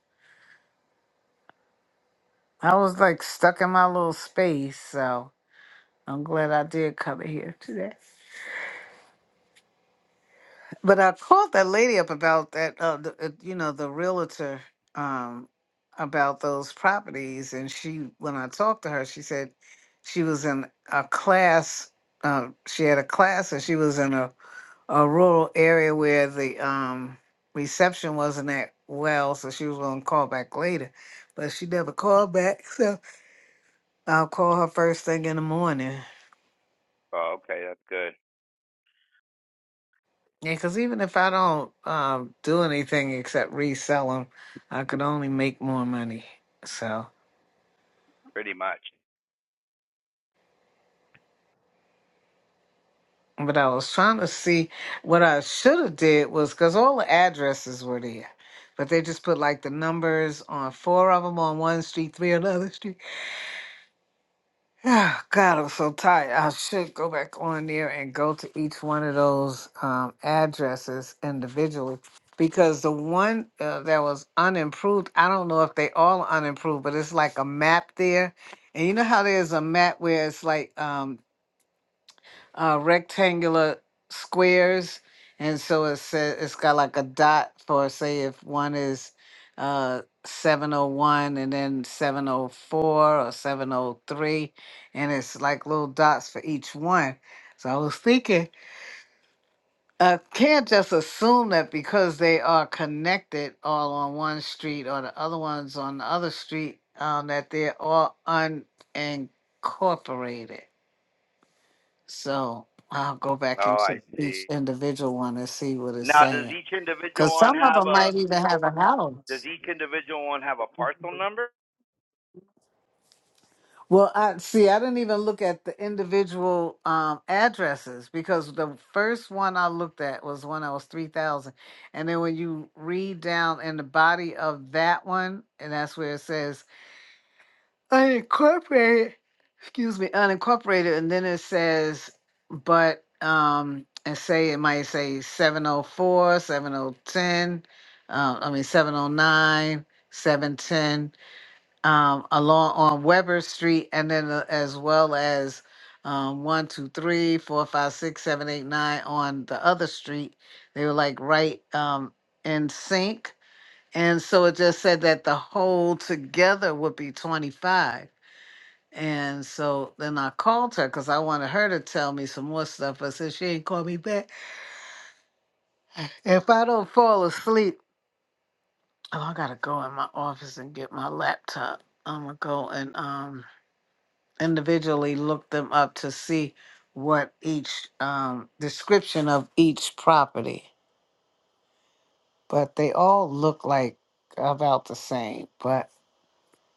Speaker 2: I was like stuck in my little space, so I'm glad I did come in here today. But I called that lady up about that, uh, the, uh, you know, the realtor um, about those properties. And she, when I talked to her, she said she was in a class. Uh, she had a class, and she was in a, a rural area where the um, reception wasn't that well. So she was going to call back later, but she never called back. So I'll call her first thing in the morning.
Speaker 1: Oh, okay. That's good.
Speaker 2: Yeah, because even if I don't um, do anything except resell them, I could only make more money. So,
Speaker 1: Pretty much.
Speaker 2: but I was trying to see what I should have did was because all the addresses were there, but they just put like the numbers on four of them on one street, three on another street. Ah, God, I'm so tired. I should go back on there and go to each one of those um, addresses individually because the one uh, that was unimproved, I don't know if they all are unimproved, but it's like a map there. And you know how there's a map where it's like um, uh, rectangular squares, and so it says it's got like a dot for say if one is uh, 701 and then 704 or 703, and it's like little dots for each one. So I was thinking, I can't just assume that because they are connected all on one street or the other ones on the other street, um, that they're all unincorporated. So I'll go back
Speaker 1: Oh, I
Speaker 2: into
Speaker 1: see.
Speaker 2: each individual one and see what it's
Speaker 1: Now, does
Speaker 2: saying.
Speaker 1: each individual
Speaker 2: Because
Speaker 1: one
Speaker 2: some of
Speaker 1: have
Speaker 2: them
Speaker 1: a
Speaker 2: might even have a
Speaker 1: does
Speaker 2: house.
Speaker 1: each individual one have a parcel number?
Speaker 2: Well, I see. I didn't even look at the individual um, addresses because the first one I looked at was one that was three thousand, and then when you read down in the body of that one, and that's where it says unincorporated excuse me, unincorporated, and then it says, but, um, and say, it might say 704, 7010, uh, I mean, 709, 710, um, along on Weber Street, and then uh, as well as, um, one, two, three, four, five, six, seven, eight, nine on the other street. They were like right, um, in sync. And so it just said that the whole together would be 25. And so then I called her because I wanted her to tell me some more stuff. But since she ain't called me back, if I don't fall asleep, oh, I gotta go in my office and get my laptop. I'm gonna go and um, individually look them up to see what each um, description of each property. But they all look like about the same. But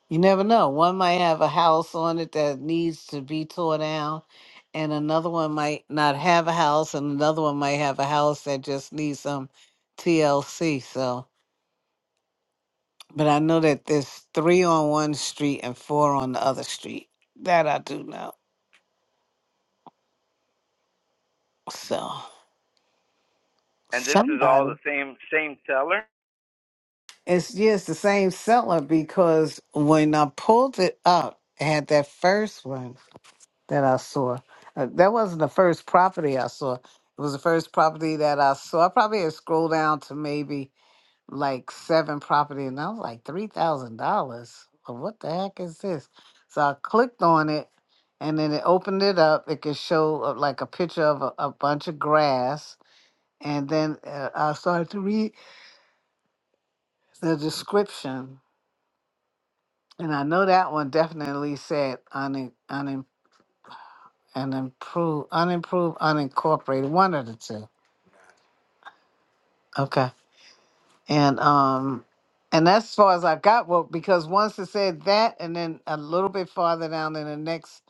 Speaker 2: You never know. One might have a house on it that needs to be tore down, and another one might not have a house, and another one might have a house that just needs some TLC. So, but I know that there's three on one street and four on the other street. That I do know. So,
Speaker 1: And this is all
Speaker 2: somebody.
Speaker 1: the same same seller?
Speaker 2: It's just the same seller because when I pulled it up, it had that first one. that I saw. Uh, that wasn't the first property I saw. It was the first property that I saw. I probably had scrolled down to maybe like seven property, and I was like three thousand dollars. Well, What the heck is this? So I clicked on it, and then it opened it up. It could show uh, like a picture of a, a bunch of grass, and then uh, I started to read the description, and I know that one definitely said un, un, unimproved, unimproved, unincorporated, one of the two Okay. And um and that's as far as I got well, because once it said that and then a little bit farther down in the next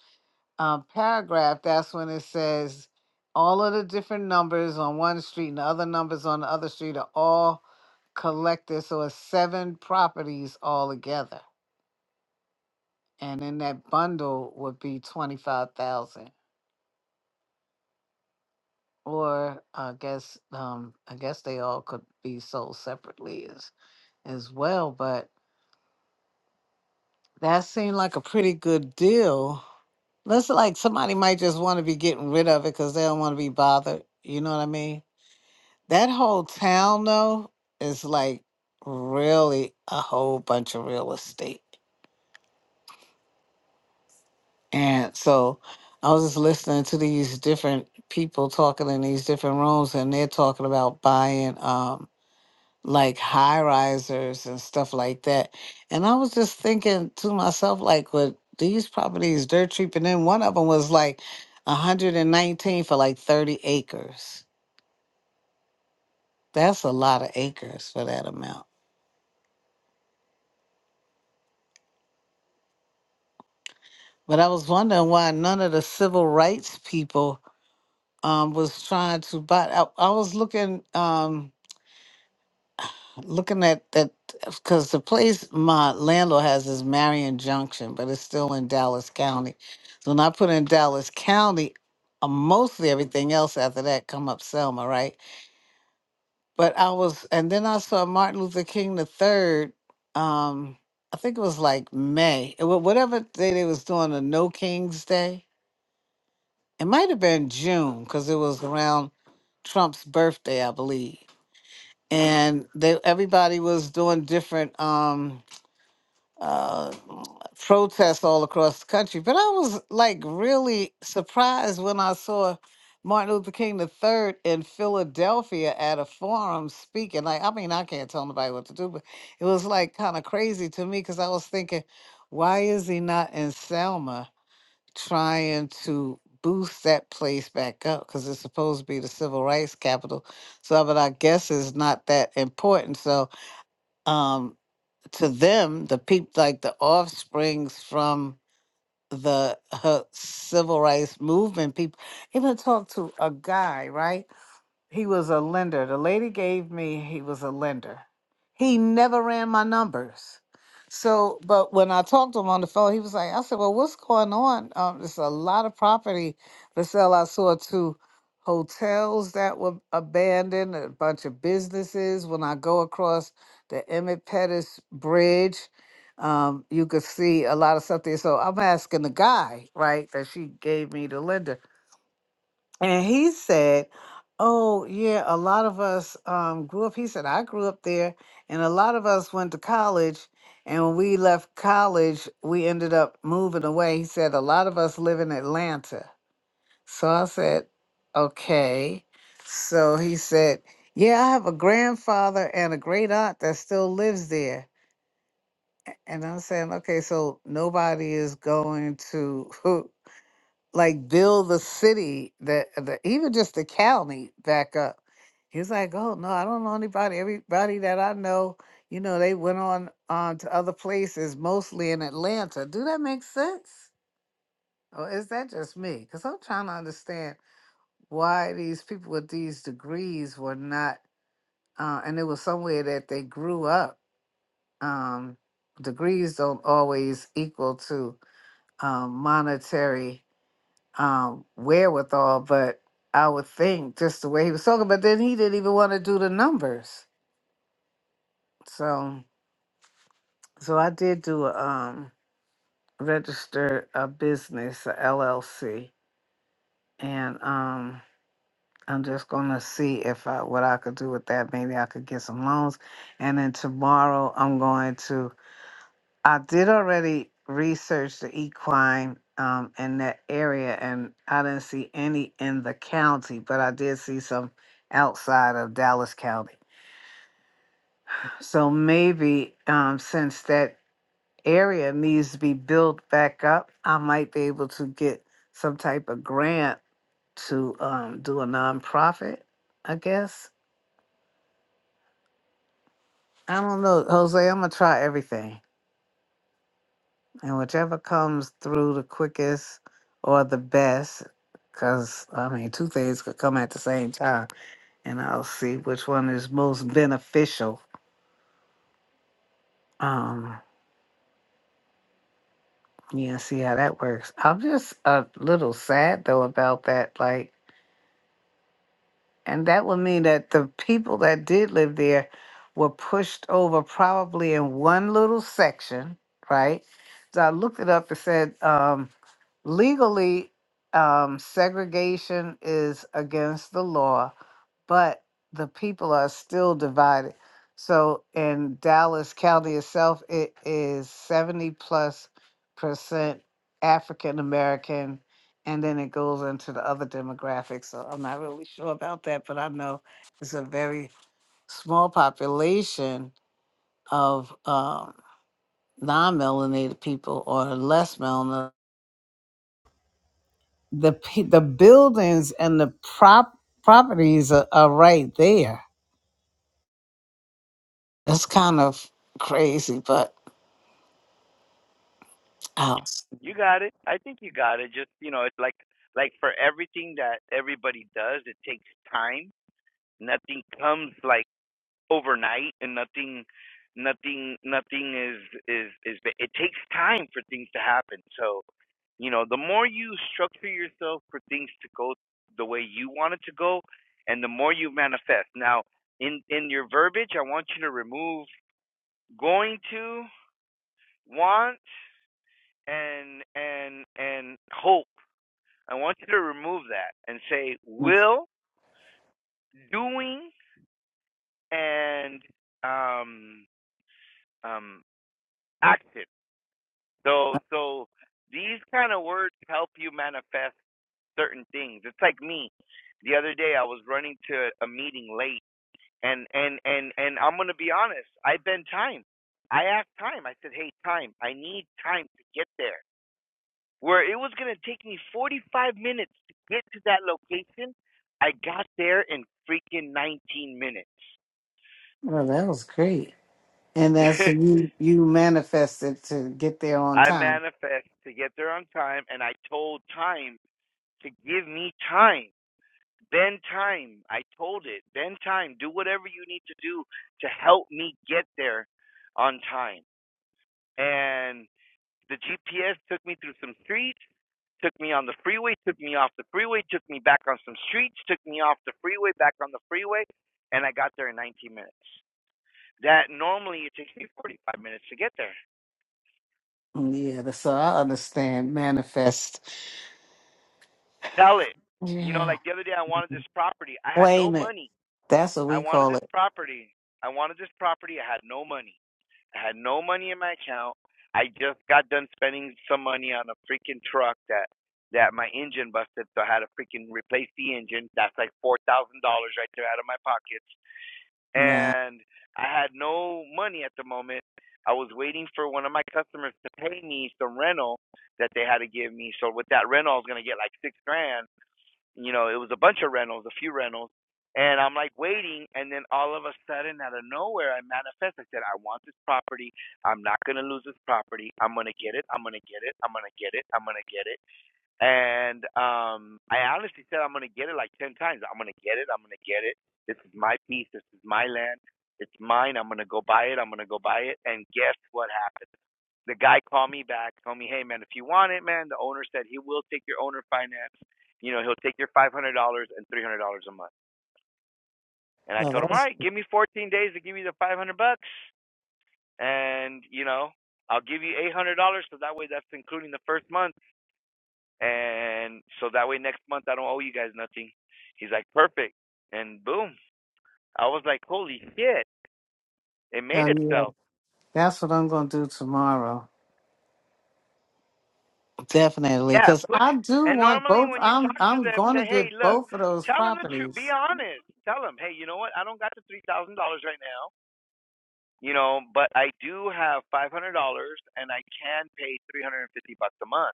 Speaker 2: um, paragraph, that's when it says all of the different numbers on one street and the other numbers on the other street are all collected. So it's seven properties all together. And then that bundle would be twenty five thousand. Or I guess um I guess they all could be sold separately as as well, but That seemed like a pretty good deal. Looks like somebody might just want to be getting rid of it because they don't want to be bothered. You know what I mean? That whole town, though, is like really a whole bunch of real estate. And so I was just listening to these different people talking in these different rooms, and they're talking about buying. Um, like high risers and stuff like that. And I was just thinking to myself, like, with these properties dirt cheap, and then one of them was like 119 for like 30 acres. That's a lot of acres for that amount. But I was wondering why none of the civil rights people um, was trying to buy. I, I was looking. Um, looking at that because the place my landlord has is Marion Junction, but it's still in Dallas County. So when I put in Dallas County, uh, mostly everything else after that come up Selma, right? But I was, and then I saw Martin Luther King the third. Um, I think it was like May, it wa- whatever day they was doing the No Kings Day. It might have been June because it was around Trump's birthday, I believe. And they everybody was doing different. um uh, protests all across the country. But I was like really surprised when I saw Martin Luther King III in Philadelphia at a forum speaking. Like, I mean, I can't tell nobody what to do, but it was like kind of crazy to me because I was thinking, why is he not in Selma trying to? boost that place back up because it's supposed to be the civil rights capital so but i guess it's not that important so um to them, the people like the offsprings from the uh, civil rights movement people, even talk to a guy, right? He was a lender. The lady gave me, he was a lender. He never ran my numbers. So, but when I talked to him on the phone, he was like, I said, Well, what's going on? Um, there's a lot of property for sale. I saw two hotels that were abandoned, a bunch of businesses. When I go across the Emmett Pettus Bridge, um, you could see a lot of stuff there. So I'm asking the guy, right, that she gave me the lender. And he said, Oh, yeah, a lot of us um, grew up. He said, I grew up there, and a lot of us went to college. And when we left college, we ended up moving away. He said, A lot of us live in Atlanta. So I said, Okay. So he said, Yeah, I have a grandfather and a great aunt that still lives there. And I'm saying, Okay, so nobody is going to. like build the city that the, even just the county back up. He was like, "Oh no, I don't know anybody. Everybody that I know, you know, they went on on to other places, mostly in Atlanta. Do that make sense, or is that just me? Because I'm trying to understand why these people with these degrees were not, uh, and it was somewhere that they grew up. Um, degrees don't always equal to um, monetary." um, wherewithal, but I would think just the way he was talking, but then he didn't even want to do the numbers. So so I did do a um register a business, a LLC, and um I'm just gonna see if I what I could do with that. Maybe I could get some loans. And then tomorrow I'm going to I did already research the equine um, in that area, and I didn't see any in the county, but I did see some outside of Dallas County. So maybe um, since that area needs to be built back up, I might be able to get some type of grant to um, do a nonprofit, I guess. I don't know, Jose. I'm gonna try everything. and whichever comes through the quickest or the best, because I mean, two things could come at the same time, and I'll see which one is most beneficial. Um, yeah, see how that works. I'm just a little sad though about that, like, and that would mean that the people that did live there were pushed over probably in one little section, right? So I looked it up. It said. Um, legally um, segregation is against the law but the people are still divided so in dallas county itself it is 70 plus percent african american and then it goes into the other demographics so i'm not really sure about that but i know it's a very small population of um, non-melanated people or less melanated the pe- the buildings and the prop properties are, are right there. That's kind of crazy, but oh,
Speaker 1: You got it. I think you got it. Just you know, it's like like for everything that everybody does, it takes time. Nothing comes like overnight and nothing nothing nothing is is is it takes time for things to happen so you know the more you structure yourself for things to go the way you want it to go and the more you manifest now in in your verbiage i want you to remove going to want and and and hope i want you to remove that and say will doing and um um action So so these kind of words help you manifest certain things. It's like me. The other day I was running to a meeting late and and and and I'm going to be honest, I bent time. I asked time. I said, "Hey, time. I need time to get there." Where it was going to take me 45 minutes to get to that location, I got there in freaking 19 minutes.
Speaker 2: well, that was great. And that's you you manifested to get there on
Speaker 1: I
Speaker 2: time.
Speaker 1: manifest to get there on time and I told time to give me time Bend time. I told it. Bend time. Do whatever you need to do to help me get there on time. And the GPS took me through some streets, took me on the freeway, took me off the freeway, took me back on some streets, took me off the freeway, back on the freeway, and I got there in 19 minutes. That normally it takes me 45 minutes to get there.
Speaker 2: Yeah, that's- so I understand manifest.
Speaker 1: Tell it. You know,
Speaker 2: Yeah,
Speaker 1: like the other day, I wanted this property. I had no
Speaker 2: claim it.
Speaker 1: money.
Speaker 2: That's what
Speaker 1: I
Speaker 2: we
Speaker 1: wanted
Speaker 2: call
Speaker 1: this
Speaker 2: it.
Speaker 1: property. I wanted this property. I had no money. I had no money in my account. I just got done spending some money on a freaking truck that that my engine busted, so I had to freaking replace the engine. That's like four thousand dollars right there out of my pockets,
Speaker 2: Wow.
Speaker 1: and I had no money at the moment. I was waiting for one of my customers to pay me some rental that they had to give me. So with that rental, I was gonna get like six grand you know, it was a bunch of rentals, a few rentals. And I'm like waiting, and then all of a sudden, out of nowhere, I manifest. I said, I want this property. I'm not going to lose this property. I'm going to get it. I'm going to get it. I'm going to get it. I'm going to get it. And um, I honestly said, I'm going to get it like 10 times. I'm going to get it. I'm going to get it. This is my piece. This is my land. It's mine. I'm going to go buy it. I'm going to go buy it. And guess what happened? The guy called me back, told me, hey, man, if you want it, man, the owner said he will take your owner finance. You know, he'll take your $500 and $300 a month. And I
Speaker 2: Well,
Speaker 1: told him, all
Speaker 2: that's
Speaker 1: right, give me 14 days to give you the 500 bucks. And, you know, I'll give you $800. So that way that's including the first month and so that way next month I don't owe you guys nothing. He's like, perfect. And boom. I was like, holy shit. It made
Speaker 2: oh yeah.
Speaker 1: itself.
Speaker 2: That's what I'm gonna do tomorrow. Definitely,
Speaker 1: Yeah,
Speaker 2: because
Speaker 1: put
Speaker 2: I do
Speaker 1: and
Speaker 2: want
Speaker 1: normally
Speaker 2: both.
Speaker 1: when you
Speaker 2: I'm
Speaker 1: talk to
Speaker 2: I'm
Speaker 1: them,
Speaker 2: going to
Speaker 1: say, hey,
Speaker 2: get
Speaker 1: look,
Speaker 2: both of those
Speaker 1: tell them the truth. Be
Speaker 2: properties.
Speaker 1: honest. Tell them, hey, you know what? I don't got the three thousand dollars right now. You know, but I do have five hundred dollars, and I can pay three hundred and fifty bucks a month.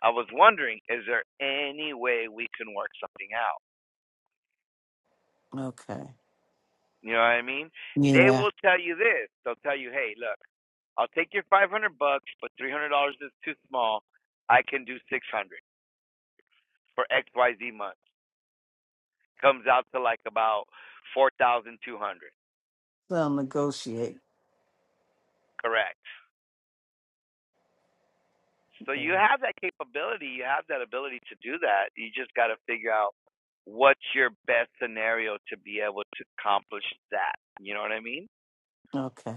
Speaker 1: I was wondering, is there any way we can work something out?
Speaker 2: Okay.
Speaker 1: You know what I mean? They
Speaker 2: Yeah.
Speaker 1: will tell you this. They'll tell you, "Hey, look, I'll take your 500 bucks, but $300 is too small. I can do 600 for XYZ month." Comes out to like about 4,200.
Speaker 2: They'll negotiate.
Speaker 1: Correct. So you
Speaker 2: though.
Speaker 1: have that capability, you have that ability to do that. You just got to figure out what's your best scenario to be able to accomplish that. You know what I mean?
Speaker 2: Okay.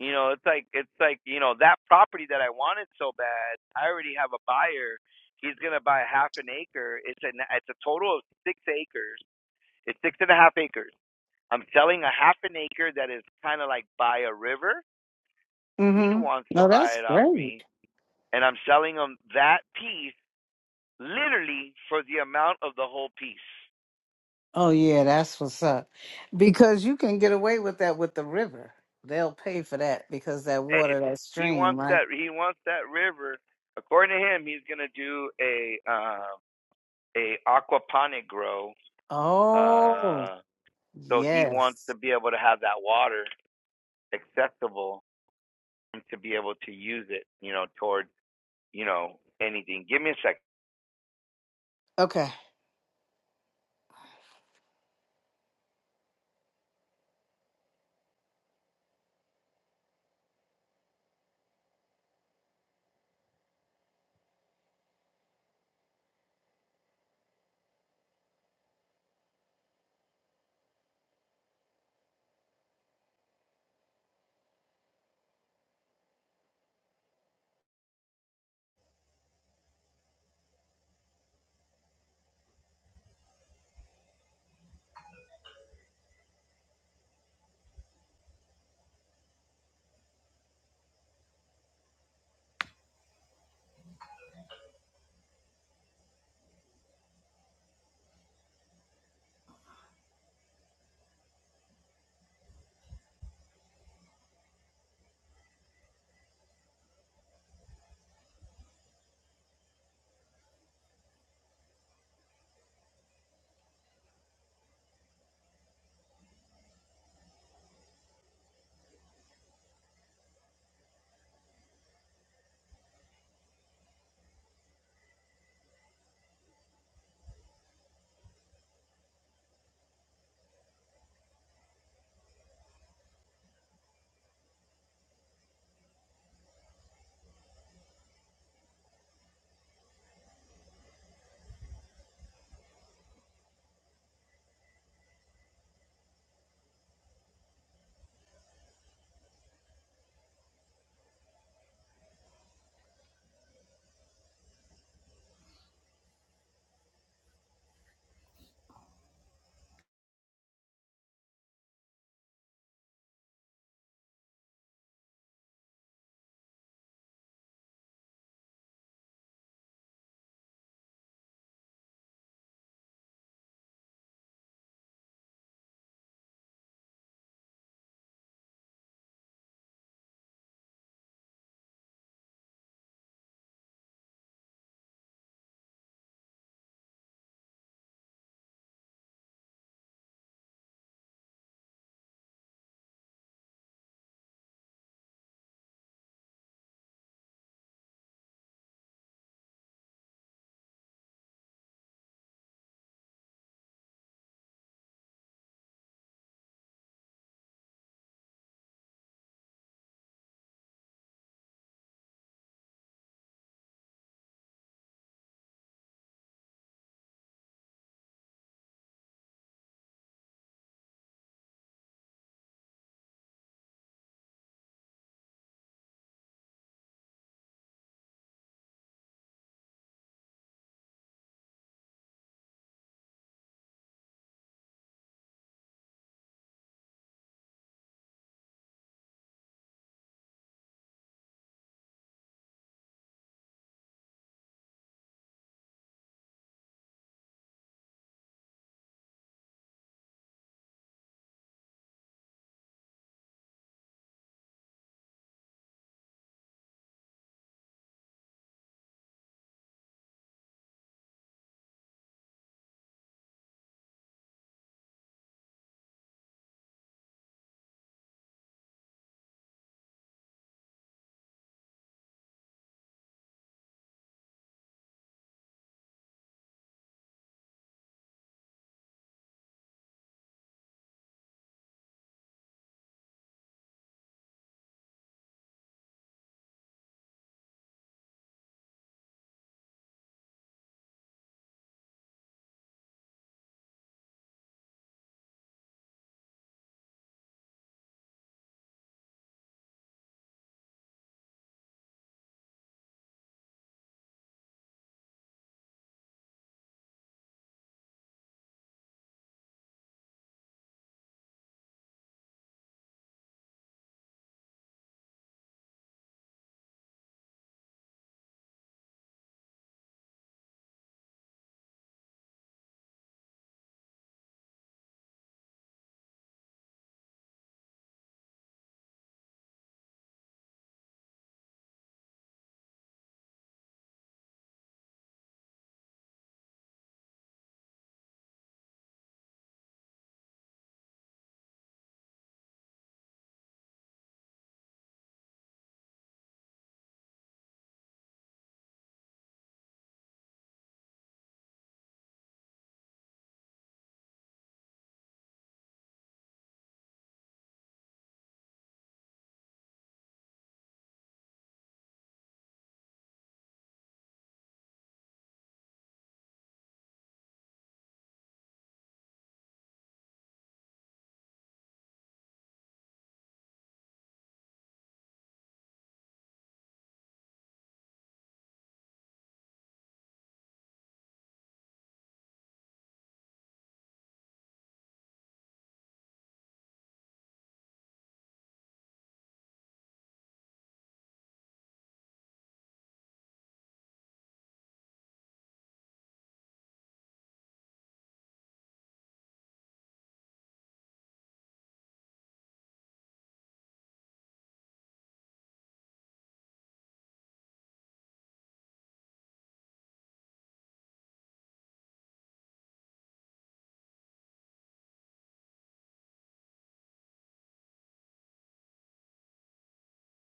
Speaker 1: You know, it's like it's like you know that property that I wanted so bad. I already have a buyer. He's gonna buy half an acre. It's a it's a total of six acres. It's six and a half acres. I'm selling a half an acre that is kind of like by a river. He
Speaker 2: hmm
Speaker 1: wants to
Speaker 2: No,
Speaker 1: buy
Speaker 2: that's
Speaker 1: it off me,
Speaker 2: great.
Speaker 1: and I'm selling him that piece literally for the amount of the whole piece.
Speaker 2: Oh yeah, that's what's up. Because you can get away with that with the river. They'll pay for that because that
Speaker 1: Eh, eh,
Speaker 2: water, that
Speaker 1: He
Speaker 2: stream,
Speaker 1: wants
Speaker 2: right?
Speaker 1: that. He wants that river. According to him, he's gonna do a uh, a aquaponic grow
Speaker 2: Oh
Speaker 1: Uh, so he wants
Speaker 2: yes.
Speaker 1: to be able to have that water accessible and to be able to use it, you know, toward, you know, anything. Give me a second.
Speaker 2: Okay.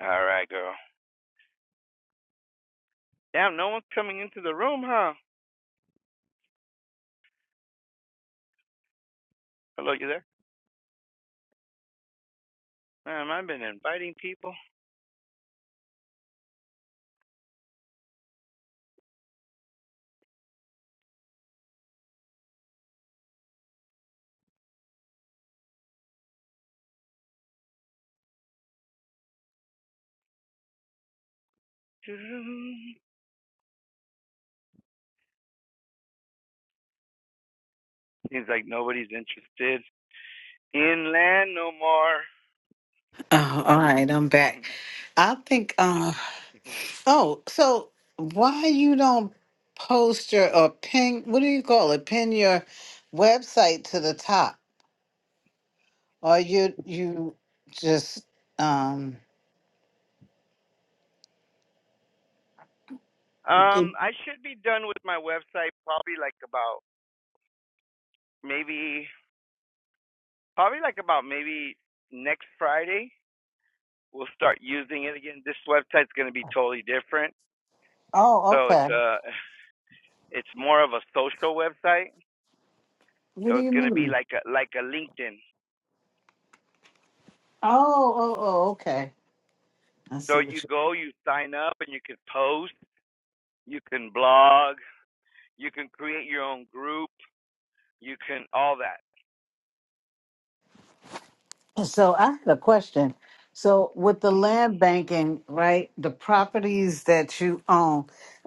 Speaker 1: All right, girl. Damn, no one's coming into the room, huh? Hello, you there? Man, I've been inviting people. Seems like nobody's interested in land no more.
Speaker 2: Oh, all right, I'm back. I think uh oh, so why you don't post your or pin what do you call it? Pin your website to the top. Or you you just um
Speaker 1: um,
Speaker 2: did-
Speaker 1: I should be done with my website probably like about maybe, probably like about maybe next Friday we'll start using it again. This website's going to be totally different.
Speaker 2: oh
Speaker 1: So it's
Speaker 2: okay.
Speaker 1: a it's more of a social website.
Speaker 2: What
Speaker 1: So
Speaker 2: do
Speaker 1: it's
Speaker 2: you
Speaker 1: going to be
Speaker 2: mean?
Speaker 1: like a like a LinkedIn.
Speaker 2: Oh oh oh okay. I
Speaker 1: So
Speaker 2: see
Speaker 1: you
Speaker 2: what
Speaker 1: go, you sign up, and you can post, you can blog, you can create your own group, you can all that.
Speaker 2: you so I had a question. So with the
Speaker 1: hmm
Speaker 2: land banking, right, the properties that you own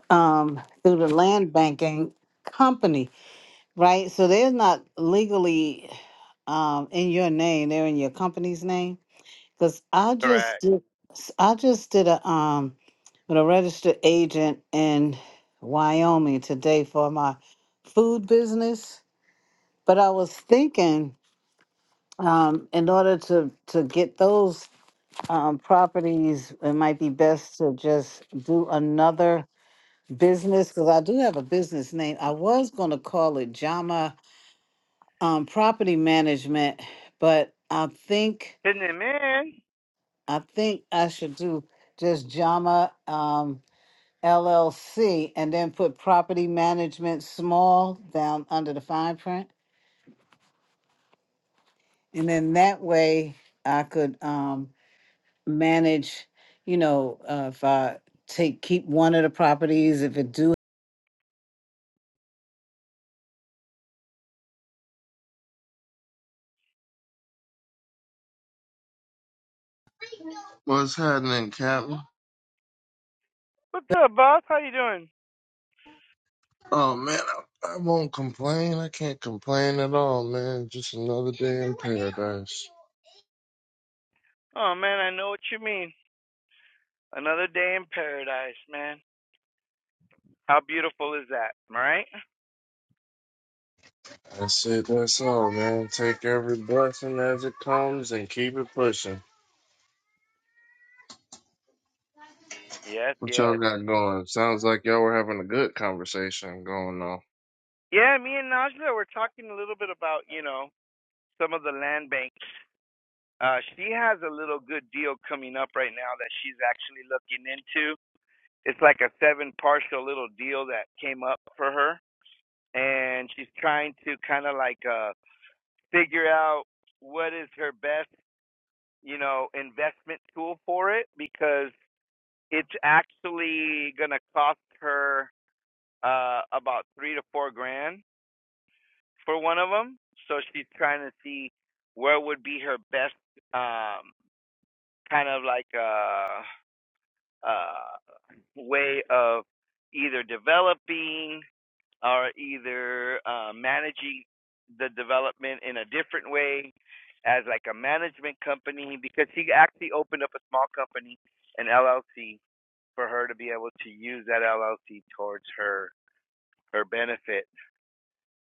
Speaker 2: um through the
Speaker 1: Yeah.
Speaker 2: land banking company, right? So they're not legally um in your name, they're in your company's name. Because I just
Speaker 1: Correct.
Speaker 2: did I just did a um with a registered agent in Wyoming today for my food business. But I was thinking, um, in order to to get those um, properties, it might be best to just do another business because I do have a business name. I was going to call it Jama um, Property Management, but I think
Speaker 1: Hitting it, man.
Speaker 2: I think I should do just Jama. Um, LLC and then put property management small down under the fine print. And then that way I could um manage, you know, uh, if I take keep one of the properties, if it do.
Speaker 5: What's happening, Captain?
Speaker 1: What's up, boss? How you doing?
Speaker 5: Oh man, I, I won't complain. I can't complain at all, man. Just another day in paradise.
Speaker 1: Oh man, I know what you mean. Another day in paradise, man. How beautiful is that? Am right?
Speaker 5: That's it. That's all, man. Take every blessing as it comes and keep it pushing.
Speaker 1: Yes,
Speaker 5: What
Speaker 1: yes.
Speaker 5: y'all got going? Sounds like y'all were having a good conversation going on.
Speaker 1: Yeah, me and Najla were talking a little bit about, you know, some of the land banks. Uh, she has a little good deal coming up right now that she's actually looking into. It's like a seven partial little deal that came up for her. And she's trying to kind of like uh, figure out what is her best, you know, investment tool for it because it's actually going to cost her uh, about three to four grand for one of them. So she's trying to see where would be her best um, kind of like uh, uh, way of either developing or either uh, managing the development in a different way as like a management company because she actually opened up a small company, an LLC, for her to be able to use that LLC towards her her benefit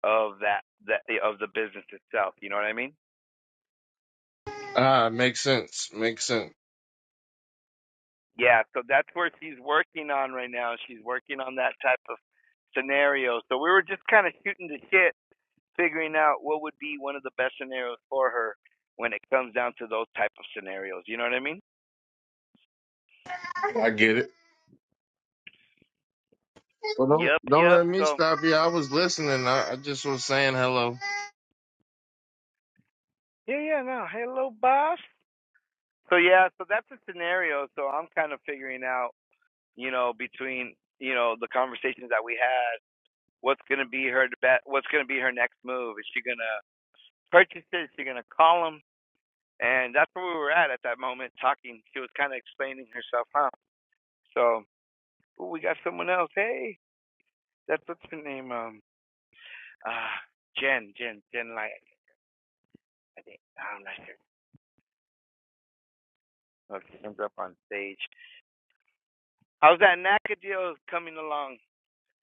Speaker 1: of that that of the business itself. You know what I mean?
Speaker 5: Ah, makes sense. Makes sense.
Speaker 1: Yeah, so that's where she's working on right now. She's working on that type of scenario. So we were just kind of shooting the shit, figuring out what would be one of the best scenarios for her when it comes down to those type of scenarios. You know what I mean?
Speaker 5: I get it. Well, don't
Speaker 1: Yep,
Speaker 5: don't
Speaker 1: yep.
Speaker 5: let me
Speaker 1: So
Speaker 5: stop you. I was listening. I, I just was saying hello.
Speaker 1: yeah, yeah. No, hello, boss. So yeah, so that's a scenario. So I'm kind of figuring out, you know, between you know the conversations that we had, what's gonna be her bet, what's gonna be her next move? Is she gonna purchase it? Is she gonna call him? And that's where we were at at that moment, talking. She was kind of explaining herself, huh? So, oh, we got someone else. Hey, that's what's her name? Um, uh, Jen, Jen, Jen, like, I think. I'm not sure. Oh, she comes up on stage. How's that NACA deal coming along?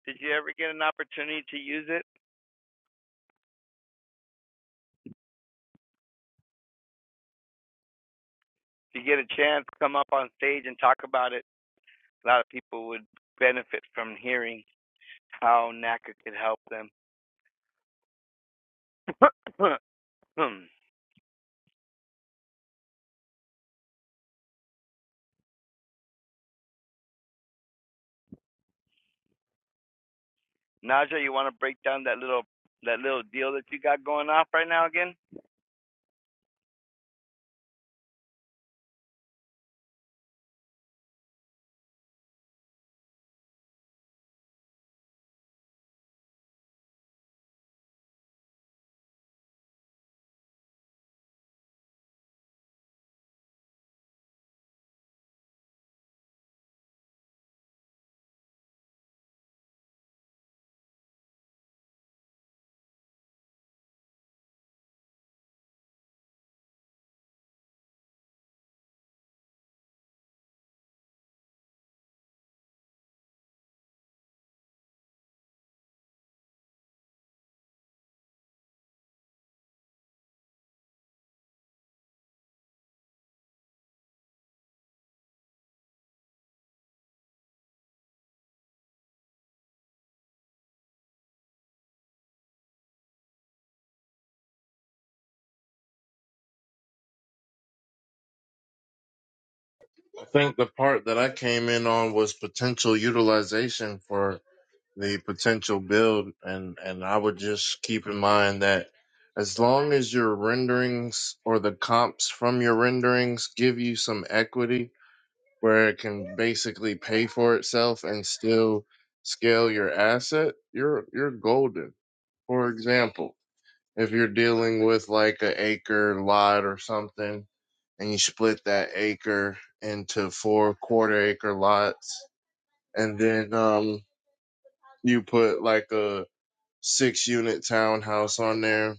Speaker 1: Did you ever get an opportunity to use it? Did you get a chance to come up on stage and talk about it? A lot of people would benefit from hearing how NACA could help them. Naja, you want to break down that little that little deal that you got going off right now again?
Speaker 5: I think the part that I came in on was potential utilization for the potential build and and I would just keep in mind that as long as your renderings or the comps from your renderings give you some equity where it can basically pay for itself and still scale your asset, you're you're golden. For example, if you're dealing with like an acre lot or something and you split that acre into four quarter acre lots and then um you put like a six unit townhouse on there.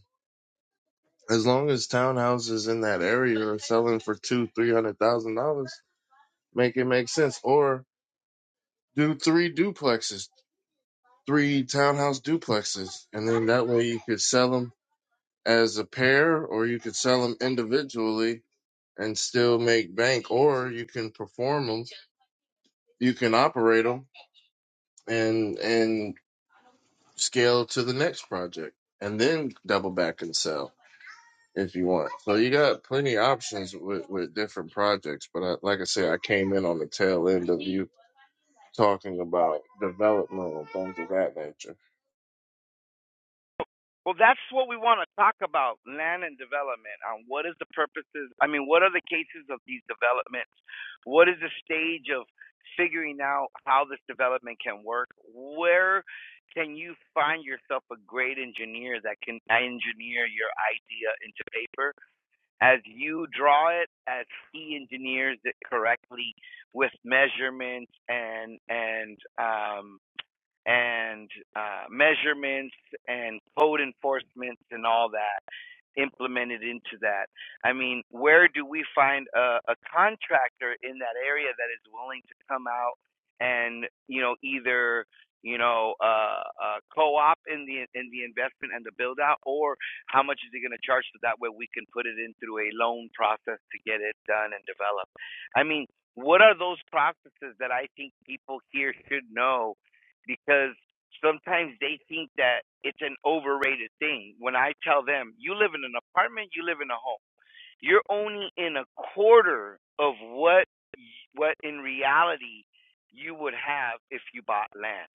Speaker 5: As long as townhouses in that area are selling for two, three hundred thousand dollars, make it make sense. Or do three duplexes, three townhouse duplexes, and then that way you could sell them as a pair, or you could sell them individually and still make bank. Or you can perform them, you can operate them, and and scale to the next project, and then double back and sell. if you want. So you got plenty of options with, with different projects. But I, like I said, I came in on the tail end of you talking about development and things of that nature.
Speaker 1: Well, that's what we want to talk about: land and development. On what is the purposes? I mean, what are the cases of these developments? What is the stage of figuring out how this development can work? Where can you find yourself a great engineer that can engineer your idea into paper as you draw it, as he engineers it correctly with measurements and and um, and uh, measurements and code enforcements and all that implemented into that. I mean, where do we find a, a contractor in that area that is willing to come out and you know either you know uh, uh, co-op in the in the investment and the build out, or how much is he going to charge so that way we can put it in through a loan process to get it done and developed. I mean, what are those processes that I think people here should know because sometimes they think that it's an overrated thing. When I tell them, you live in an apartment, you live in a home. You're only in a quarter of what what in reality you would have if you bought land.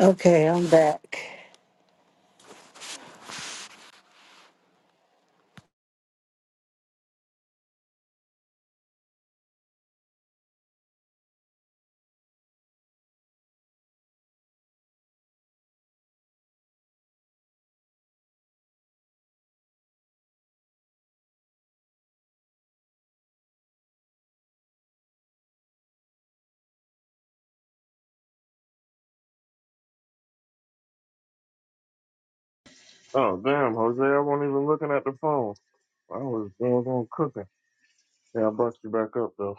Speaker 2: Okay, I'm back.
Speaker 5: Oh damn, Jose, I wasn't even looking at the phone. I was going on cooking. Yeah, I brought you back up though.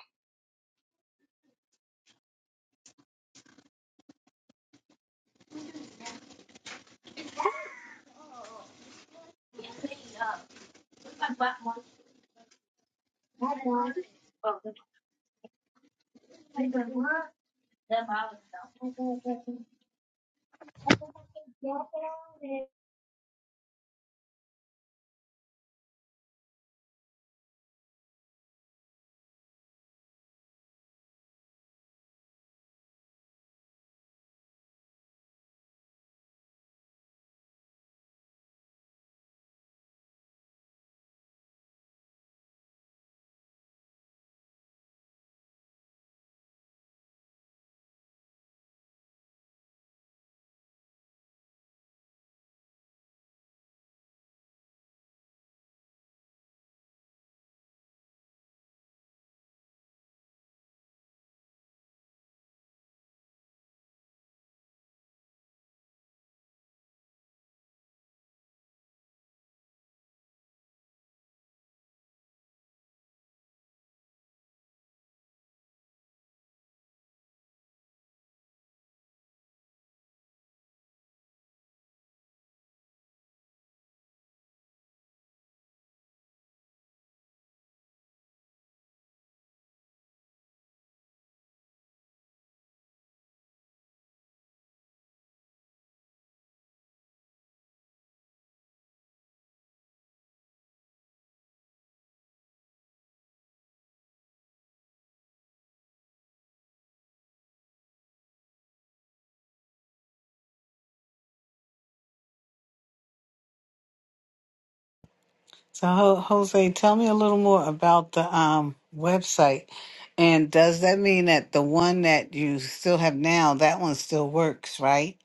Speaker 2: So Ho- Jose, tell me a little more about the um website. And does that mean that the one that you still have now, that one still works, right?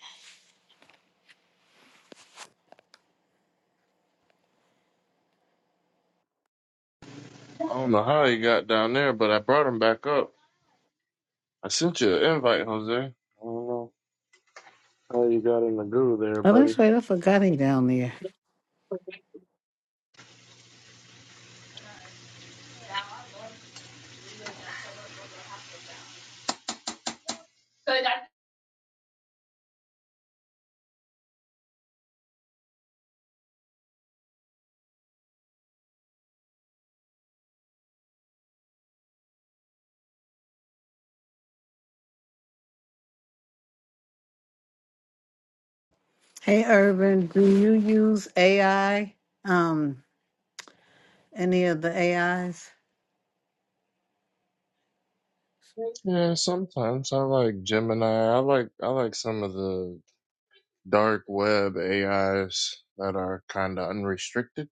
Speaker 5: I don't know how you got down there, but I brought him back up. I sent you an invite, Jose. I don't know how you got in the goo there,
Speaker 2: Oh,
Speaker 5: buddy.
Speaker 2: that's right. I forgot him down there. Hey, Urban, do you use AI? Um, any of the AIs?
Speaker 5: Yeah, sometimes I like Gemini. I like I like some of the dark web AIs that are kind of unrestricted.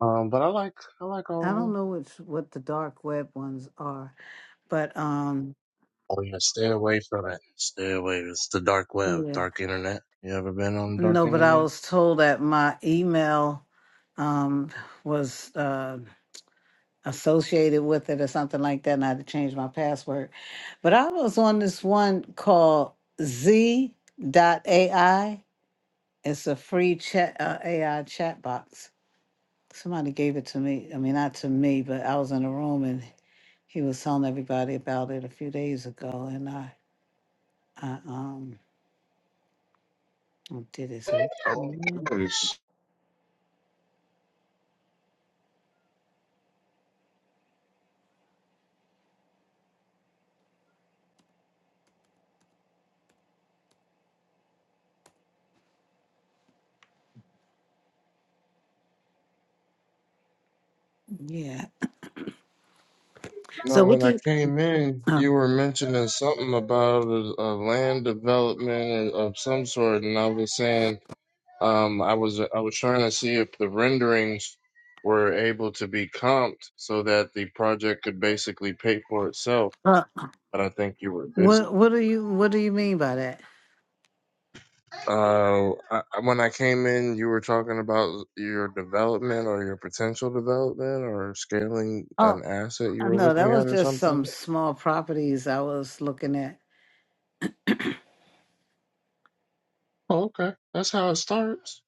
Speaker 5: Um, but I like I like all
Speaker 2: I
Speaker 5: of
Speaker 2: don't
Speaker 5: them.
Speaker 2: know which what the dark web ones are, but um,
Speaker 5: Oh yeah, stay away from it. Stay away. It's the dark web,
Speaker 2: yeah,
Speaker 5: dark internet. You ever been on the dark
Speaker 2: no. But I
Speaker 5: internet?
Speaker 2: was told that my email um was uh associated with it or something like that, and I had to change my password. But I was on this one called Z AI. It's a free chat uh, AI chatbot. Somebody gave it to me. I mean, not to me, but I was in a room and he was telling everybody about it a few days ago, and I, I um, I did it. So
Speaker 5: Oh,
Speaker 2: yeah.
Speaker 5: yes.
Speaker 2: yeah.
Speaker 5: Now,
Speaker 2: So what
Speaker 5: when
Speaker 2: do
Speaker 5: I
Speaker 2: you?
Speaker 5: came in,
Speaker 2: Uh,
Speaker 5: you were mentioning something about a, a land development of of some sort, and I was saying, um, I was I was trying to see if the renderings were able to be comped so that the project could basically pay for itself
Speaker 2: uh,
Speaker 5: but I think you were busy.
Speaker 2: what What do you What do you mean by that?
Speaker 5: Uh, I, I- when I came in, you were talking about your development or your potential development or scaling
Speaker 2: Oh,
Speaker 5: an asset you
Speaker 2: I
Speaker 5: were
Speaker 2: know that
Speaker 5: looking
Speaker 2: was
Speaker 5: at or
Speaker 2: just some
Speaker 5: something.
Speaker 2: small properties I was looking at.
Speaker 5: Oh, okay, that's how it starts.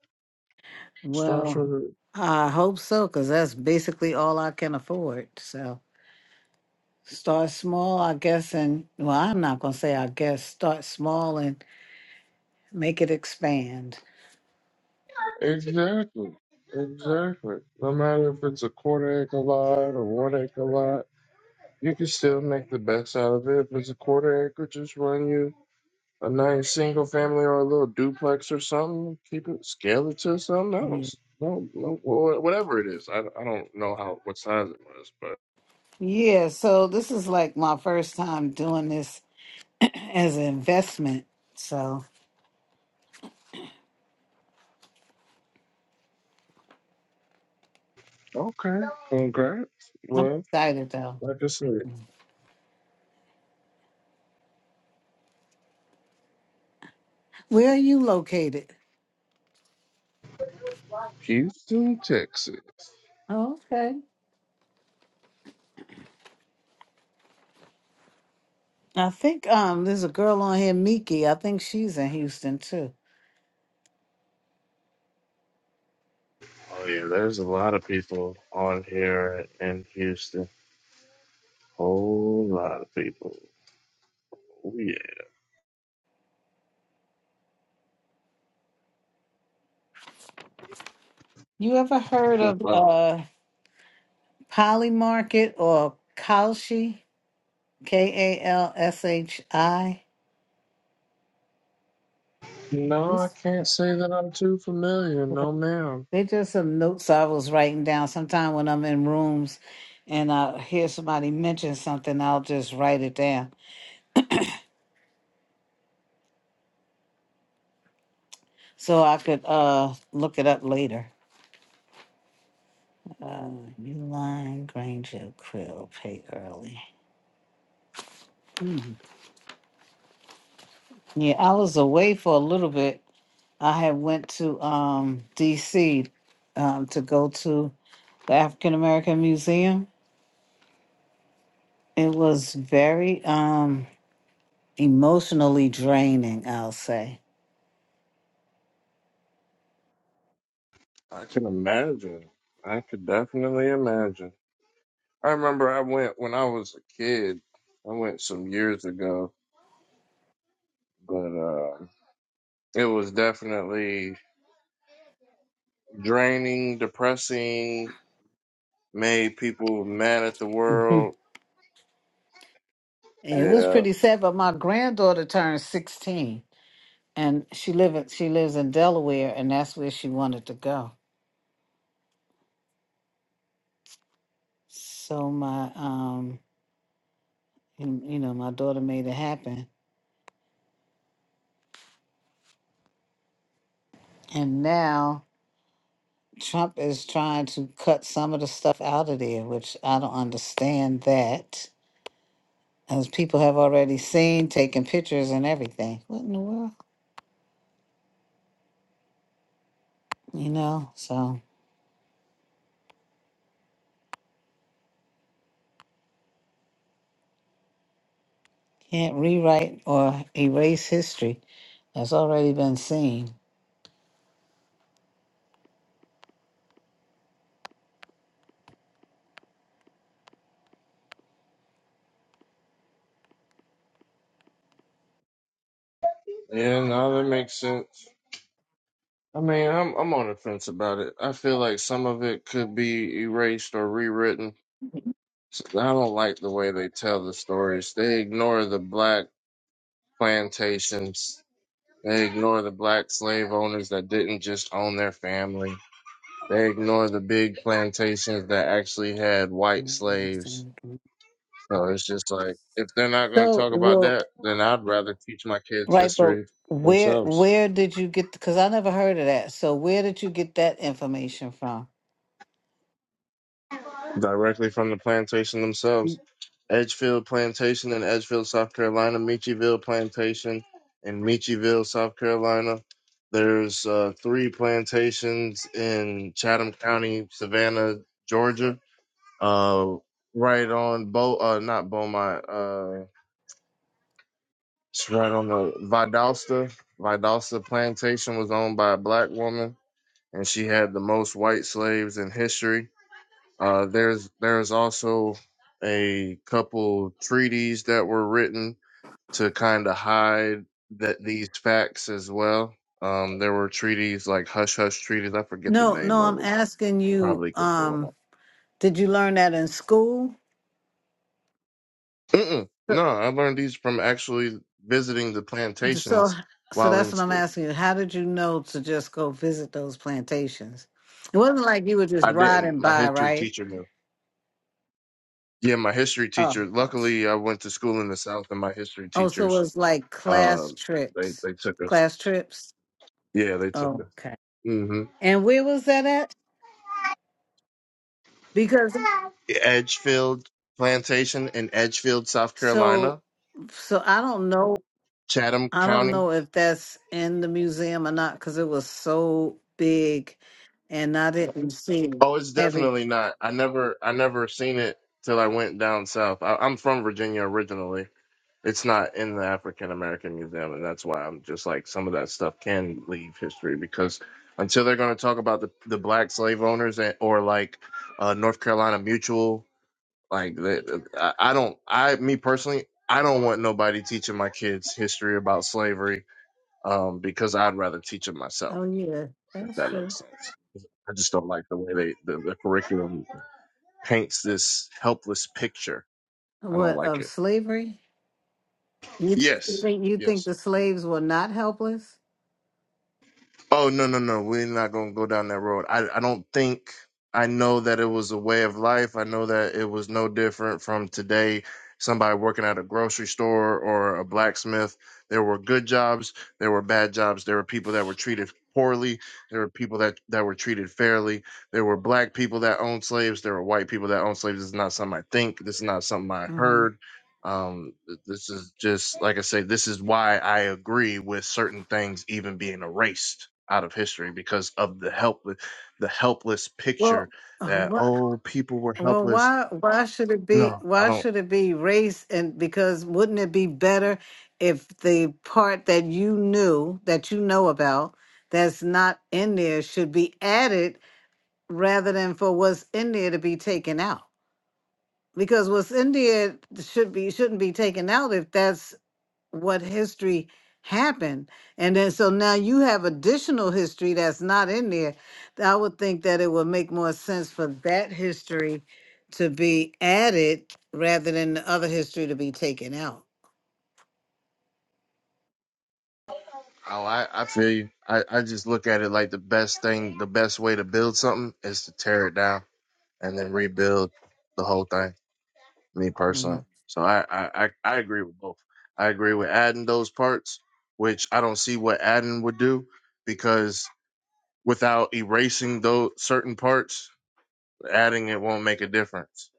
Speaker 5: Starts
Speaker 2: Well,
Speaker 5: with a,
Speaker 2: I hope so, because that's basically all I can afford. So start small, I guess, and well, I'm not gonna say I guess. Start small and. Make it expand.
Speaker 5: exactly, exactly. No matter if it's a quarter acre lot or one acre lot, you can still make the best out of it. If it's a quarter acre, just run you a nice single family or a little duplex or something. Keep it, scale it to something
Speaker 2: Mm.
Speaker 5: else. No, no, well, wha- whatever it is. I, I don't know how what size it was, but
Speaker 2: Yeah, so this is like my first time doing this as an investment. So
Speaker 5: okay. Congrats.
Speaker 2: I'm
Speaker 5: Well,
Speaker 2: excited though.
Speaker 5: like I said,
Speaker 2: Where are you located?
Speaker 5: Houston, Texas.
Speaker 2: Oh, okay. I think um there's a girl on here, Miki. I think she's in Houston too.
Speaker 5: Oh yeah, there's a lot of people on here in Houston. Whole lot of people. Oh yeah,
Speaker 2: You ever heard
Speaker 5: I
Speaker 2: of
Speaker 5: love it.
Speaker 2: uh Poly Market or Kalshi? K A L S H I?
Speaker 5: No, I can't say that I'm too familiar. No, ma'am.
Speaker 2: They're just some notes I was writing down. Sometime when I'm in rooms and I hear somebody mention something, I'll just write it down so I could uh look it up later. Uh, Uline Granger Krill pay early. Hmm. Yeah, I was away for a little bit. I had went to um DC um to go to the African American Museum. It was very um emotionally draining, I'll say.
Speaker 5: I can imagine. I could definitely imagine. I remember I went when I was a kid. I went some years ago, but uh, it was definitely draining, depressing, made people mad at the world.
Speaker 2: It was
Speaker 5: Yeah,
Speaker 2: pretty sad, but my granddaughter turned 16 and she live in, she lives in Delaware and that's where she wanted to go. So my um you you know, my daughter made it happen. And now Trump is trying to cut some of the stuff out of there, which I don't understand that. As people have already seen, taking pictures and everything. What in the world? You know, so can't rewrite or erase history. That's already been seen.
Speaker 5: yeah, no, that makes sense. I mean, I'm I'm on the fence about it. I feel like some of it could be erased or rewritten. I don't like the way they tell the stories. They ignore the black plantations. They ignore the black slave owners that didn't just own their family They ignore the big plantations that actually had white slaves. So it's just like if they're not going to
Speaker 2: So,
Speaker 5: talk about
Speaker 2: well,
Speaker 5: that, then I'd rather teach my kids
Speaker 2: right, but
Speaker 5: history
Speaker 2: where
Speaker 5: themselves,
Speaker 2: where did you get? Because I never heard of that. So, where did you get that information from?
Speaker 5: directly from the plantation themselves. Edgefield Plantation in Edgefield, South Carolina, Meachieville Plantation in Meachieville, South Carolina. There's uh, three plantations in Chatham County, Savannah, Georgia. Uh, right on Bo, uh, not Beaumont. Uh. It's right on the Vidalsta. Vidalsta plantation was owned by a black woman, and she had the most white slaves in history. Uh, there's there's also a couple treaties that were written to kind of hide that these facts as well. Um, there were treaties like hush hush treaties. I forget the
Speaker 2: No, no,
Speaker 5: name of
Speaker 2: I'm
Speaker 5: them.
Speaker 2: asking you.
Speaker 5: Probably could pull them
Speaker 2: Um,
Speaker 5: up.
Speaker 2: did you learn that in school?
Speaker 5: Mm-mm.
Speaker 2: So,
Speaker 5: No, I learned these from actually visiting the
Speaker 2: so
Speaker 5: plantations
Speaker 2: so
Speaker 5: while in
Speaker 2: that's what I'm
Speaker 5: school.
Speaker 2: asking you. How did you know to just go visit those plantations? It wasn't like you were just
Speaker 5: I didn't.
Speaker 2: riding
Speaker 5: My
Speaker 2: by,
Speaker 5: history
Speaker 2: right?
Speaker 5: teacher knew. Yeah, my history teacher.
Speaker 2: Oh,
Speaker 5: Luckily, I went to school in the South, and my history
Speaker 2: Oh, so it
Speaker 5: teachers,
Speaker 2: was like
Speaker 5: uh,
Speaker 2: class
Speaker 5: they
Speaker 2: trips.
Speaker 5: they took us.
Speaker 2: Class trips.
Speaker 5: Yeah, they took
Speaker 2: Oh,
Speaker 5: us.
Speaker 2: Okay.
Speaker 5: hmm
Speaker 2: And where was that at? Because
Speaker 5: Edgefield Plantation in Edgefield, South
Speaker 2: so
Speaker 5: Carolina,
Speaker 2: so I don't know
Speaker 5: Chatham
Speaker 2: I don't
Speaker 5: County.
Speaker 2: know if that's in the museum or not because it was so big and I didn't see
Speaker 5: Oh, it's
Speaker 2: every
Speaker 5: definitely not. I never I never seen it till I went down south. I, I'm from Virginia originally. It's not in the African American Museum, and that's why I'm just like some of that stuff can leave history because until they're going to talk about the, the black slave owners and, or like uh, North Carolina Mutual, like the, I, I don't, I me personally, I don't want nobody teaching my kids history about slavery um, because I'd rather teach it myself,
Speaker 2: oh yeah,
Speaker 5: if
Speaker 2: that's
Speaker 5: that
Speaker 2: true.
Speaker 5: makes sense. I just don't like the way they the, the curriculum paints this helpless picture. I don't
Speaker 2: What
Speaker 5: like
Speaker 2: of
Speaker 5: it.
Speaker 2: slavery? You
Speaker 5: Yes,
Speaker 2: think you think
Speaker 5: yes.
Speaker 2: the slaves were not helpless?
Speaker 5: Oh no no no, we're not gonna go down that road. I I don't think I know that it was a way of life. I know that it was no different from today. Somebody working at a grocery store or a blacksmith. There were good jobs, there were bad jobs, there were people that were treated poorly, there were people that, that were treated fairly, there were black people that owned slaves, there were white people that owned slaves. This is not something I think, this is not something I
Speaker 2: hmm
Speaker 5: heard. Um this is just like I say, this is why I agree with certain things even being erased out of history because of the helpless the helpless picture
Speaker 2: Well, uh,
Speaker 5: that
Speaker 2: what
Speaker 5: oh people were
Speaker 2: Well,
Speaker 5: helpless.
Speaker 2: why why should it be
Speaker 5: No, I
Speaker 2: why
Speaker 5: don't
Speaker 2: should it be race and because wouldn't it be better if the part that you knew that you know about that's not in there should be added rather than for what's in there to be taken out? Because what's in there should be shouldn't be taken out if that's what history happened. And then so now you have additional history that's not in there. I would think that it would make more sense for that history to be added rather than the other history to be taken out.
Speaker 5: oh I, I feel you. I, I just look at it like the best thing the best way to build something is to tear it down and then rebuild the whole thing, me personally.
Speaker 2: Mhm.
Speaker 5: So I I, I, I agree with both. I agree with adding those parts, which I don't see what adding would do because without erasing those certain parts, adding it won't make a difference.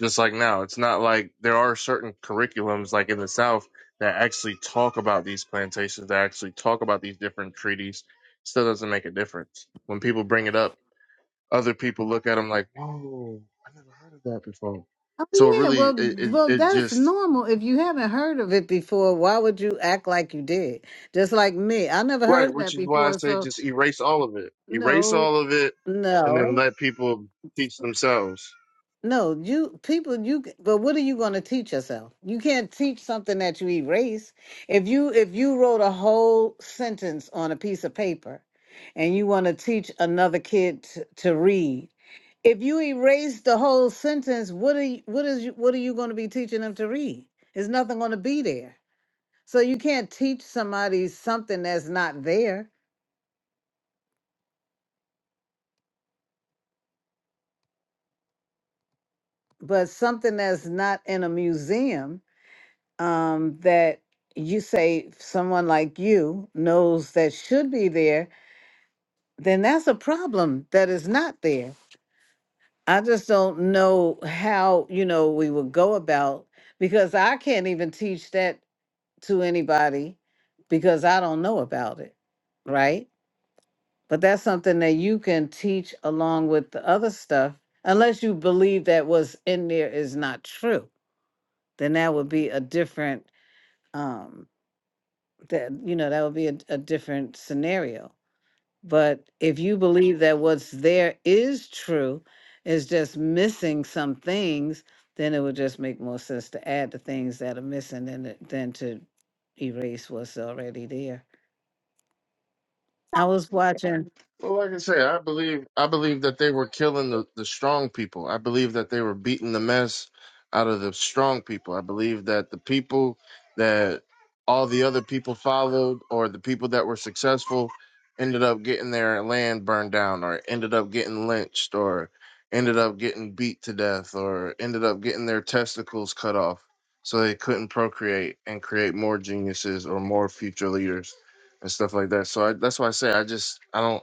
Speaker 5: Just like now, it's not like there are certain curriculums like in the South that actually talk about these plantations, that actually talk about these different treaties. Still doesn't make a difference. When people bring it up, other people look at them like, "Whoa, I never heard of that before."
Speaker 2: Oh
Speaker 5: So it
Speaker 2: yeah,
Speaker 5: really, it,
Speaker 2: well
Speaker 5: it,
Speaker 2: well
Speaker 5: it
Speaker 2: that's
Speaker 5: just
Speaker 2: normal. If you haven't heard of it before, why would you act like you did? Just like me. I never heard
Speaker 5: right,
Speaker 2: of
Speaker 5: which
Speaker 2: that
Speaker 5: is why I
Speaker 2: before,
Speaker 5: say
Speaker 2: so
Speaker 5: just erase all of it, erase
Speaker 2: no,
Speaker 5: all of it, and
Speaker 2: no.
Speaker 5: then let people teach themselves
Speaker 2: No, you people, you. c- But what are you going to teach yourself? You can't teach something that you erase. If you if you wrote a whole sentence on a piece of paper, and you want to teach another kid t- to read, if you erase the whole sentence, what are you, what is you, what are you going to be teaching them to read? There's nothing going to be there. So you can't teach somebody something that's not there. But something that's not in a museum um, that you say someone like you knows that should be there, then that's a problem that is not there. I just don't know how, you know, we would go about because I can't even teach that to anybody because I don't know about it, right? But that's something that you can teach along with the other stuff unless you believe that what's in there is not true. Then that would be a different um that you know that would be a, a different scenario but if you believe that what's there is true is just missing some things then it would just make more sense to add the things that are missing than to- than to erase what's already there i was watching
Speaker 5: Well, like I say, I believe I believe that they were killing the, the strong people. I believe that they were beating the mess out of the strong people. I believe that the people that all the other people followed or the people that were successful ended up getting their land burned down or ended up getting lynched or ended up getting beat to death or ended up getting their testicles cut off so they couldn't procreate and create more geniuses or more future leaders and stuff like that. So I, that's why I say I just I don't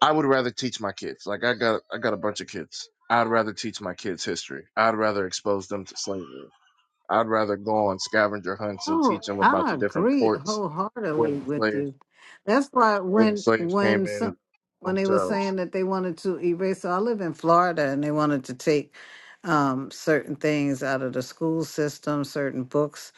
Speaker 5: I would rather teach my kids. Like I got I got a bunch of kids. I'd rather teach my kids history. I'd rather expose them to slavery. I'd rather go on scavenger hunts and
Speaker 2: Oh,
Speaker 5: teach them about
Speaker 2: I
Speaker 5: the different
Speaker 2: agree
Speaker 5: ports where
Speaker 2: wholeheartedly
Speaker 5: the
Speaker 2: with
Speaker 5: slaves
Speaker 2: you. That's why
Speaker 5: where the
Speaker 2: when
Speaker 5: slaves came
Speaker 2: when some
Speaker 5: in
Speaker 2: when they were
Speaker 5: themselves.
Speaker 2: saying that they wanted to erase, so I live in Florida and they wanted to take um, certain things out of the school system, certain books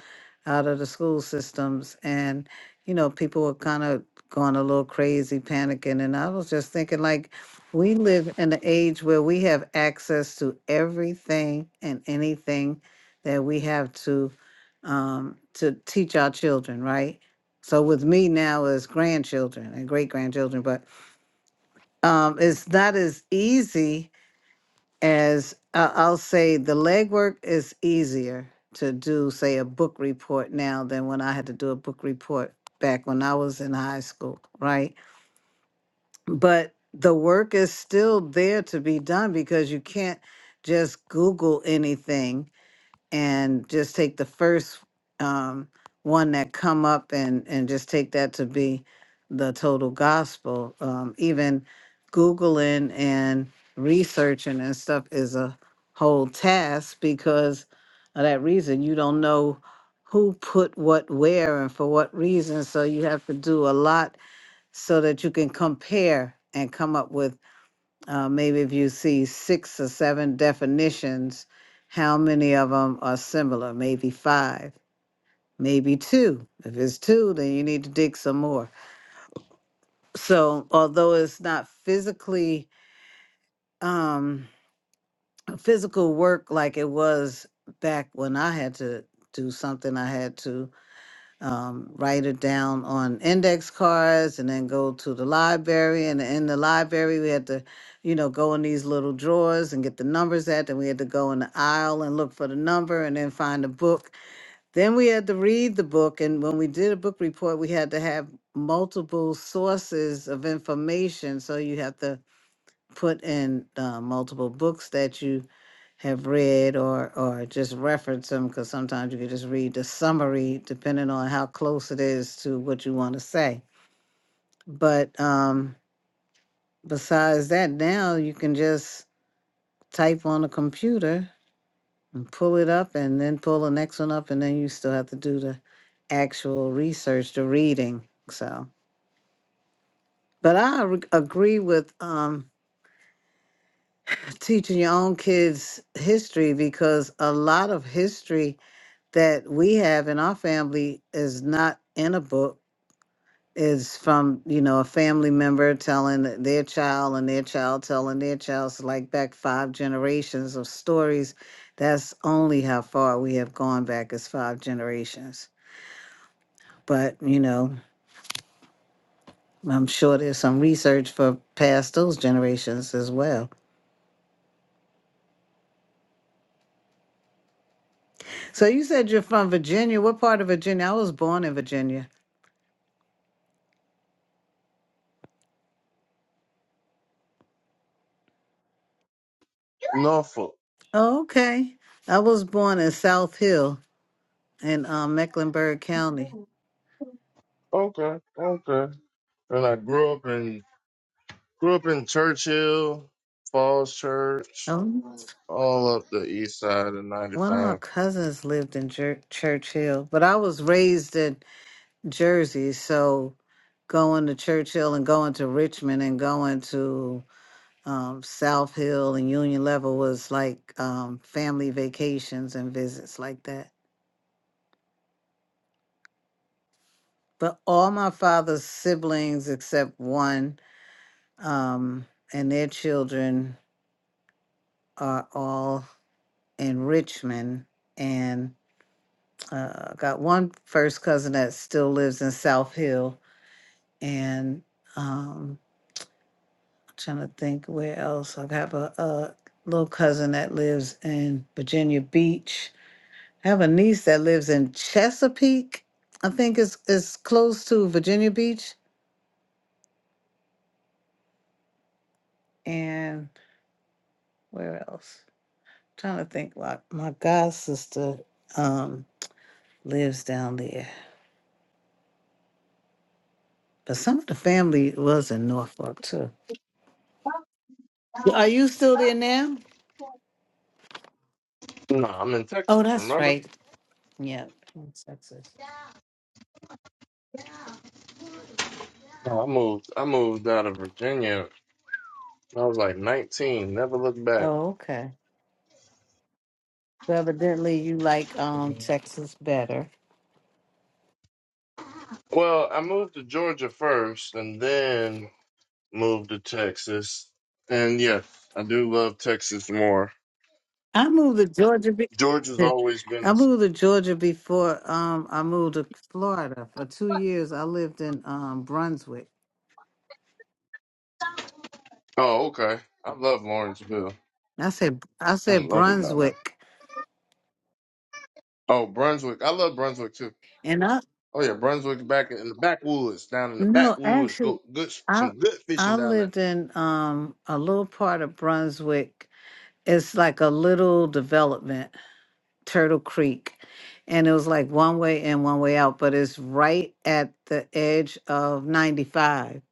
Speaker 2: out of the school systems, and you know people were kind of going a little crazy, panicking, and I was just thinking like we live in an age where we have access to everything and anything that we have to um, to teach our children, right? So with me now is grandchildren and great grandchildren, but um, it's not as easy as I I'll say the legwork is easier to do, say, a book report now than when I had to do a book report back when I was in high school, right? But the work is still there to be done because you can't just Google anything and just take the first um, one that come up and and just take that to be the total gospel. Um, even googling and researching and stuff is a whole task because of that reason. You don't know who put what where and for what reason, so you have to do a lot so that you can compare and come up with uh, maybe if you see six or seven definitions, how many of them are similar? Maybe five, maybe two. If it's two, then you need to dig some more. So, although it's not physically um, physical work like it was back when I had to do something, I had to um, write it down on index cards and then go to the library. And in the library, we had to, you know, go in these little drawers and get the numbers at. Then we had to go in the aisle and look for the number and then find the book. Then we had to read the book. And when we did a book report, we had to have multiple sources of information. So you have to put in uh, multiple books that you have read or or just reference them because sometimes you can just read the summary depending on how close it is to what you want to say but um besides that now you can just type on a computer and pull it up and then pull the next one up and then you still have to do the actual research the reading so but i re- agree with um teaching your own kids history because a lot of history that we have in our family is not in a book is from you know a family member telling th- their child and their child telling their child so like back five generations of stories that's only how far we have gone back as five generations but you know i'm sure there's some research for past those generations as well so you said you're from virginia what part of virginia i was born in virginia
Speaker 5: Norfolk.
Speaker 2: oh, okay i was born in south hill in um, Mecklenburg County.
Speaker 5: Okay, okay. And I grew up in grew up in Churchill, Falls Church,
Speaker 2: Oh,
Speaker 5: all up the east side of ninety
Speaker 2: one of my
Speaker 5: five.
Speaker 2: cousins lived in Jer- Churchill, but I was raised in Jersey, so going to Churchill and going to Richmond and going to um, South Hill and Union Level was like um, family vacations and visits like that. But all my father's siblings, except one, um, and their children are all in Richmond. uh, got one first cousin that still lives in South Hill, and um, trying to think where else. I have a, a little cousin that lives in Virginia Beach. I have a niece that lives in Chesapeake. I think it's it's close to Virginia Beach, and where else? trying to think. Like my god sister um, lives down there, but some of the family was in Norfolk too. Are you still there now?
Speaker 5: No, I'm in
Speaker 2: Oh,
Speaker 5: Texas,
Speaker 2: that's
Speaker 5: remember?
Speaker 2: right. Yeah, in Texas.
Speaker 5: No, I moved I moved out of Virginia I was like 19, never looked back.
Speaker 2: Oh, okay. So evidently you like um Texas better.
Speaker 5: Well, I moved to Georgia first and then moved to Texas. And yeah, I do love Texas more.
Speaker 2: I moved to Georgia be-
Speaker 5: Georgia's always been
Speaker 2: I
Speaker 5: a.
Speaker 2: moved to Georgia before um I moved to Florida. For two years I lived in um Brunswick.
Speaker 5: Oh, okay. I love Lawrenceville.
Speaker 2: I said I
Speaker 5: I
Speaker 2: said
Speaker 5: love it down there.
Speaker 2: Brunswick.
Speaker 5: Oh, Brunswick. I love Brunswick too.
Speaker 2: And I
Speaker 5: Oh yeah, Brunswick back in the backwoods, down in the
Speaker 2: no,
Speaker 5: backwoods.
Speaker 2: actually
Speaker 5: Go good,
Speaker 2: I
Speaker 5: some good fishing
Speaker 2: I
Speaker 5: down there.
Speaker 2: lived in um a little part of Brunswick. It's like a little development Turtle Creek. And it was like one way in, one way out, but it's right at the edge of 95.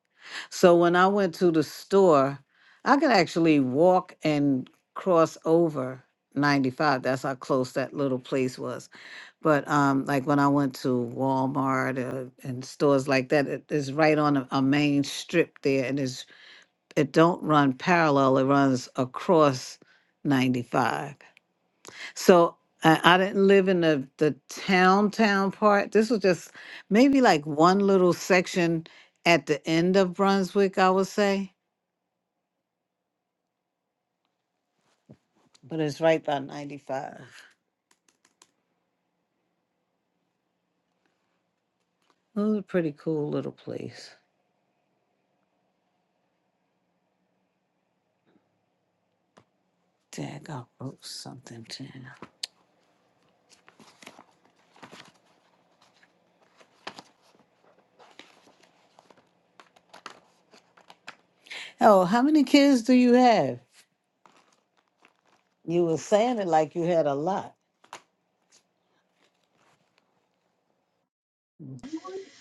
Speaker 2: So when I went to the store, I could actually walk and cross over 95. That's how close that little place was. But um, like when I went to Walmart uh, and stores like that, it is right on a, a main strip there, and it's it don't run parallel; it runs across 95. So I, I didn't live in the the town town part. This was just maybe like one little section at the end of Brunswick, I would say. But it's right by 95. It was a pretty cool little place. Dag, I wrote something down. Oh, how many kids do you have? You were saying it like you had a lot.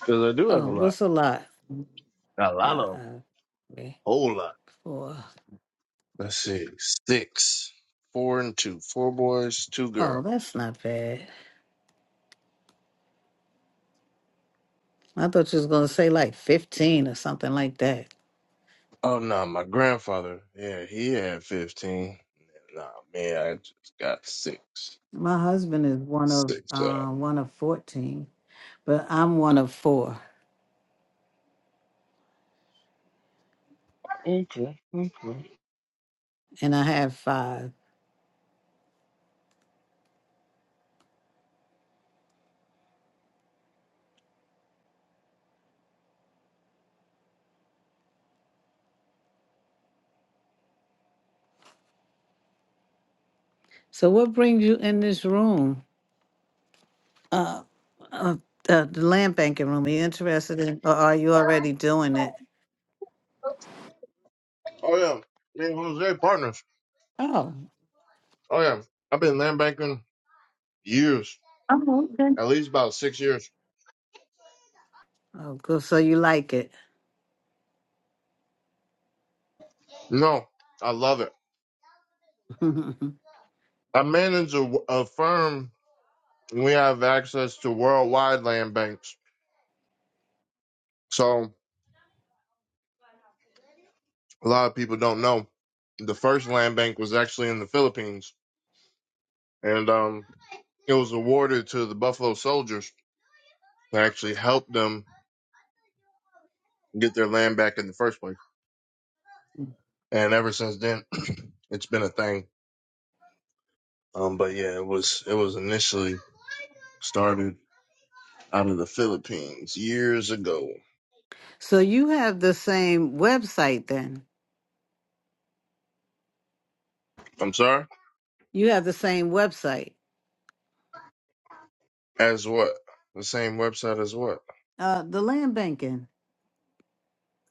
Speaker 5: Cause I do have
Speaker 2: Oh,
Speaker 5: a lot,
Speaker 2: what's a lot?
Speaker 5: a
Speaker 2: Uh, uh,
Speaker 5: whole lot.
Speaker 2: four.
Speaker 5: Let's see, six, four and two, four boys, two
Speaker 2: Oh,
Speaker 5: girls.
Speaker 2: that's not bad. I thought you was gonna say like fifteen or something like that.
Speaker 5: Oh no, my grandfather, yeah, he had fifteen. Nah, man, I just got six,
Speaker 2: My husband is one of
Speaker 5: six. Uh,
Speaker 2: uh, one of fourteen, but I'm one of four,
Speaker 5: Okay, okay.
Speaker 2: and I have five. So, what brings you in this room, uh, uh, uh, the land banking room? Are you interested in, or are you already doing it?
Speaker 5: oh yeah, me and Jose partners.
Speaker 2: Oh,
Speaker 5: Oh yeah, I've been land banking years,
Speaker 2: oh, okay.
Speaker 5: at least about six years.
Speaker 2: Oh, good. So you like it.
Speaker 5: No, I love it. I manage a, a firm. and We have access to worldwide land banks, so a lot of people don't know. The first land bank was actually in the Philippines, and um, it was awarded to the Buffalo Soldiers. that actually helped them get their land back in the first place. And ever since then, it's been a thing. Um, but yeah, it was it was initially started out of the Philippines years ago.
Speaker 2: so you have the same website then?
Speaker 5: I'm sorry,
Speaker 2: You have the same website.
Speaker 5: as what the same website as what?
Speaker 2: Uh, the land banking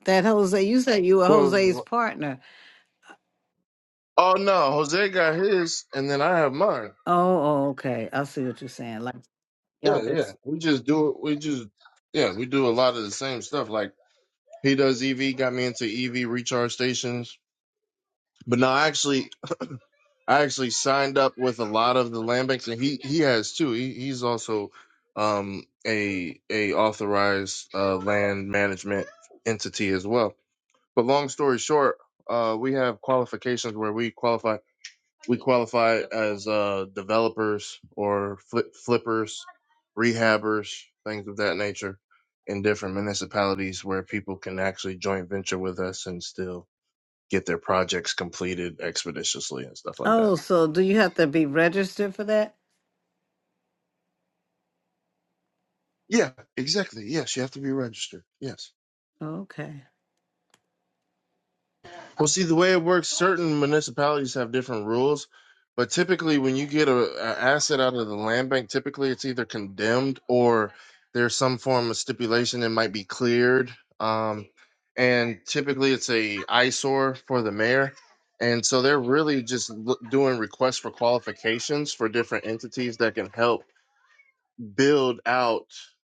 Speaker 2: that Jose. You said you were Jose's
Speaker 5: Well,
Speaker 2: partner.
Speaker 5: oh no, Jose got his, and then I have mine.
Speaker 2: Oh, oh okay. I see what you're saying. Like.
Speaker 5: Yeah,
Speaker 2: yeah.
Speaker 5: yeah, we just do it. We just yeah, we do a lot of the same stuff. Like he does EV, got me into EV recharge stations. But no, actually, I actually signed up with a lot of the land banks, and he he has too. He he's also um a a authorized uh, land management entity as well. But long story short, uh, we have qualifications where we qualify we qualify as uh developers or flip, flippers, rehabbers, things of that nature, in different municipalities where people can actually joint venture with us and still get their projects completed expeditiously and stuff like that.
Speaker 2: Oh, so do you have to be registered for that?
Speaker 5: Yeah, exactly. Yes, you have to be registered. Yes.
Speaker 2: Okay.
Speaker 5: Well, see, the way it works, certain municipalities have different rules, but typically, when you get a, a asset out of the land bank, typically it's either condemned or there's some form of stipulation that might be cleared. Um, and typically, it's a eyesore for the mayor, and so they're really just l- doing requests for qualifications for different entities that can help build out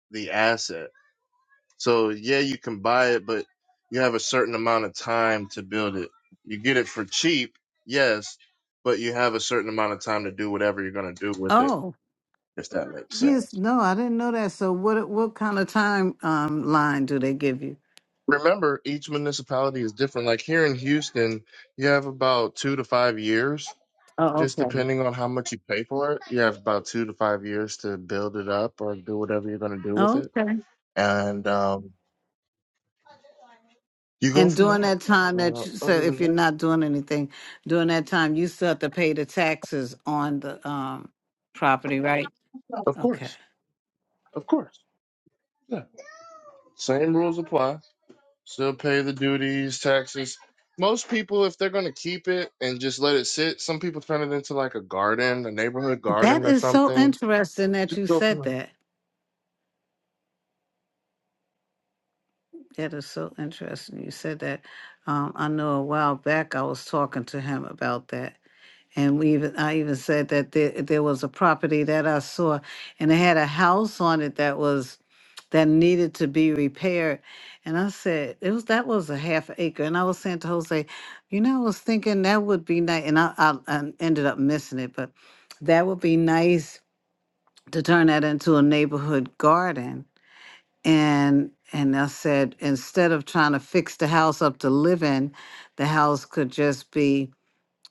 Speaker 5: the asset. So yeah, you can buy it, but you have a certain amount of time to build it. You get it for cheap, yes, but you have a certain amount of time to do whatever you're going to do with it,
Speaker 2: Oh,
Speaker 5: if that makes
Speaker 2: yes.
Speaker 5: sense.
Speaker 2: No, I didn't know that. So what what kind of time um line do they give you?
Speaker 5: Remember, each municipality is different. Like here in Houston, you have about two to five years,
Speaker 2: Oh,
Speaker 5: just
Speaker 2: okay.
Speaker 5: depending on how much you pay for it. You have about two to five years to build it up or do whatever you're going to do with it.
Speaker 2: Okay.
Speaker 5: And um, you go
Speaker 2: And
Speaker 5: from
Speaker 2: during
Speaker 5: there.
Speaker 2: that time that
Speaker 5: Uh,
Speaker 2: you, so
Speaker 5: other than
Speaker 2: if you're
Speaker 5: that,
Speaker 2: not doing anything during that time, you still have to pay the taxes on the um property, right?
Speaker 5: of
Speaker 2: Okay.
Speaker 5: course, of course. yeah. Same rules apply. Still pay the duties, taxes. Most people, if they're gonna keep it and just let it sit, some people turn it into like a garden, a neighborhood
Speaker 2: That
Speaker 5: garden or
Speaker 2: is so
Speaker 5: something.
Speaker 2: interesting that
Speaker 5: Just
Speaker 2: you
Speaker 5: go
Speaker 2: said
Speaker 5: for it.
Speaker 2: that. That is so interesting. You said that. Um, I know a while back I was talking to him about that. And we even I even said that there, there was a property that I saw and it had a house on it that was that needed to be repaired. And I said, it was that was a half acre. And I was saying to Jose, you know, I was thinking that would be nice and I, I, I ended up missing it, but that would be nice to turn that into a neighborhood garden and and I said instead of trying to fix the house up to live in, the house could just be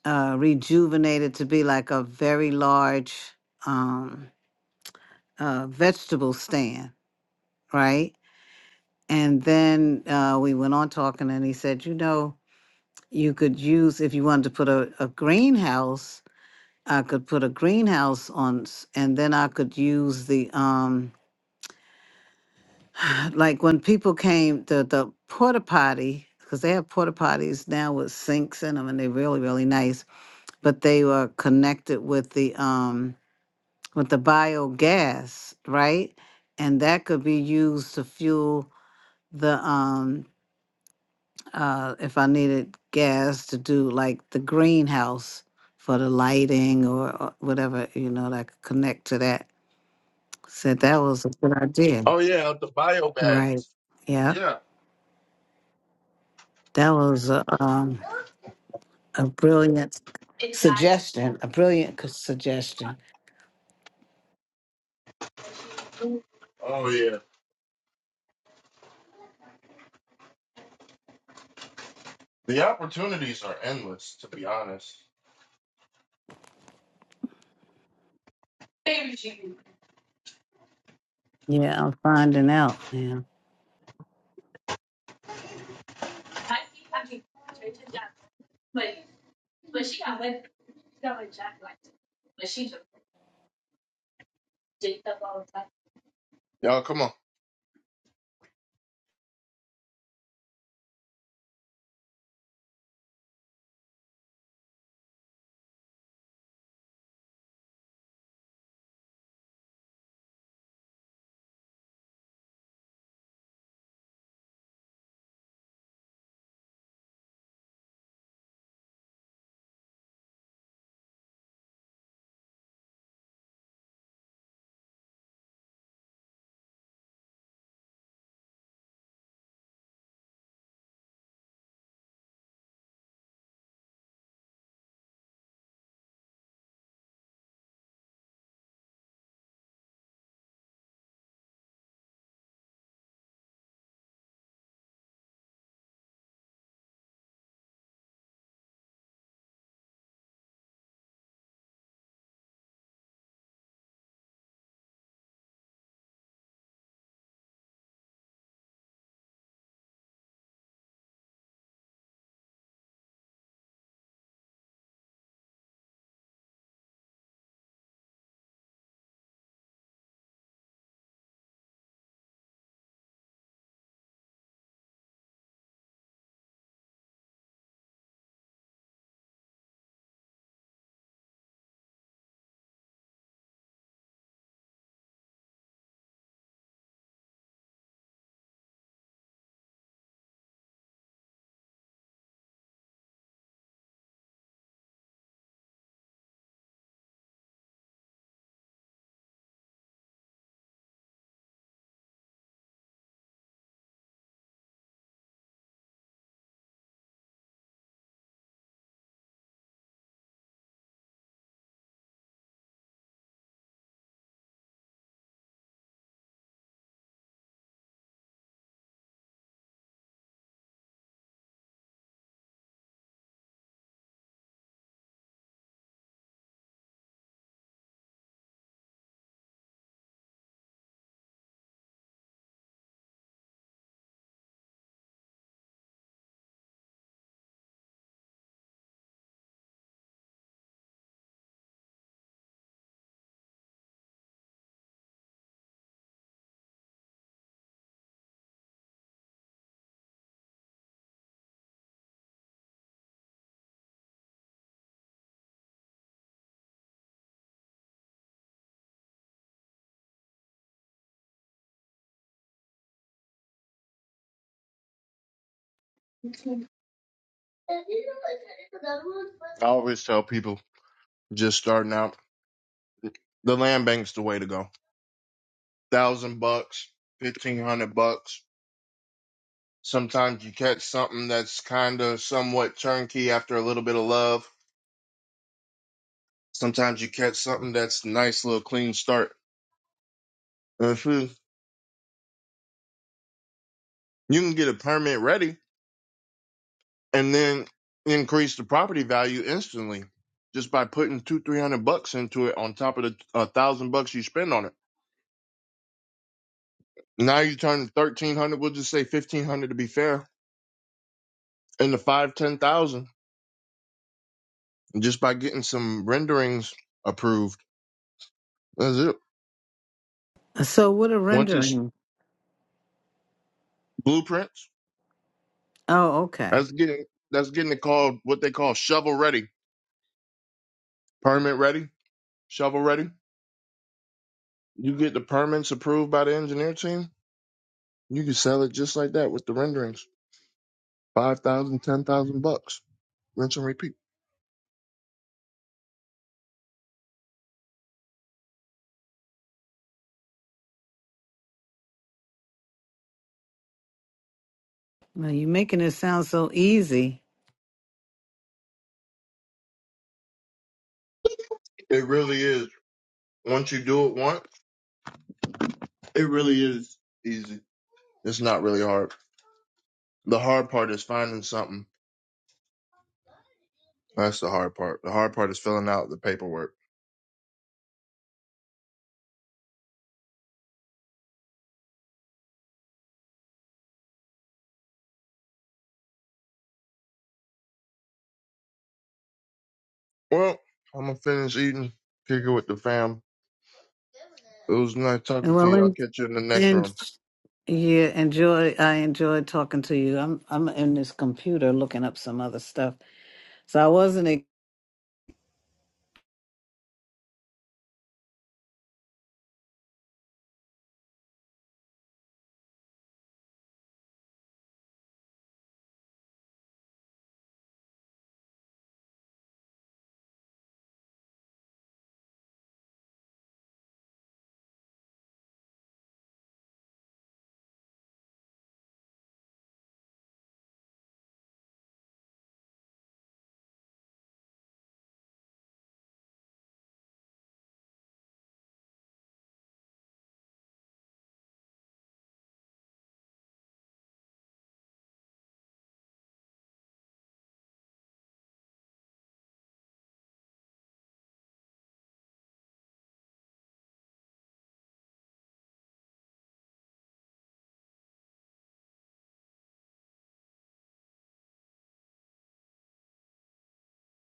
Speaker 2: uh, rejuvenated to be like a very large um, uh, vegetable stand, right? And then uh, we went on talking, and he said, you know, you could use if you wanted to put a, a greenhouse. I could put a greenhouse on, s- and then I could use the um, like when people came the the porta potty because they have porta potties now with sinks in them and they're really really nice but they were connected with the um with the biogas right and that could be used to fuel the um uh if i needed gas to do like the greenhouse for the lighting or, or whatever you know that I could connect to that said that was a good idea
Speaker 5: Oh yeah, the bio
Speaker 2: right
Speaker 5: bags.
Speaker 2: yeah
Speaker 5: Yeah.
Speaker 2: that was a um a brilliant suggestion, a brilliant c- suggestion.
Speaker 5: Oh yeah. The opportunities are endless, to be honest.
Speaker 2: Yeah, I'm finding out now.
Speaker 5: Y'all, come on. I always tell people just starting out, the land bank's the way to go. Thousand bucks, fifteen hundred bucks. Sometimes you catch something that's kind of somewhat turnkey after a little bit of love. Sometimes you catch something that's nice little clean start. If you you can get a permit ready and then increase the property value instantly just by putting two, three hundred bucks into it on top of the uh, thousand bucks you spend on it. Now you turn thirteen hundred, we'll just say fifteen hundred to be fair, into five, ten thousand just by getting some renderings approved. That's it.
Speaker 2: So, what a
Speaker 5: Once it's
Speaker 2: rendering.
Speaker 5: blueprints.
Speaker 2: Oh, okay.
Speaker 5: That's getting that's getting it called what they call shovel ready, permit ready, shovel ready. You get the permits approved by the engineer team. You can sell it just like that with the renderings. Five thousand, ten thousand bucks. Rinse and repeat.
Speaker 2: Well, you're making it sound so easy.
Speaker 5: It really is. Once you do it once, it really is easy. It's not really hard. The hard part is finding something. That's the hard part. The hard part is filling out the paperwork. Well, I'm gonna finish eating, kick it with the fam. It was nice talking
Speaker 2: And
Speaker 5: to
Speaker 2: well,
Speaker 5: you. I'll
Speaker 2: and,
Speaker 5: catch you in the next
Speaker 2: and
Speaker 5: room.
Speaker 2: yeah, enjoy. I enjoyed talking to you. I'm I'm in this computer looking up some other stuff, so I wasn't